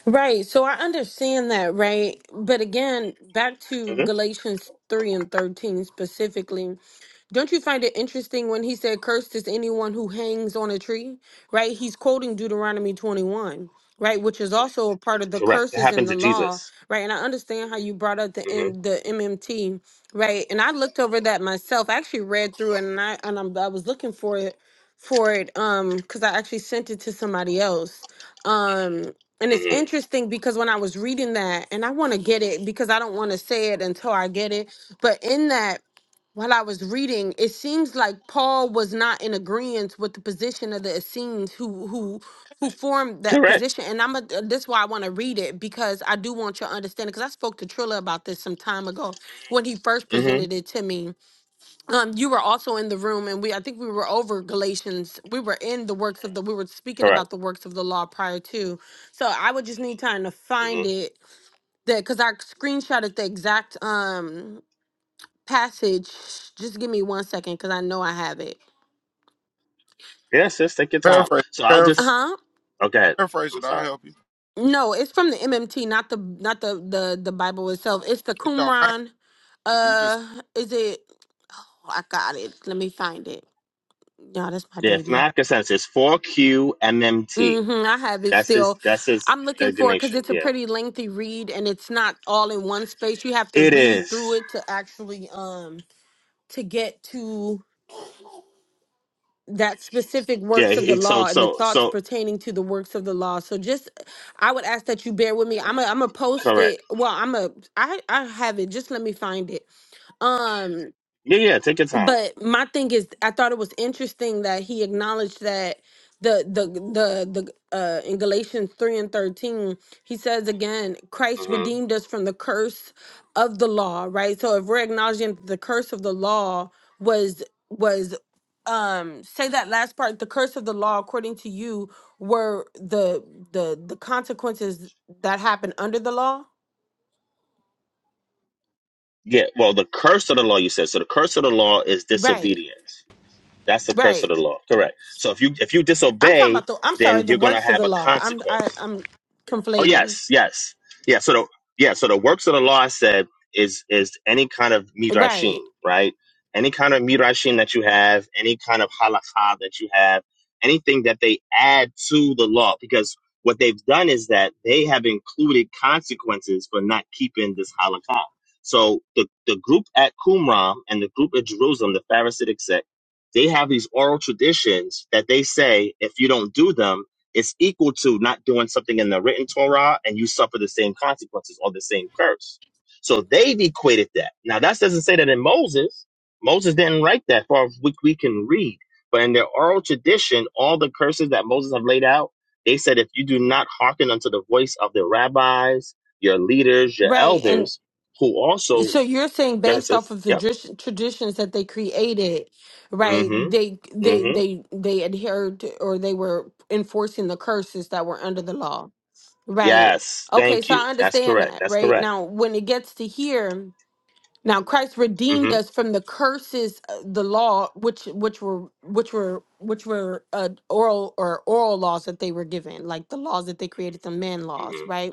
Right. So I understand that, right? But again, back to hmm Galatians 3 and 13 specifically, don't you find it interesting when he said, Cursed is anyone who hangs on a tree, right? He's quoting Deuteronomy 21, right? Which is also a part of the Correct. It curses in happened the to law, Jesus. right? And I understand how you brought up the, hmm M- the MMT, right? And I looked over that myself. I actually read through it and I, and I'm, I was looking for it for it um because i actually sent it to somebody else Um, and it's hmm interesting because when I was reading that, and I want to get it because I don't want to say it until I get it, but in that, while I was reading, it seems like Paul was not in agreement with the position of the Essenes who who who formed that Correct. position. And I'm a, this is why I want to read it because I do want your understanding. Because I spoke to Trilla about this some time ago when he first hmm presented it to me um you were also in the room and we i think we were over galatians we were in the works of the we were speaking Correct. about the works of the law prior to so i would just need time to hmm find it that because i screenshotted the exact um passage just give me one second because i know i have it Yeah, sis, take your time. Paraphrase, So I'll paraphrase, just uh-huh okay. paraphrase I'm it. I'll sorry. help you. no it's from the mmt not the not the the, the bible itself it's the It don't matter. qumran You just uh is it oh i got it let me find it yeah that's my Yeah, it's baby not consensus. Four Q M M T. Mm-hmm. I have it That's his. still. That's his I'm looking for it because designation. it's a Yeah, pretty lengthy read and it's not all in one space. You have to it read is. through it to actually um to get to that specific Yeah. works of the It, so law and the so thoughts so pertaining to the works of the law. So just I would ask that you bear with me. I'm a I'm a post correct. it. Well, I'm a I I have it. Just let me find it. Um, Yeah, yeah. Take your time. but my thing is i thought it was interesting that he acknowledged that the the the the uh in galatians 3 and 13 he says again christ hmm redeemed us from the curse of the law right so if we're acknowledging that the curse of the law was was um say that last part the curse of the law according to you were the the the consequences that happened under the law Yeah. Well, the curse of the law. You said so. The curse of the law is right disobedience. That's the curse of right the law. Correct. So if you if you I'm talking disobey, about the. I'm sorry, then the you're gonna works of have the a law. I'm I, consequence. I'm Oh conflating. yes, yes, yeah. So the yeah, so the works of the law I said is is any kind of midrashim, Right, right? Any kind of midrashim that you have, any kind of halakha that you have, anything that they add to the law, because what they've done is that they have included consequences for not keeping this halakha. So the the group at Qumran and the group at Jerusalem, the Pharisaic sect, they have these oral traditions that they say if you don't do them it's equal to not doing something in the written Torah and you suffer the same consequences or the same curse. So they've equated that. Now that doesn't say that in Moses. Moses didn't write that far as which we can read. But in their oral tradition, all the curses that Moses have laid out, they said if you do not hearken unto the voice of the rabbis, your leaders, your right, and elders, who also so you're saying that's based it. off of the Yep. dris- traditions that they created, right? They Mm-hmm. they Mm-hmm. they they adhered to, or they were enforcing the curses that were under the law. Right. Yes. Okay, Thank so you. I That's understand correct. that. That's Right correct. now, when it gets to here. Now Christ Mm-hmm. redeemed us from the curses, uh, the law, which which were which were which were uh, oral or oral laws that they were given, like the laws that they created, the man laws, Mm-hmm. right?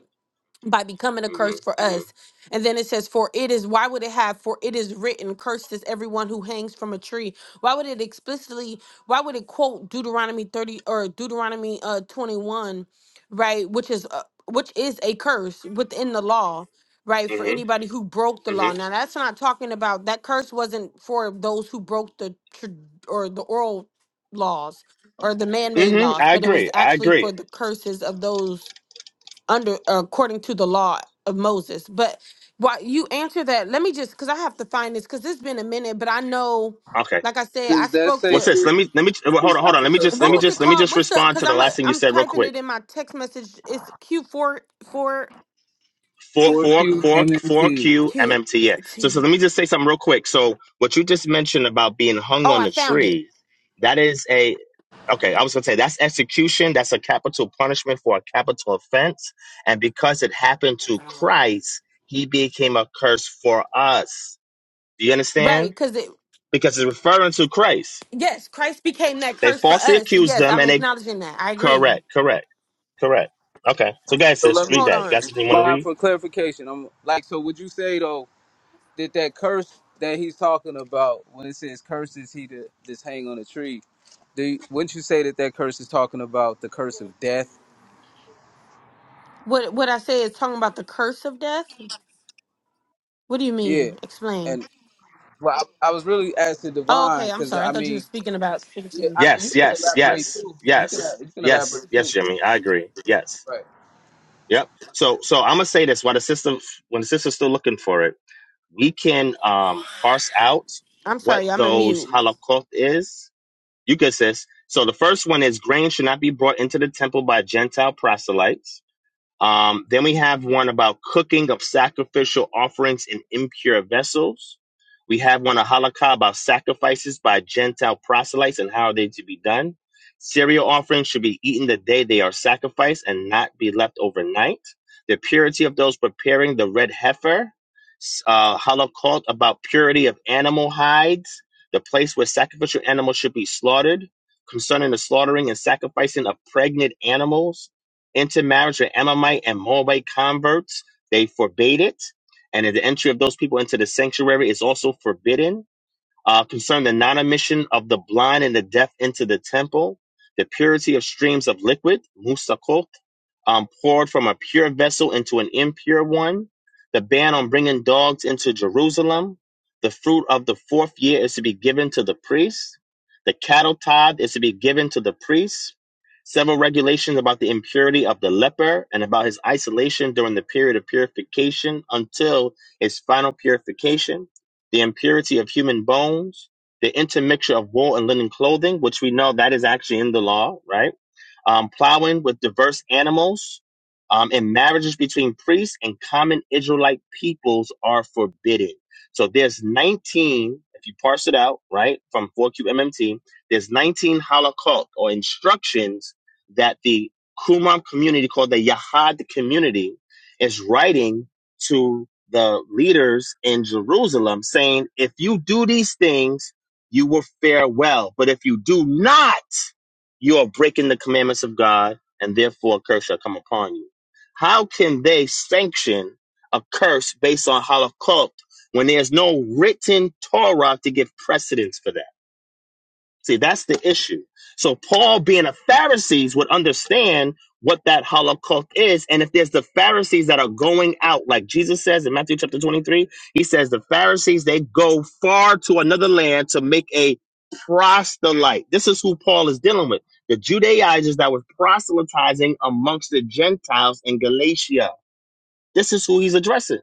by becoming a Mm-hmm. curse for us. Mm-hmm. And then it says, For it is, why would it have, for it is written, cursed is everyone who hangs from a tree. Why would it explicitly, why would it quote Deuteronomy 30 or Deuteronomy uh 21, right? Which is, uh, which is a curse within the law, right? For Mm-hmm. anybody who broke the law. Mm-hmm. Now, that's not talking about, that curse wasn't for those who broke the, tr- or the oral laws or the man made Mm-hmm. laws, I but it was agree. I actually for agree. the curses of those under according to the law of Moses. But while you answer that, let me just because I have to find this because it's been a minute. But I know, Okay. like I said, I Does that spoke say What's to this? sis? Let me let me well, hold It's on. Hold not on. the Let me touch just let what me for was just it let me called? just What's the? respond Because to the I'm a last thing you I'm said real typing quick. it in my text message. It's Q four four Four four four four 4QMNT. Q Q. MMT. Yeah. So so let me just say something real quick. So what you just mentioned about being hung Oh, on I the found it. tree, that is a okay. I was gonna say that's execution. That's a capital punishment for a capital offense. And because it happened to Christ, he became a curse for us. Do you Right, understand? because it Because it's referring to Christ. yes, Christ became that They curse for falsely us. accused Yes, them, I'm and they acknowledging that. I agree. correct, correct, correct. Okay, so guys, So sis, let read me, Hold that. You on. got something you want to Bob, read? for clarification, I'm like, so would you say though that that curse that he's talking about when it says curses he to just hang on a tree? Do wouldn't you say that that curse is talking about the curse of death? What what I say is talking about the curse of death. What do you Yeah, mean? Explain. and well, I, I was really asking Oh, Divine okay, I'm because sorry. I I thought you were mean, speaking about. yeah, I mean you Yes, can yes, elaborate yes, too. You can yes, you can yes, elaborate yes, too, Jimmy. I agree. Yes, right? yep. So, so I'm gonna say this: while the system, when the system's still looking for it, we can um parse out I'm what sorry, I'm a those mute. holocaust is. You good, sis? So the first one is grain should not be brought into the temple by Gentile proselytes. Um, then we have one about cooking of sacrificial offerings in impure vessels. We have one, a halakha, about sacrifices by Gentile proselytes and how are they to be done. Cereal offerings should be eaten the day they are sacrificed and not be left overnight. The purity of those preparing the red heifer. S- Uh, halakot, about purity of animal hides, the place where sacrificial animals should be slaughtered. Concerning the slaughtering and sacrificing of pregnant animals intermarriage with Ammonite and Moabite converts. They forbade it. And the entry of those people into the sanctuary is also forbidden uh, concern the non admission of the blind and the deaf into the temple, the purity of streams of liquid, musakot, um, poured from a pure vessel into an impure one, the ban on bringing dogs into Jerusalem, the fruit of the fourth year is to be given to the priests. the cattle tithe is to be given to the priests. several regulations about the impurity of the leper and about his isolation during the period of purification until his final purification the impurity of human bones, the intermixture of wool and linen clothing, which we know that is actually in the law, right? um, plowing with diverse animals, um, and marriages between priests and common Israelite peoples are forbidden. So there's 19, if you parse it out, right, from 4QMMT, there's 19 halakhot or instructions that the Qumran community called the Yahad community is writing to the leaders in Jerusalem saying, if you do these things, you will fare well. But if you do not, you are breaking the commandments of God, and therefore a curse shall come upon you. How can they sanction a curse based on Holocaust when there's no written Torah to give precedence for that? See, that's the issue. So Paul, being a Pharisee, would understand what that Holocaust is. And if there's the Pharisees that are going out, like Jesus says in Matthew chapter 23, he says the Pharisees, they go far to another land to make a proselyte. This is who Paul is dealing with. The Judaizers that were proselytizing amongst the Gentiles in Galatia. This is who he's addressing.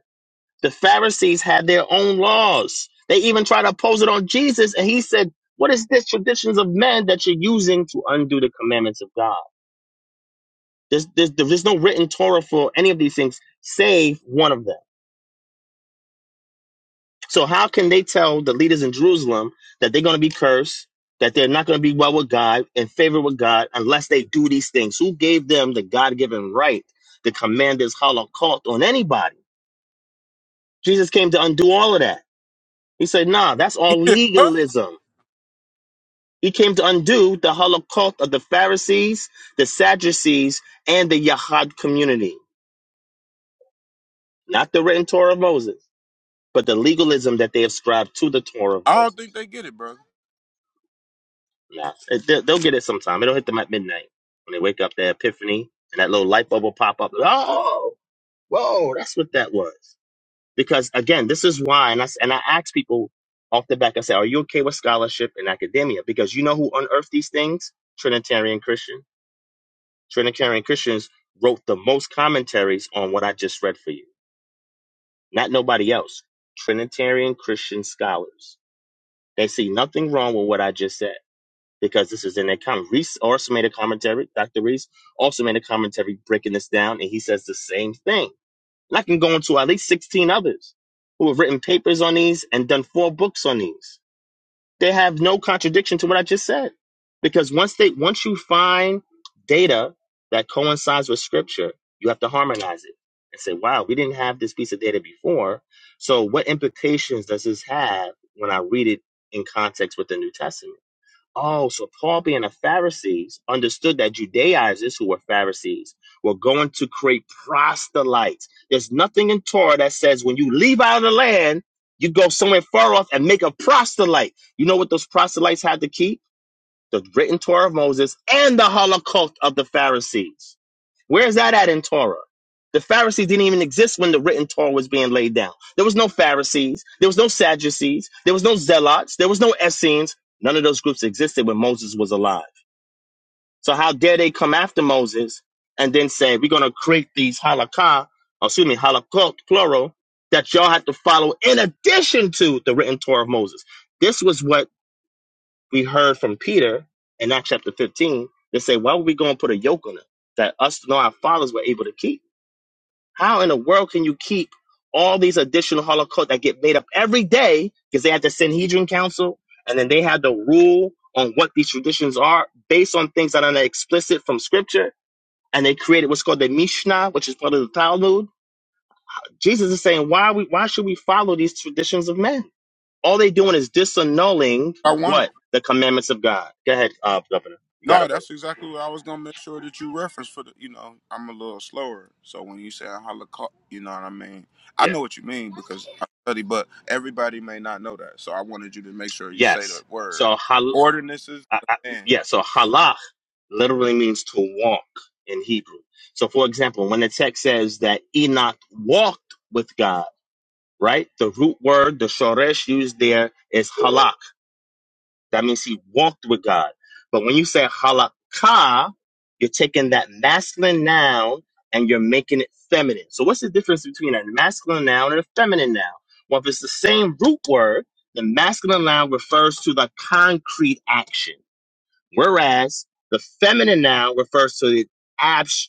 The Pharisees had their own laws. They even tried to oppose it on Jesus, and he said, "What is this traditions of men that you're using to undo the commandments of God?" There's, there's, there's no written Torah for any of these things, save one of them. So how can they tell the leaders in Jerusalem that they're going to be cursed, that they're not going to be well with God, in favor with God, unless they do these things? Who gave them the God-given right to command this holocaust on anybody? Jesus came to undo all of that. He said, "Nah, that's he all did what? legalism." He came to undo the Holocaust of the Pharisees, the Sadducees, and the Yahad community. Not the written Torah of Moses, but the legalism that they ascribe to the Torah of I don't Moses. think they get it, brother. Now, they'll they'll get it sometime. It'll hit them at midnight when they wake up, their epiphany, and that little light bulb will pop up. Like, Oh, whoa, that's what that was. Because again, this is why, and I, s- and I ask people off the back, I say, are you okay with scholarship and academia? Because you know who unearthed these things? Trinitarian Christians Trinitarian Christians wrote the most commentaries on what I just read for you. Not nobody else. Trinitarian Christian scholars. They see nothing wrong with what I just said because this is in their comment. Reese also made a commentary. Dr. Reese also made a commentary breaking this down, and he says the same thing. And I can go into at least 16 others who have written papers on these and done four books on these they have no contradiction to what I just said. Because once they once you find data that coincides with scripture, you have to harmonize it and say, wow, we didn't have this piece of data before. So what implications does this have when I read it in context with the New Testament? Oh, so Paul being a Pharisee understood that Judaizers who were Pharisees were going to create proselytes. There's nothing in Torah that says when you leave out of the land, you go somewhere far off and make a proselyte. You know what those proselytes had to keep? the written Torah of Moses, and the Holocaust of the Pharisees. Where is that at in Torah? The Pharisees didn't even exist when the written Torah was being laid down. There was no Pharisees, there was no Sadducees, there was no Zealots, there was no Essenes. None of those groups existed when Moses was alive. So how dare they come after Moses and then say we're going to create these halakha, or excuse me, holocaust plural that y'all have to follow in addition to the written Torah of Moses. This was what we heard from Peter in Acts chapter 15 that say, Why would we go and put a yoke on them that us know our fathers were able to keep? How in the world can you keep all these additional Holocaust that get made up every day because they had the Sanhedrin Council and then they had to rule on what these traditions are based on things that are not explicit from Scripture? And they created what's called the Mishnah, which is part of the Talmud. Jesus is saying, why we, why should we follow these traditions of men? All they doing is disannulling I want it. what? The commandments of God. Go ahead, uh, Governor. You got No, it, brother. that's exactly what I was gonna make sure that you reference for the. You know, I'm a little slower, so when you say Holocaust, you know what I mean. I Yeah. know what you mean because I study, but everybody may not know that. So I wanted you to make sure you say the Yes. word. So, hal- Ordinances, I, I, yeah, so halach literally means to walk in Hebrew. So, for example, when the text says that Enoch walked with God, right? The root word, the shoresh used there is halach. That means he walked with God. But when you say halakha, you're taking that masculine noun and you're making it feminine. So what's the difference between a masculine noun and a feminine noun? Well, if it's the same root word, the masculine noun refers to the concrete action, whereas the feminine noun refers to the abstract.